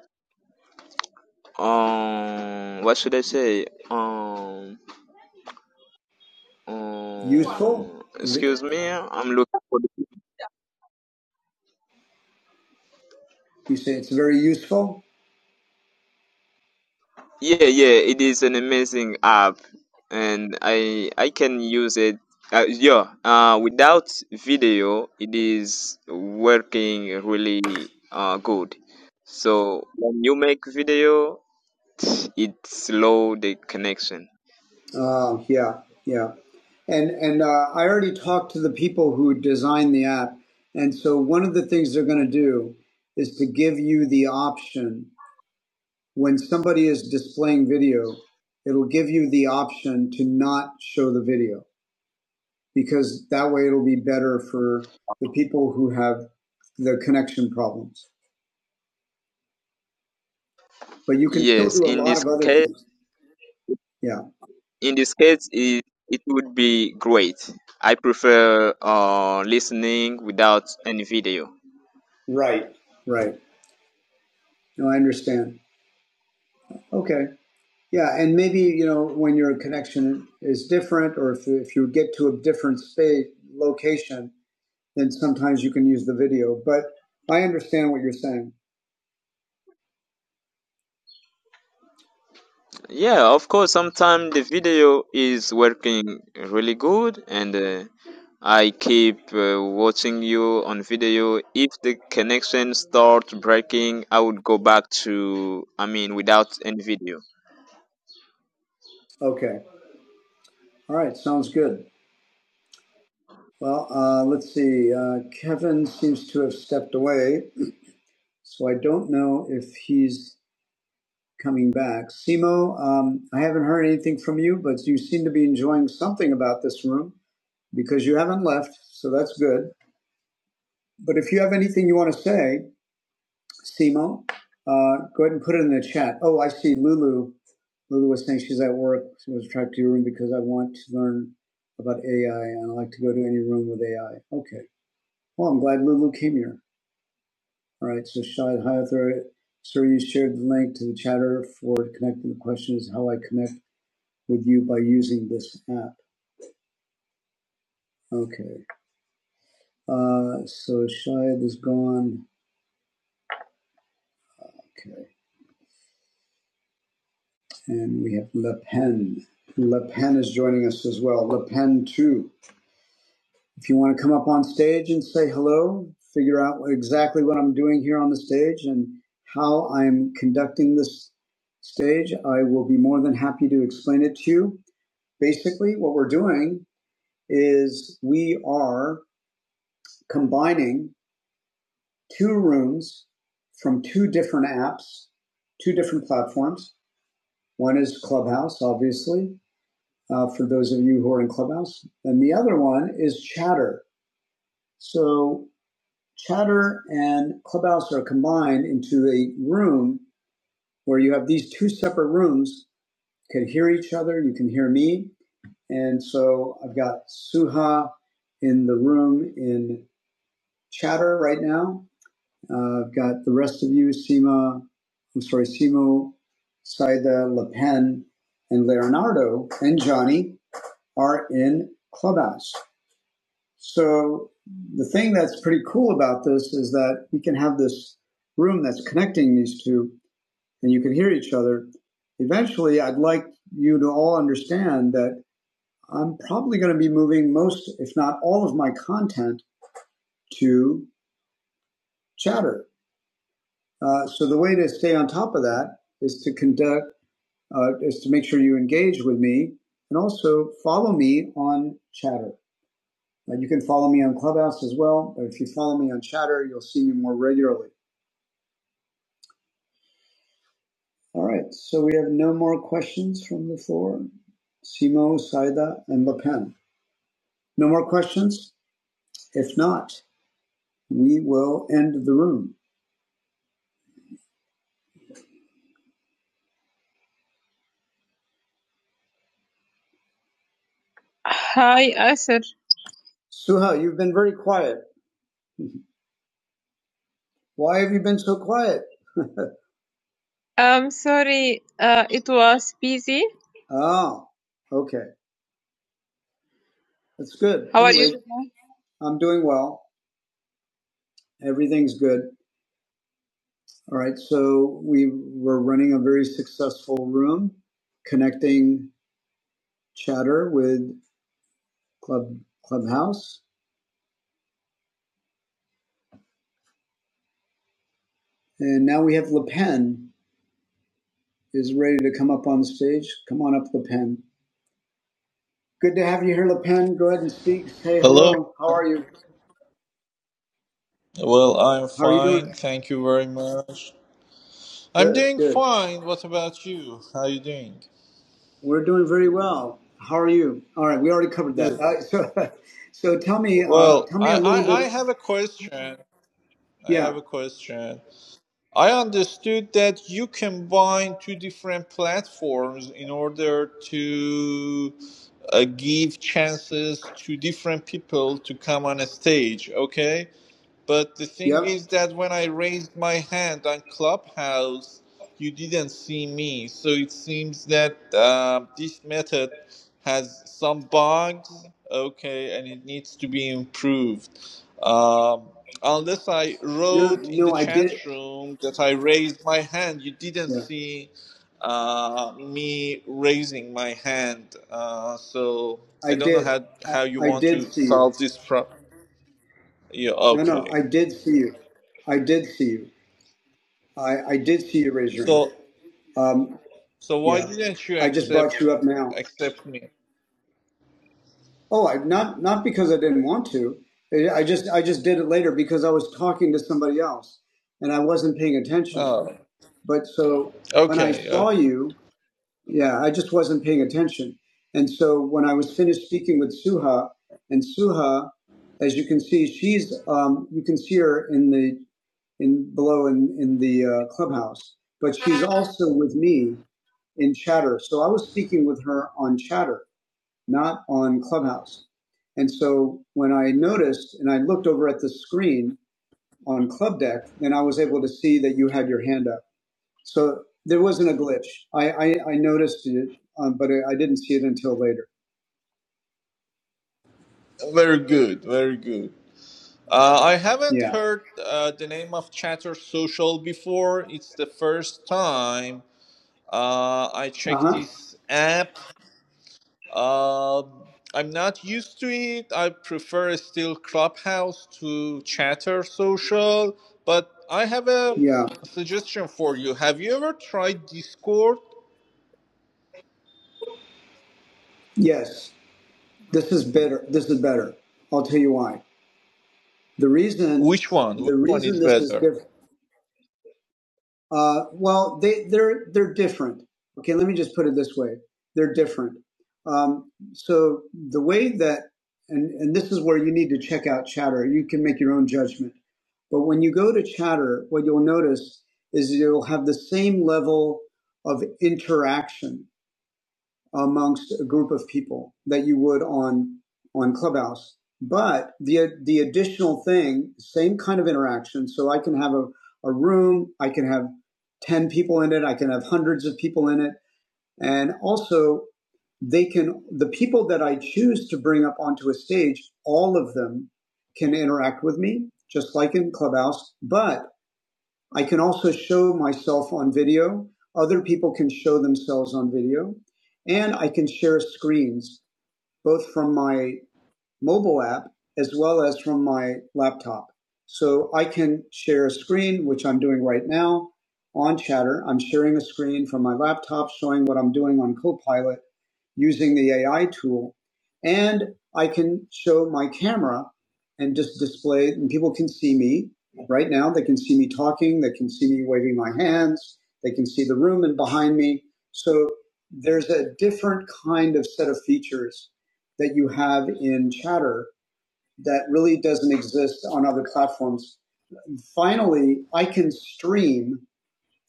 D: um, what should I say? Um,
A: Useful
D: um,
A: is it?
D: excuse me, I'm looking for
A: You say it's very useful.
D: Yeah, yeah, it is an amazing app, and I I can use it. Uh, yeah, uh, without video, it is working really uh, good. So when you make video, it slow the connection.
A: Uh, yeah, yeah. And and uh, I already talked to the people who designed the app, and so one of the things they're going to do is to give you the option when somebody is displaying video, it'll give you the option to not show the video because that way it'll be better for the people who have the connection problems. But you can still
D: Yes,
A: do a
D: in
A: lot
D: this
A: of other
D: case,
A: things. Yeah.
D: in this case, it, it would be great. I prefer uh, listening without any video.
A: Right. Right. No, I understand. Okay. Yeah, and maybe you know when your connection is different, or if if you get to a different state location, then sometimes you can use the video. But I understand what you're saying.
D: Yeah, of course, sometimes the video is working really good and uh, I keep uh, watching you on video. If the connection starts breaking, I would go back to, I mean, without any video.
A: Okay, all right, sounds good. Well, uh, let's see. Uh, Kevin seems to have stepped away, so I don't know if he's coming back. Simo, um, I haven't heard anything from you, but you seem to be enjoying something about this room because you haven't left, so that's good. But if you have anything you want to say, Simo, uh, go ahead and put it in the chat. Oh, I see Lulu. Lulu was saying she's at work. She was attracted to your room because I want to learn about AI and I like to go to any room with AI. Okay. Well, I'm glad Lulu came here. All right. So, Shahid Hayathor, sir, you shared the link to the chatter for connecting. The question is how I connect with you by using this app. Okay. Uh, so, Shahid is gone. Okay. And we have Le Pen. Le Pen is joining us as well. Le Pen, too. If you want to come up on stage and say hello, figure out exactly what I'm doing here on the stage and how I'm conducting this stage, I will be more than happy to explain it to you. Basically, what we're doing is we are combining two rooms from two different apps, two different platforms. One is Clubhouse, obviously, uh, for those of you who are in Clubhouse, and the other one is Chatter. So Chatter and Clubhouse are combined into a room where you have these two separate rooms. You can hear each other. You can hear me. And so I've got Suha in the room in Chatter right now. Uh, I've got the rest of you, Sima. I'm sorry, Simo, Saida, Le Pen, and Leonardo and Johnny are in Clubhouse. So the thing that's pretty cool about this is that we can have this room that's connecting these two and you can hear each other. Eventually, I'd like you to all understand that I'm probably going to be moving most, if not all, of my content to Chatter. Uh, so the way to stay on top of that is to conduct, uh, is to make sure you engage with me and also follow me on Chatter. Uh, you can follow me on Clubhouse as well. But if you follow me on Chatter, you'll see me more regularly. All right. So we have no more questions from the floor. Simo, Saida, and Lapan. No more questions? If not, we will end the room. Suha, you've been very quiet. Why have you been so quiet? Oh, okay. That's good. I'm doing well. Everything's good. All right. So we were running a very successful room connecting chatter with Club Clubhouse. And now we have Le Pen is ready to come up on stage. Come on up, Le Pen. Good to have you here, Le Pen. Go ahead and speak. Say
G: Hello.
A: hello. How are you?
G: Well, I'm
A: How are you doing?
G: fine. Thank you very much. I'm
A: Good,
G: doing
A: good.
G: fine. What about you? How are you doing?
A: We're doing very well. How are you? All right, we already covered that.
G: Good.
A: Uh, so, so tell me, uh,
G: Well,
A: tell me
G: I,
A: a little
G: I, I
A: bit.
G: have a question. I
A: Yeah,
G: have a question. I understood that you combine two different platforms in order to uh, give chances to different people to come on a stage. Okay. But the thing
A: yep.
G: is that when I raised my hand on Clubhouse, you didn't see me. So it seems that uh, this method has some bugs, okay, and it needs to be improved. Um, unless I
A: No,
G: wrote in
A: no,
G: the
A: I
G: chat
A: did.
G: room that I raised my hand, you didn't
A: Yeah,
G: see uh, me raising my hand. Uh, so
A: I
G: I don't know
A: did.
G: how,
A: I,
G: how you
A: I
G: want
A: did
G: to
A: see you.
G: solve this problem. Yeah,
A: No, no,
G: okay.
A: I did see you. I did see you. I, I did see you raise your
G: So
A: hand. Um,
G: So why
A: Yeah,
G: didn't you
A: I just
G: accept
A: brought you up now.
G: accept me?
A: Oh, I not not because I didn't want to. I just I just did it later because I was talking to somebody else and I wasn't paying attention.
G: Oh,
A: But so when I
G: okay. okay.
A: saw you, yeah, I just wasn't paying attention. And so when I was finished speaking with Suha, and Suha, as you can see, she's um, you can see her in the in below in in the uh, clubhouse, but she's also with me in Chatter. So I was speaking with her on Chatter not on Clubhouse. And so when I noticed and I looked over at the screen on Club Deck, then I was able to see that you had your hand up. So there wasn't a glitch. I, I, I noticed it, um, but I, I didn't see it until later.
G: Very good. Very good. Uh, I haven't
A: Yeah.
G: heard uh, the name of Chatter Social before. It's the first time uh, I
A: Uh
G: check
A: huh.
G: this app. Um I'm not used to it. I prefer still Clubhouse to Chatter Social, but I have a
A: Yeah.
G: suggestion for you. Have you ever tried Discord?
A: Yes. This is better. This is better. I'll tell you why. The reason,
G: Which one? Which
A: the
G: one
A: reason
G: is
A: this is
G: better?
A: different. Uh, well, they they're they're different. Okay, let me just put it this way: they're different. Um, so the way that and and this is where you need to check out Chatter. You can make your own judgment. But when you go to Chatter, what you'll notice is you'll have the same level of interaction amongst a group of people that you would on on Clubhouse. But the the additional thing, same kind of interaction. So I can have a, a room, I can have ten people in it, I can have hundreds of people in it, and also they can the people that I choose to bring up onto a stage, all of them can interact with me, just like in Clubhouse. But I can also show myself on video. Other people can show themselves on video. And I can share screens, both from my mobile app as well as from my laptop. So I can share a screen, which I'm doing right now on Chatter. I'm sharing a screen from my laptop showing what I'm doing on Copilot using the AI tool. And I can show my camera and just display, and people can see me right now. They can see me talking, they can see me waving my hands, they can see the room and behind me. So there's a different kind of set of features that you have in Chatter that really doesn't exist on other platforms. Finally, I can stream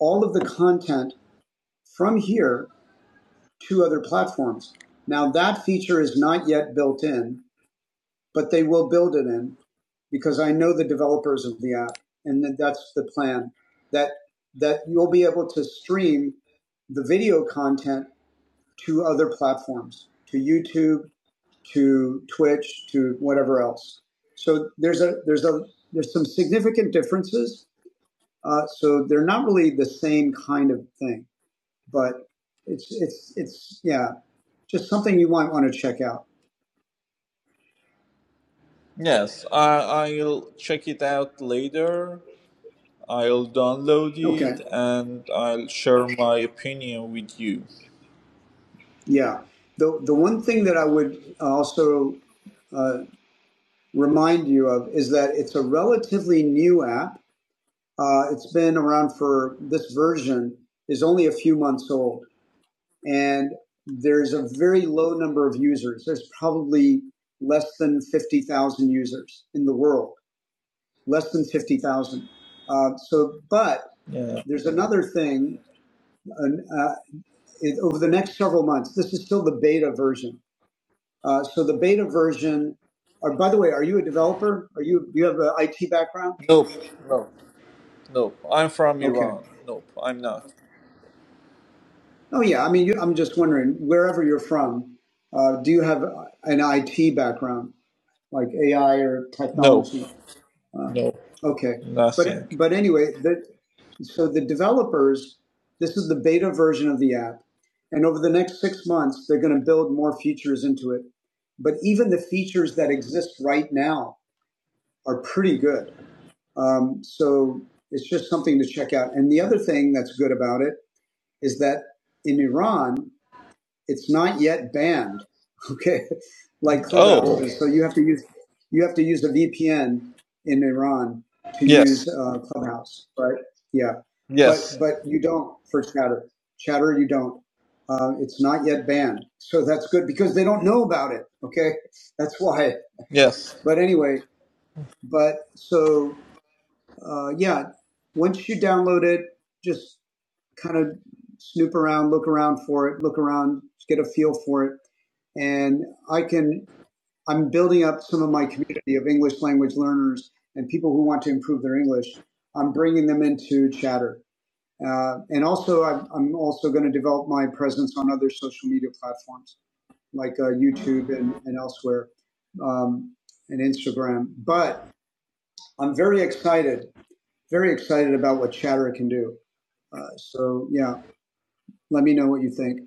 A: all of the content from here to other platforms. Now, that feature is not yet built in, but they will build it in because I know the developers of the app, and that's the plan that that you'll be able to stream the video content to other platforms, to YouTube, to Twitch, to whatever else. So there's a there's a there's some significant differences. Uh, so they're not really the same kind of thing, but it's it's it's yeah, just something you might want to check out.
G: Yes, I, I'll check it out later. I'll download
A: Okay,
G: it and I'll share my opinion with you.
A: yeah. The the one thing that I would also uh, remind you of is that it's a relatively new app. Uh, it's been around for this version is only a few months old. and there's a very low number of users. There's probably less than 50,000 users in the world, less than 50,000. Uh, so, but
G: Yeah.
A: there's another thing uh, uh, it, over the next several months. This is still the beta version. Uh, so the beta version, or by the way, are you a developer? Are you, do you have an IT background?
G: Nope, nope, nope. I'm from
A: Okay.
G: Iran. Nope, I'm not.
A: Oh yeah. I mean, you, I'm just wondering wherever you're from, uh, do you have an IT background, like AI or
G: Nope,
A: technology? Uh,
G: nope,
A: okay, but
G: nothing.
A: but anyway, the, so the developers, this is the beta version of the app, and over the next six months, they're going to build more features into it. But even the features that exist right now are pretty good. Um, so it's just something to check out. And the other thing that's good about it is that in Iran, it's not yet banned, okay, like Clubhouse
G: Oh,
A: is. So you have to use you have to use a VPN in Iran to use
G: yes,
A: uh, Clubhouse, right? Yeah, but
G: yes,
A: but you don't for Chatter. Chatter, you don't. Uh, it's not yet banned, so that's good because they don't know about it. Okay, that's why.
G: yes.
A: But anyway, but so uh, yeah, once you download it, just kind of snoop around, look around for it, look around, get a feel for it. And I can, I'm building up some of my community of English language learners and people who want to improve their English. I'm bringing them into Chatter. Uh, and also, I'm, I'm also going to develop my presence on other social media platforms like uh, YouTube and, and elsewhere um, and Instagram. But I'm very excited, very excited about what Chatter can do. Uh, so, yeah, let me know what you think.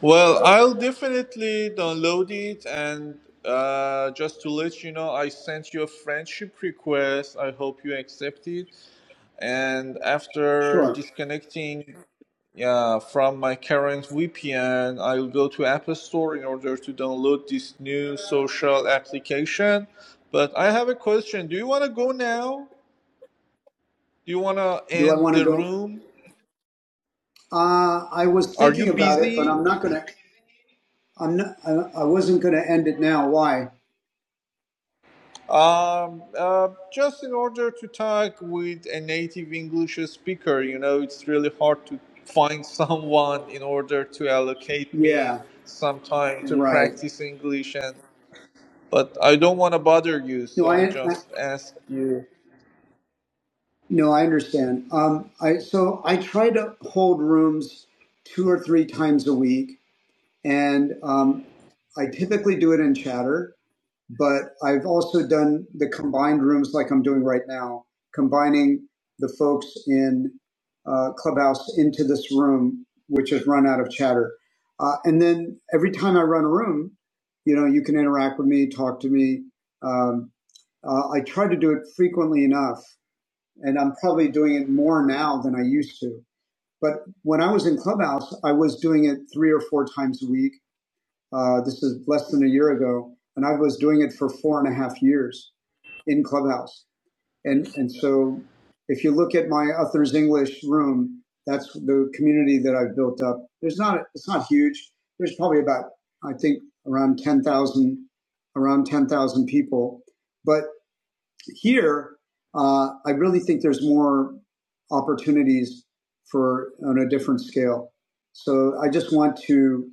G: Well, I'll definitely download it and uh, just to let you know, I sent you a friendship request. I hope you accept it. And after
A: Sure.
G: disconnecting yeah, from my current VPN, I'll go to App Store in order to download this new social application. But I have a question. Do you want to go now? Do you want to
A: Do I
G: end
A: want to
G: the
A: go?
G: room?
A: Uh, I was
G: Are you
A: thinking about it, but
G: busy?
A: I'm not gonna. I'm not. I, I wasn't gonna end it now. Why?
G: Um, uh, just in order to talk with a native English speaker, you know, it's really hard to find someone in order to allocate me
A: Yeah.
G: some time to
A: Right.
G: practice English and But I don't want to bother you,
A: No,
G: so I
A: I. I
G: just asked you.
A: no, I understand. Um, I so I try to hold rooms two or three times a week, and um, I typically do it in Chatter. but I've also done the combined rooms like I'm doing right now, combining the folks in uh, Clubhouse into this room, which has run out of chatter. Uh, and then every time I run a room, you know, you can interact with me, talk to me. Um, uh, I try to do it frequently enough, and I'm probably doing it more now than I used to. But when I was in Clubhouse, I was doing it three or four times a week uh, this is less than a year ago, and I was doing it for four and a half years in Clubhouse. And and so, if you look at my Others English room, that's the community that I've built up. There's not it's not huge. There's probably about I think around ten thousand around ten thousand people, but here uh, I really think there's more opportunities for on a different scale. So I just want to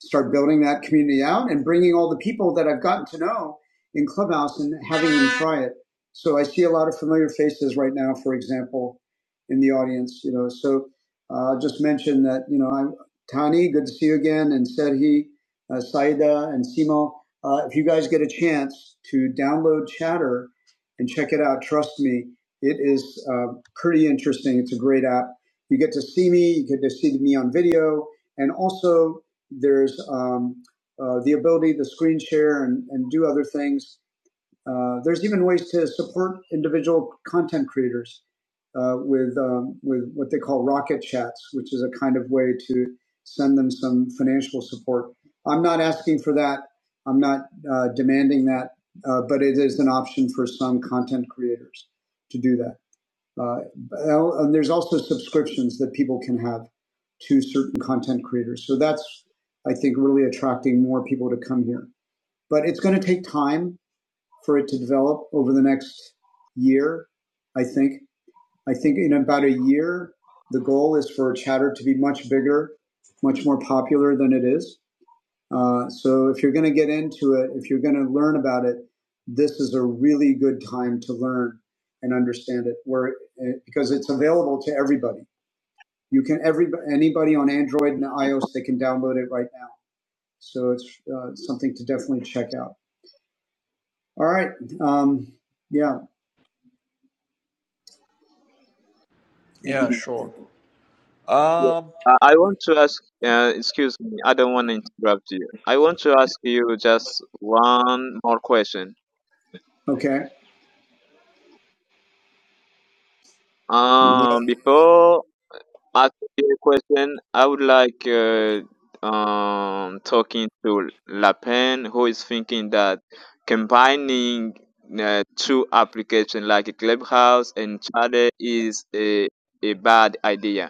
A: start building that community out and bringing all the people that I've gotten to know in Clubhouse and having them try it. So I see a lot of familiar faces right now, for example, in the audience, you know. So uh, just mention that, you know, I'm Tani, good to see you again, and Serhi, uh, Saida, and Simo. Uh, if you guys get a chance to download Chatter and check it out, trust me, it is uh, pretty interesting. It's a great app. You get to see me, you get to see me on video, and also there's um, uh, the ability to screen share and, and do other things. Uh, there's even ways to support individual content creators uh, with um, with what they call rocket chats, which is a kind of way to send them some financial support. I'm not asking for that. I'm not uh, demanding that, uh, but it is an option for some content creators to do that. Uh, and there's also subscriptions that people can have to certain content creators. So that's, I think, really attracting more people to come here. But it's going to take time for it to develop over the next year, I think. I think in about a year, the goal is for Chatter to be much bigger, much more popular than it is uh, so if you're going to get into it, if you're going to learn about it, this is a really good time to learn and understand it, where it, because it's available to everybody. You can every anybody on Android and iOS they can download it right now. So it's uh, something to definitely check out. All right, um, yeah,
G: Yeah, sure.
D: Yeah.
G: Um,
D: Uh, I want to ask, uh, excuse me, I don't want to interrupt you. I want to ask you just one more question.
A: okay,
D: Um, before Ask me a question. I would like uh, um, talking to La Pen, who is thinking that combining uh, two applications like Clubhouse and Chat is a, a bad idea.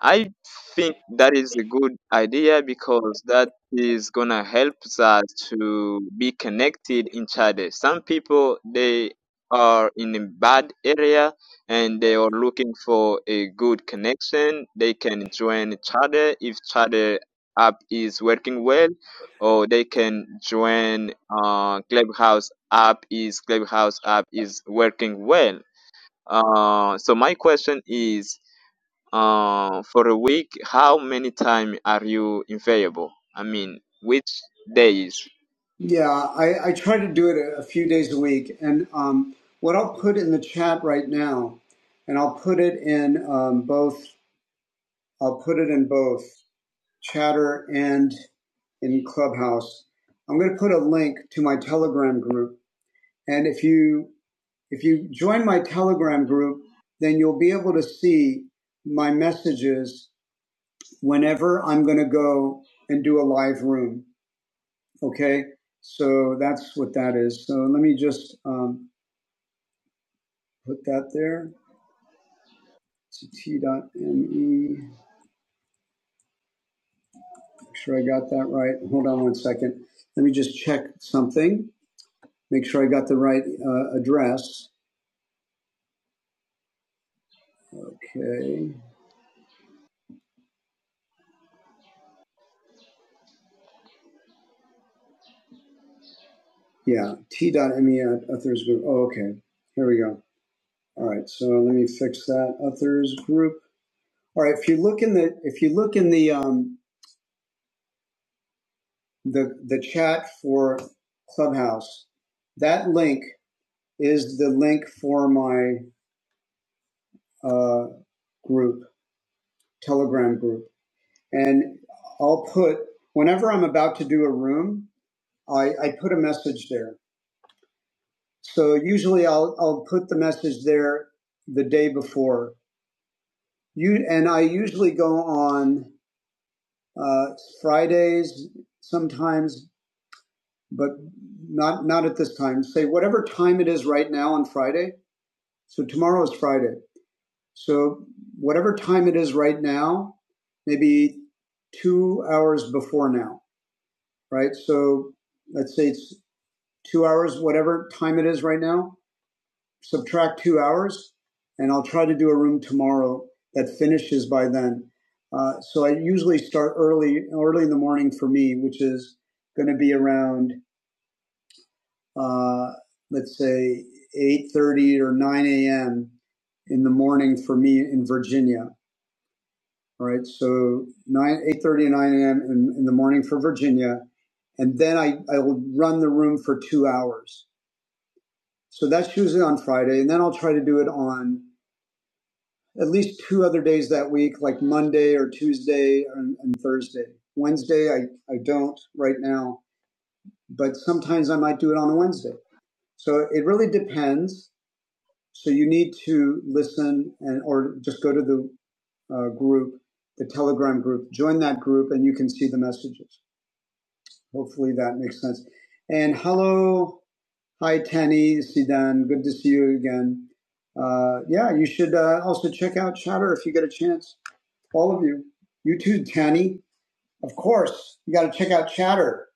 D: I think that is a good idea because that is gonna help us to be connected each other. Some people they are in a bad area and they are looking for a good connection. They can join each other if each other app is working well, or they can join uh, Clubhouse app is Clubhouse app is working well. Uh, so my question is uh, for a week, how many time are you available? I mean, which days?
A: yeah. I, I try to do it a, a few days a week, and um, what I'll put in the chat right now, and I'll put it in um, both I'll put it in both chatter and in Clubhouse. I'm going to put a link to my Telegram group. And if you, if you join my Telegram group, then you'll be able to see my messages whenever I'm going to go and do a live room. Okay. So that's what that is. So let me just um, put that there. It's t dot t.me. Make sure I got that right. Hold on one second. Let me just check something. make sure I got the right uh, address. Okay. Yeah, T dot me at Uthers Group. Oh, okay. Here we go. All right. So let me fix that. Uthers Group. All right. If you look in the if you look in the um the the chat for Clubhouse, that link is the link for my uh, group Telegram group, and I'll put whenever I'm about to do a room, I, I put a message there So usually I'll I'll put the message there the day before. You and I usually go on uh, Fridays sometimes, but not not at this time. Say whatever time it is right now on Friday. So tomorrow is Friday. So whatever time it is right now, maybe two hours before now, right? So let's say it's two hours, whatever time it is right now subtract two hours, and I'll try to do a room tomorrow that finishes by then. Uh, so I usually start early, early in the morning for me, which is going to be around, uh, let's say, eight thirty or nine a.m. in the morning for me in Virginia. All right, so nine, eight thirty and nine a.m. In, in the morning for Virginia, and then I I will run the room for two hours. So that's usually on Friday, and then I'll try to do it on at least two other days that week, like Monday or Tuesday and, and Thursday. Wednesday, I, I don't right now, but sometimes I might do it on a Wednesday. So it really depends. So you need to listen and or just go to the uh, group, the Telegram group, join that group, and you can see the messages. Hopefully that makes sense. And hello, hi Tani, Sidan, good to see you again. Uh, yeah, you should uh, also check out Chatter if you get a chance all of you. You too, Tanny. Of course, you got to check out Chatter.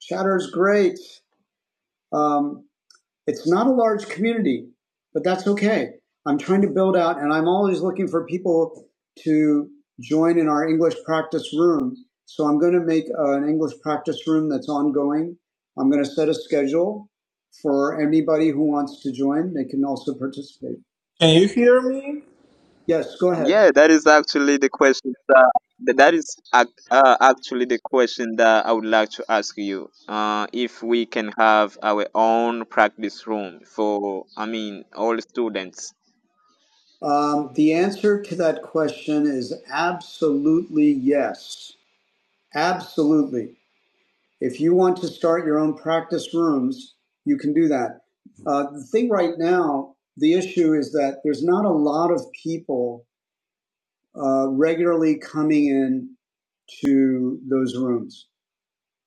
A: Chatter is great. Um, it's not a large community, but that's okay. I'm trying to build out, and I'm always looking for people to join in our English practice room. So I'm going to make uh, an English practice room that's ongoing. I'm going to set a schedule for anybody who wants to join. They can also participate.
G: can you hear me?
A: Yes, go ahead.
D: Yeah, that is actually the question that that that is ac- uh, actually the question that I would like to ask you. Uh, if we can have our own practice room for, I mean, all students.
A: Um, the answer to that question is absolutely yes. Absolutely. If you want to start your own practice rooms, you can do that. Uh, the thing right now, the issue is that there's not a lot of people uh, regularly coming in to those rooms.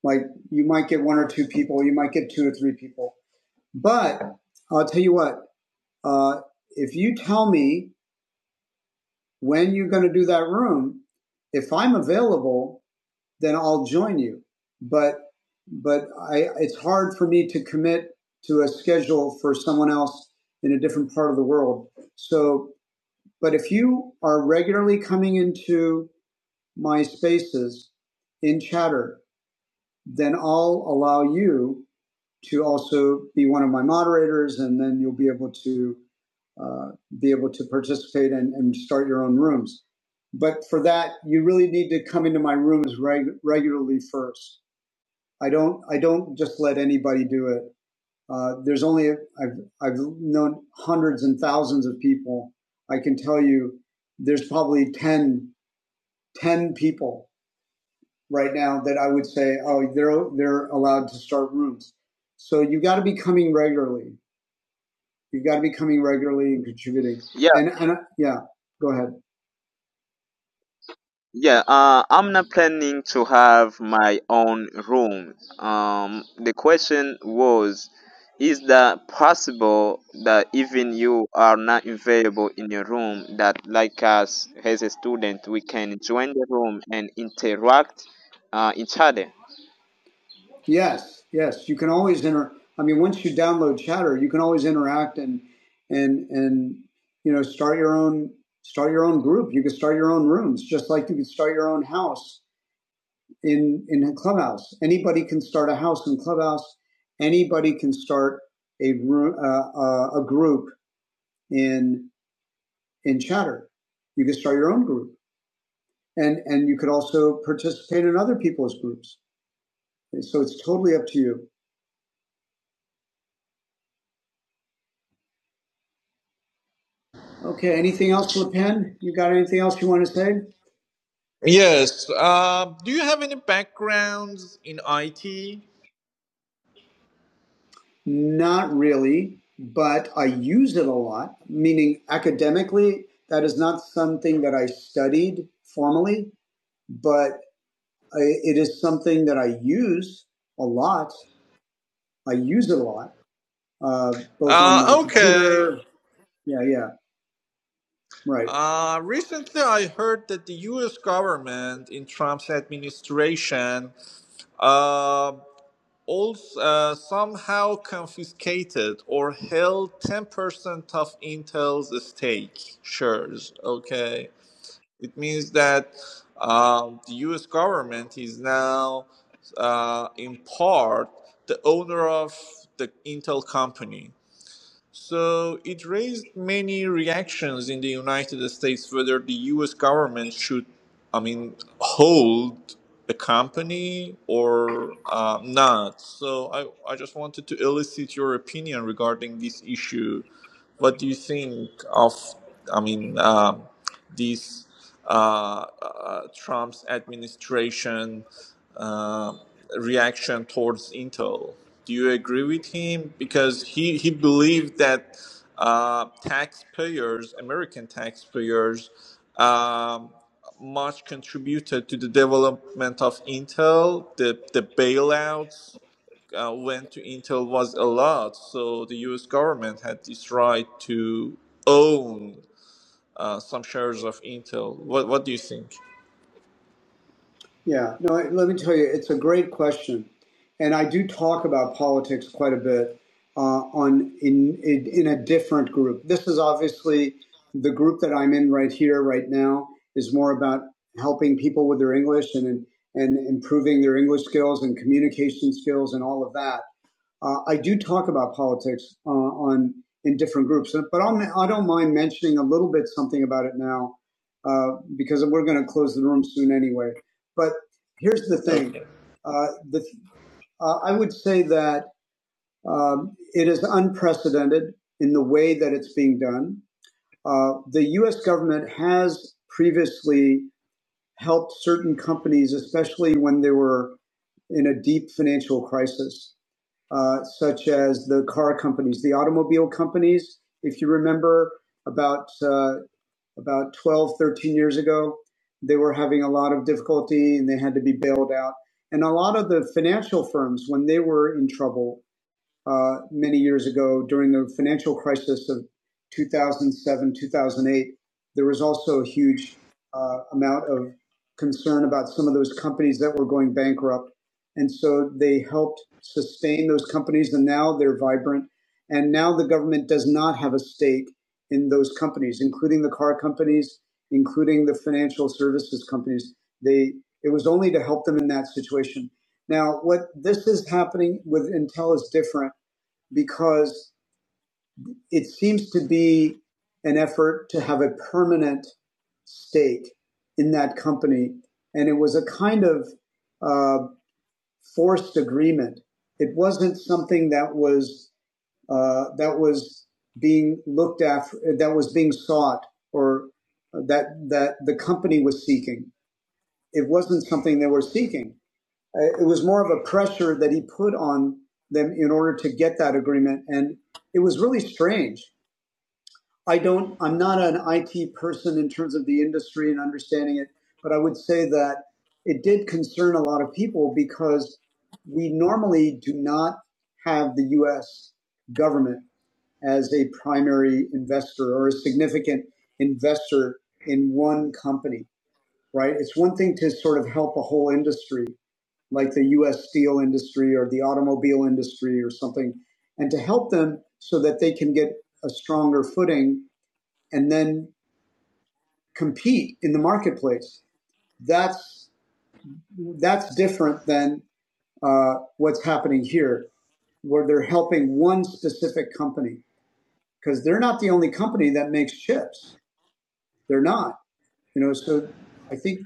A: Like you might get one or two people, you might get two or three people. But I'll tell you what, uh, if you tell me when you're going to do that room, if I'm available, then I'll join you. But but I, it's hard for me to commit to a schedule for someone else in a different part of the world. So, but if you are regularly coming into my spaces in chatter, then I'll allow you to also be one of my moderators, and then you'll be able to uh, be able to participate and, and start your own rooms. But for that, you really need to come into my rooms reg- regularly first. I don't I don't just let anybody do it. Uh, there's only I've I've known hundreds and thousands of people. I can tell you, there's probably 10 10 people right now that I would say, oh, they're they're allowed to start rooms. So you got to be coming regularly. You've got to be coming regularly and contributing.
D: Yeah.
A: And, and uh, yeah, go ahead.
D: Yeah, uh, I'm not planning to have my own room. Um, the question was, is that possible that even you are not available in your room, that like us as a student, we can join the room and interact uh, each other?
A: Yes, yes. You can always inter. I mean, once you download Chatter, you can always interact and and and you know start your own start your own group. You can start your own rooms, just like you can start your own house in in Clubhouse. Anybody can start a house in Clubhouse. Anybody can start a room, uh, uh, a group in in Chatter. You can start your own group. and and you could also participate in other people's groups. So it's totally up to you. Okay. Anything else, Le Pen? You got anything else you want to say?
G: Yes. Um, do you have any backgrounds in IT?
A: Not really, but I use it a lot. Meaning academically, that is not something that I studied formally, but I, it is something that I use a lot. I use it a lot, uh, both on my
G: Uh, okay.
A: computer. Yeah, yeah, right.
G: Uh, recently, I heard that the U.S. government in Trump's administration uh, also uh, somehow confiscated or held 10% of Intel's stake shares. Okay. It means that um, the U.S. government is now, uh, in part, the owner of the Intel company. So it raised many reactions in the United States whether the US government should, I mean, hold a company or uh, not. So I, I just wanted to elicit your opinion regarding this issue. What do you think of, I mean, um this uh, uh, Trump's administration? uh, reaction towards Intel. Do you agree with him? Because he, he believed that uh, taxpayers, American taxpayers, um, much contributed to the development of Intel. The, the bailouts uh, went to Intel was a lot. So the US government had this right to own uh, some shares of Intel. What, what do you think?
A: Yeah, no, let me tell you, it's a great question, and I do talk about politics quite a bit uh, on in, in in a different group. This is obviously the group that I'm in right here, right now, is more about helping people with their English and and improving their English skills and communication skills and all of that uh, I do talk about politics uh, on in different groups, but I'm, I don't mind mentioning a little bit something about it now uh, because we're going to close the room soon anyway. But here's the thing:
G: Okay.
A: uh, the, uh, I would say that um, it is unprecedented in the way that it's being done. Uh, the U.S. government has previously helped certain companies, especially when they were in a deep financial crisis, uh, such as the car companies, the automobile companies. If you remember, about uh, about 12, 13 years ago, they were having a lot of difficulty and they had to be bailed out. And a lot of the financial firms, when they were in trouble, uh, many years ago during the financial crisis of 2007, 2008. There was also a huge uh, amount of concern about some of those companies that were going bankrupt. And so they helped sustain those companies, and now they're vibrant. And now the government does not have a stake in those companies, including the car companies, including the financial services companies. They it was only to help them in that situation. Now, what this is happening with Intel is different because it seems to be an effort to have a permanent stake in that company. And it was a kind of uh, forced agreement. It wasn't something that was uh, that was being looked after, that was being sought, or that that the company was seeking. It wasn't something they were seeking. Uh, It was more of a pressure that he put on them in order to get that agreement, and it was really strange. I don't, I'm not an IT person in terms of the industry and understanding it, but I would say that it did concern a lot of people because we normally do not have the US government as a primary investor or a significant investor in one company, right? It's one thing to sort of help a whole industry like the US steel industry or the automobile industry or something, and to help them so that they can get a stronger footing and then compete in the marketplace. That's that's different than uh, what's happening here, where they're helping one specific company because they're not the only company that makes chips. They're not. You know, so I think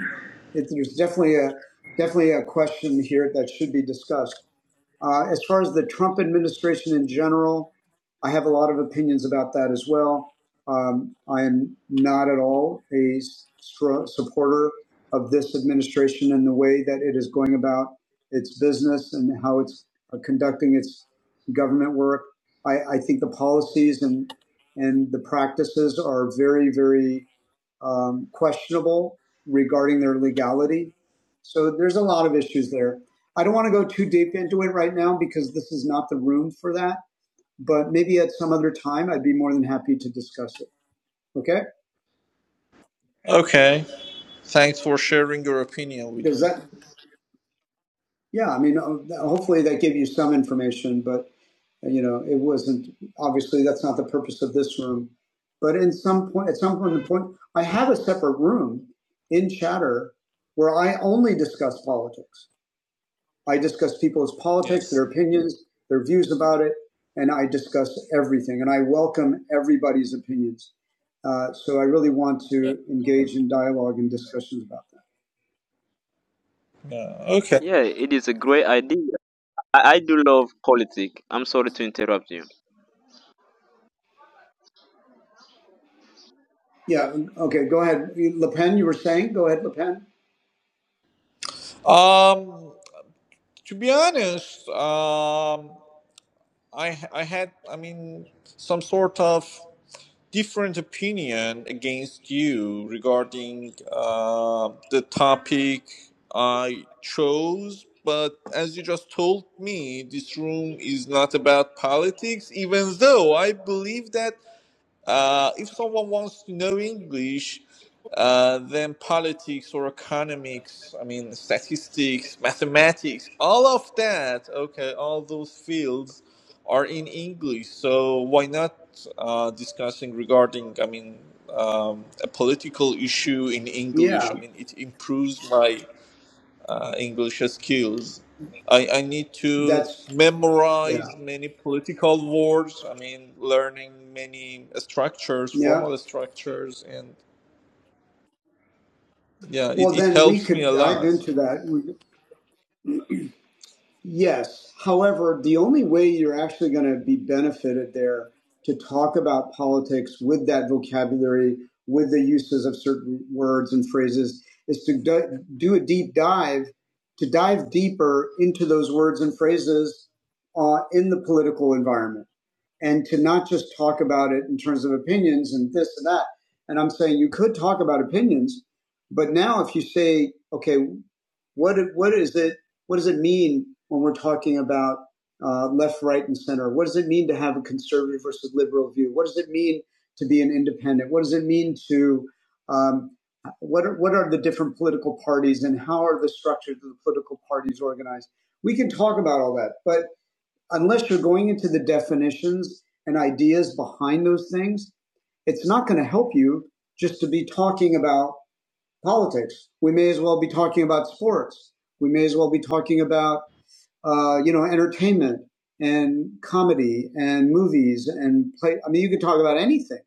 A: it, there's definitely a definitely a question here that should be discussed. Uh, as far as the Trump administration in general, I have a lot of opinions about that as well. Um, I am not at all a supporter of this administration and the way that it is going about its business and how it's uh, conducting its government work. I, I think the policies and and the practices are very, very um, questionable regarding their legality. So there's a lot of issues there. I don't want to go too deep into it right now because this is not the room for that. But maybe at some other time, I'd be more than happy to discuss it. Okay?
G: Okay. Thanks for sharing your opinion with
A: Does
G: me.
A: that? Yeah. I mean, uh, hopefully that gave you some information, but you know, it wasn't obviously that's not the purpose of this room. But in some point, at some point, the point I have a separate room in Chatter where I only discuss politics. I discuss people's politics,
G: Yes.
A: their opinions, their views about it, and I discuss everything. And I welcome everybody's opinions. Uh, so I really want
G: Yeah.
A: to engage in dialogue and discussions about that.
G: Yeah. Okay.
D: Yeah, it is a great idea. I, I do love politics. I'm sorry to interrupt you.
A: Yeah. Okay. Go ahead, Le Pen. You were saying. Go ahead, Le Pen.
G: Um, to be honest, um, I I had I mean some sort of different opinion against you regarding uh, the topic I chose. But as you just told me, this room is not about politics, even though I believe that Uh, if someone wants to know English, uh, then politics or economics, I mean, statistics, mathematics, all of that, okay, all those fields are in English. So why not uh, discussing regarding, I mean, um, a political issue in English?
A: Yeah.
G: I mean, it improves my uh, English skills. I, I need to
A: That's. Yeah.
G: memorize many political words. I mean, learning many structures,
A: Yeah.
G: formal structures, and yeah, it,
A: Well,
G: it
A: then we
G: helps me
A: could
G: a
A: dive
G: lot.
A: into that. We, Yes. However, the only way you're actually going to be benefited there to talk about politics with that vocabulary, with the uses of certain words and phrases, is to do, a deep dive, to dive deeper into those words and phrases uh, in the political environment and to not just talk about it in terms of opinions and this and that. And I'm saying you could talk about opinions, but now if you say, okay, what what is it? What does it mean when we're talking about uh, left, right, and center? What does it mean to have a conservative versus liberal view? What does it mean to be an independent? What does it mean to um, what are, what are the different political parties and how are the structures of the political parties organized? We can talk about all that, but unless you're going into the definitions and ideas behind those things, it's not going to help you just to be talking about politics. We may as well be talking about sports. We may as well be talking about, uh, you know, entertainment and comedy and movies and play. I mean, you can talk about anything,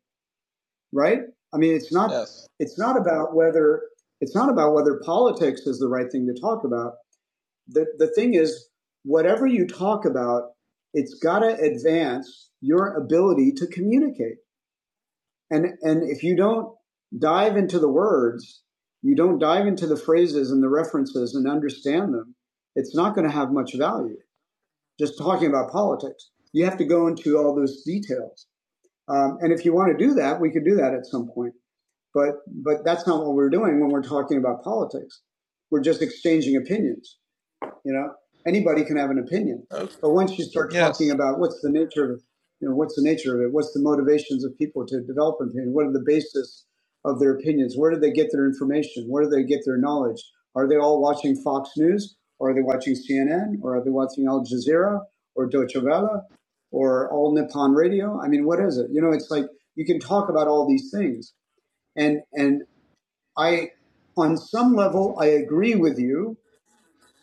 A: right? I mean, it's not,
G: Yes.
A: it's not about whether, it's not about whether politics is the right thing to talk about the, the thing is, whatever you talk about, it's got to advance your ability to communicate. And, and if you don't dive into the words, you don't dive into the phrases and the references and understand them, it's not going to have much value. Just talking about politics, you have to go into all those details. Um, and if you want to do that, we could do that at some point. But but that's not what we're doing when we're talking about politics. We're just exchanging opinions. You know, anybody can have an opinion,
G: Okay.
A: but once you start talking
G: Yes.
A: about what's the nature of, you know, what's the nature of it, what's the motivations of people to develop an opinion, what are the basis of their opinions, where do they get their information, where do they get their knowledge? Are they all watching Fox News, or are they watching CNN, or are they watching Al Jazeera, or Deutsche Welle, or All Nippon Radio? I mean, what is it? You know, it's like you can talk about all these things, and and I, on some level, I agree with you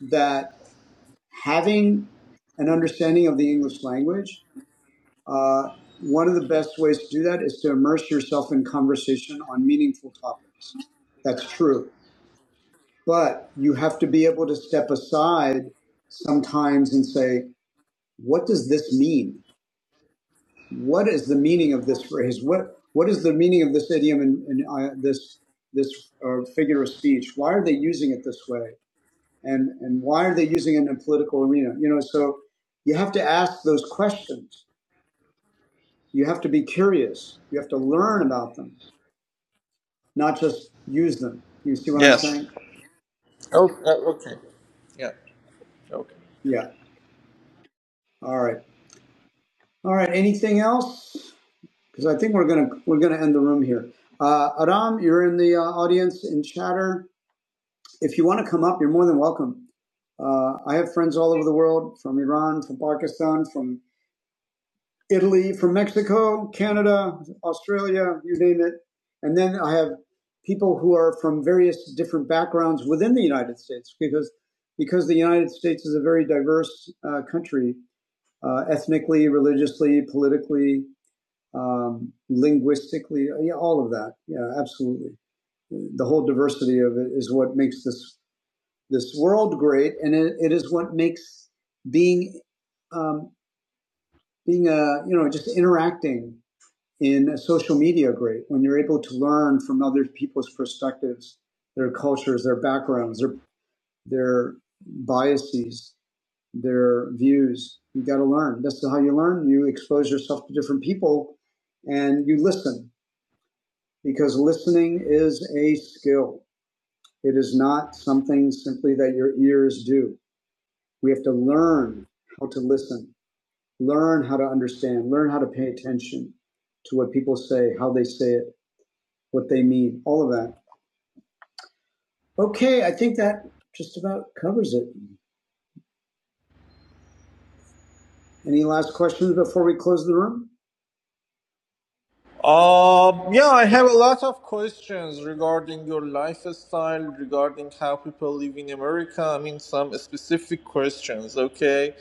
A: that having an understanding of the English language, uh, one of the best ways to do that is to immerse yourself in conversation on meaningful topics. That's true. But you have to be able to step aside sometimes and say, what does this mean? What is the meaning of this phrase? What what is the meaning of this idiom and, and uh, this this uh, figure of speech? Why are they using it this way? and and why are they using it in a political arena you know so you have to ask those questions you have to be curious you have to learn about them not just use them you see what i'm
G: Yes.
A: saying
G: Yeah. Okay.
A: yeah all right all right anything else because i think we're gonna we're gonna end the room here uh, adam you're in the uh, audience in chatter if you want to come up you're more than welcome uh, i have friends all over the world from iran from pakistan from. Italy, from Mexico, Canada, Australia, you name it. And then I have people who are from various different backgrounds within the United States because because the United States is a very diverse uh, country, uh, ethnically, religiously, politically, um, linguistically, yeah, all of that. Yeah, absolutely. The whole diversity of it is what makes this this world great, and it, it is what makes being um, being a you know just interacting in social media great when you're able to learn from other people's perspectives, their cultures, their backgrounds, their their biases, their views. You got to learn. That's how you learn. You expose yourself to different people, and you listen because listening is a skill. It is not something simply that your ears do. We have to learn how to listen, learn how to understand, learn how to pay attention to what people say, how they say it, what they need, all of that. Okay, I think that just about covers it. Any last questions before we close the room?
G: Um, yeah, I have a lot of questions regarding your lifestyle, regarding how people live in America. I mean, some specific questions, okay?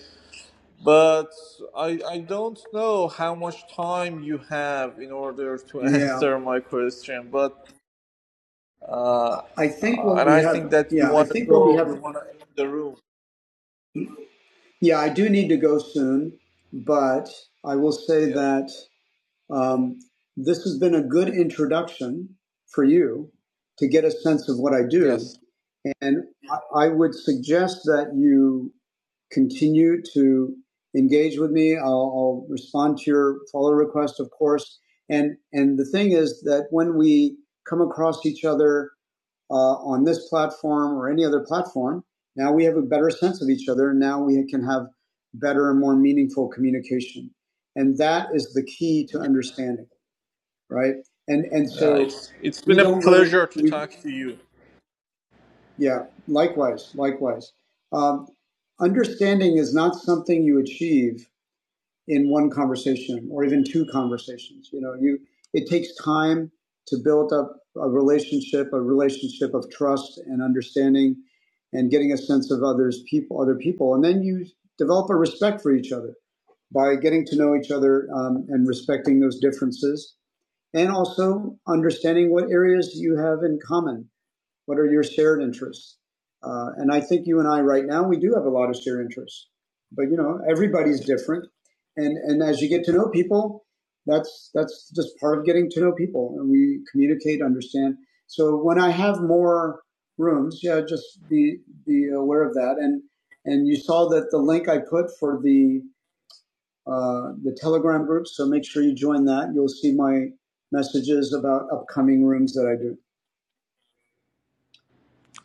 G: But I, I don't know how much time you have in order to
A: Yeah,
G: answer my question. But uh,
A: I think what
G: and
A: we
G: I think
A: have,
G: that you
A: yeah, I
G: want to
A: think what we
G: go, you
A: have,
G: want to end the room.
A: yeah, I do need to go soon, but I will say
G: Yes,
A: that Um, this has been a good introduction for you to get a sense of what I do.
G: yes,
A: And I I would suggest that you continue to engage with me. I'll, I'll respond to your follow request, of course. And and the thing is that when we come across each other uh, on this platform or any other platform, now we have a better sense of each other. And now we can have better and more meaningful communication. And that is the key to understanding, right? And and
G: yeah.
A: so
G: It's it's
A: we
G: been a
A: don't really,
G: pleasure to
A: we,
G: talk to you.
A: yeah, likewise, likewise. Um, understanding is not something you achieve in one conversation or even two conversations. You know, you it takes time to build up a relationship, a relationship of trust and understanding, and getting a sense of others people, other people, and then you develop a respect for each other by getting to know each other um, and respecting those differences, and also understanding what areas you have in common what are your shared interests? Uh, and I think you and I right now, we do have a lot of shared interests, but you know, everybody's different. And, and as you get to know people, that's, that's just part of getting to know people and we communicate, understand. So when I have more rooms, yeah, just be, be aware of that. And, and you saw that the link I put for the, uh, the telegram group. So make sure you join that. You'll see my messages about upcoming rooms that I do.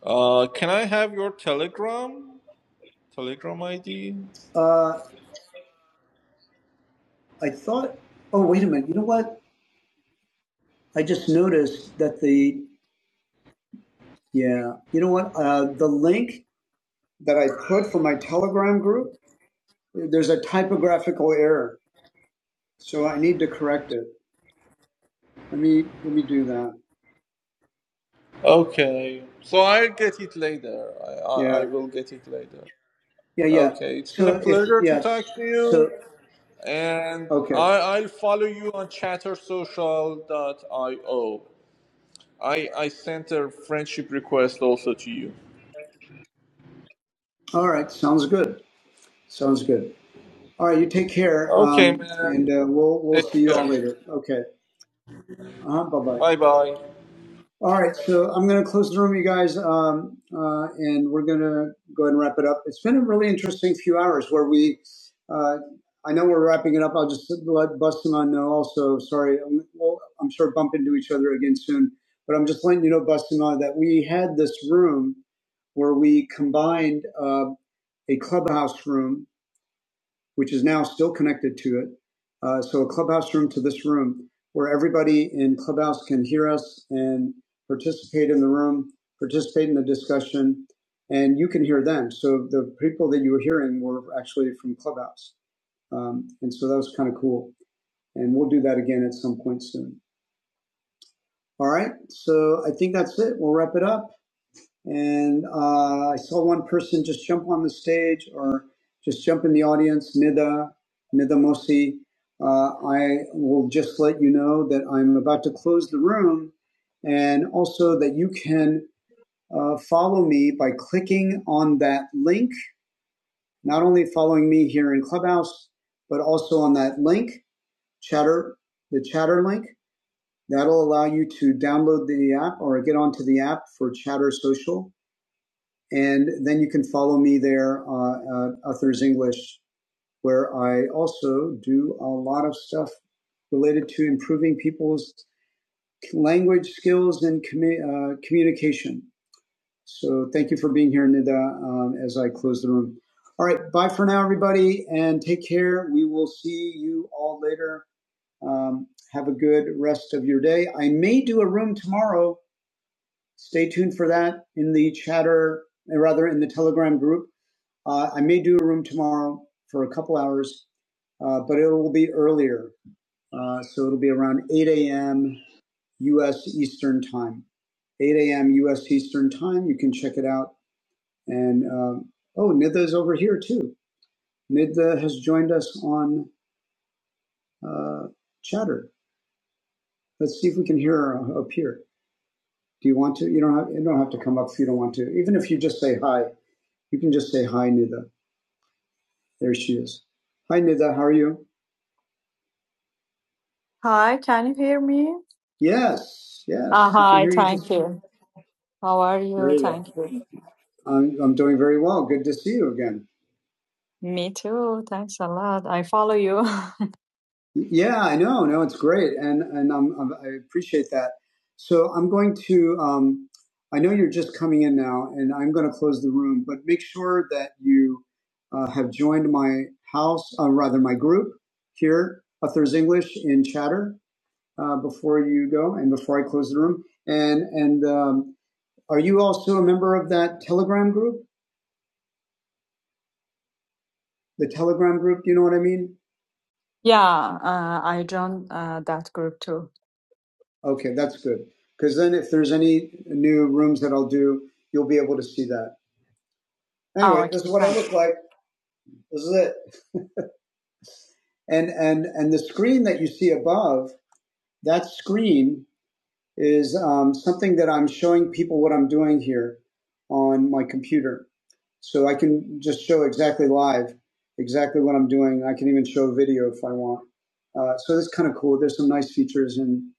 G: Uh, can I have your Telegram Telegram ID?
A: Uh, I thought, oh, wait a minute. You know what? I just noticed that the, yeah, you know what? Uh, the link that I put for my Telegram group, there's a typographical error. So I need to correct it. Let me, let me do that.
G: Okay, so I'll get it later. I, I
A: Yeah.
G: I will get it later.
A: Yeah. Yeah.
G: Okay, it's been
A: So
G: a
A: if,
G: pleasure to
A: yeah.
G: talk to you.
A: So,
G: and
A: okay.
G: I, I'll follow you on chattersocial.io. I, I sent a friendship request also to you.
A: All right. Sounds good. Sounds good. All right. You take care.
G: Okay,
A: Um,
G: man.
A: and uh, we'll, we'll
G: Take
A: see you all
G: care.
A: later. Okay. Uh-huh, bye bye.
G: Bye bye.
A: All right, so I'm going to close the room, you guys, um, uh, and we're going to go ahead and wrap it up. It's been a really interesting few hours where we, uh, I know we're wrapping it up. I'll just let Bustamante know also. Sorry, I'm, well, I'm sure bump into each other again soon, but I'm just letting you know, Bustamante, that we had this room where we combined uh, a clubhouse room which is now still connected to it. Uh, so a clubhouse room to this room where everybody in clubhouse can hear us and participate in the room, participate in the discussion, and you can hear them. So the people that you were hearing were actually from clubhouse. Um, and so that was kind of cool. And we'll do that again at some point soon. All right. So I think that's it. We'll wrap it up. And uh, I saw one person just jump on the stage or just jump in the audience, Nida, Nida Mosi. Uh, I will just let you know that I'm about to close the room and also that you can uh, follow me by clicking on that link, not only following me here in Clubhouse, but also on that link, Chatter, the Chatter link. That'll allow you to download the app or get onto the app for Chatter Social and then you can follow me there, uh, uh, Authors English, where I also do a lot of stuff related to improving people's language skills and commu- uh, communication. So thank you for being here, Nida, um, as I close the room. All right, bye for now, everybody, and take care. We will see you all later. Um, have a good rest of your day. I may do a room tomorrow. Stay tuned for that in the chatter, or rather in the Telegram group. Uh, I may do a room tomorrow for a couple hours, uh, but it will be earlier. Uh, so it'll be around 8 a.m. U.S. Eastern Time. 8 a.m. U.S. Eastern Time. You can check it out. And um, oh, Nidha is over here too. Nidha has joined us on uh, Chatter. Let's see if we can hear her up here. Do you want to? You don't have. You don't have to come up if you don't want to. Even if you just say hi, you can just say hi, Nidha. There she is. Hi, Nidha. How are you? Hi, can you hear me? Yes, Uh, yes, Uh, we can hi, hear you just thank you. How are you? very well. Thank you. I'm, I'm doing very well. Good to see you again. Me too. Thanks a lot. I follow you. Yeah, I know. No, it's great, and and I'm, I'm, I appreciate that. So I'm going to. Um, I know you're just coming in now, and I'm going to close the room. But make sure that you uh, have joined my house, uh, rather my group here, Authors English in Chatter uh, before you go and before I close the room. And and um, are you also a member of that Telegram group? The Telegram group, do you know what I mean? Yeah, uh, I joined uh, that group too. Okay, that's good. Because then if there's any new rooms that I'll do, you'll be able to see that. Oh, Anyway, okay. this is what I look like. This is it. And and and the screen that you see above, that screen is um, something that I'm showing people what I'm doing here on my computer. So I can just show exactly live exactly what I'm doing. I can even show video if I want. Uh, so that's kind of cool. There's some nice features in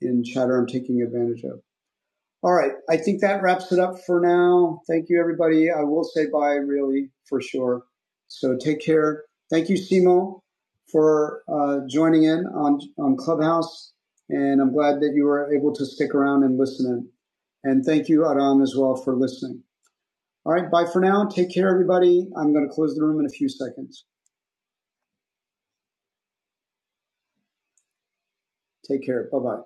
A: in Chatter I'm taking advantage of. All right. I think that wraps it up for now. Thank you, everybody. I will say bye, really, for sure. So take care. Thank you, Simo, for uh, joining in on, on Clubhouse. And I'm glad that you were able to stick around and listen in. And thank you, Aram, as well, for listening. All right. Bye for now. Take care, everybody. I'm going to close the room in a few seconds. Take care. Bye bye.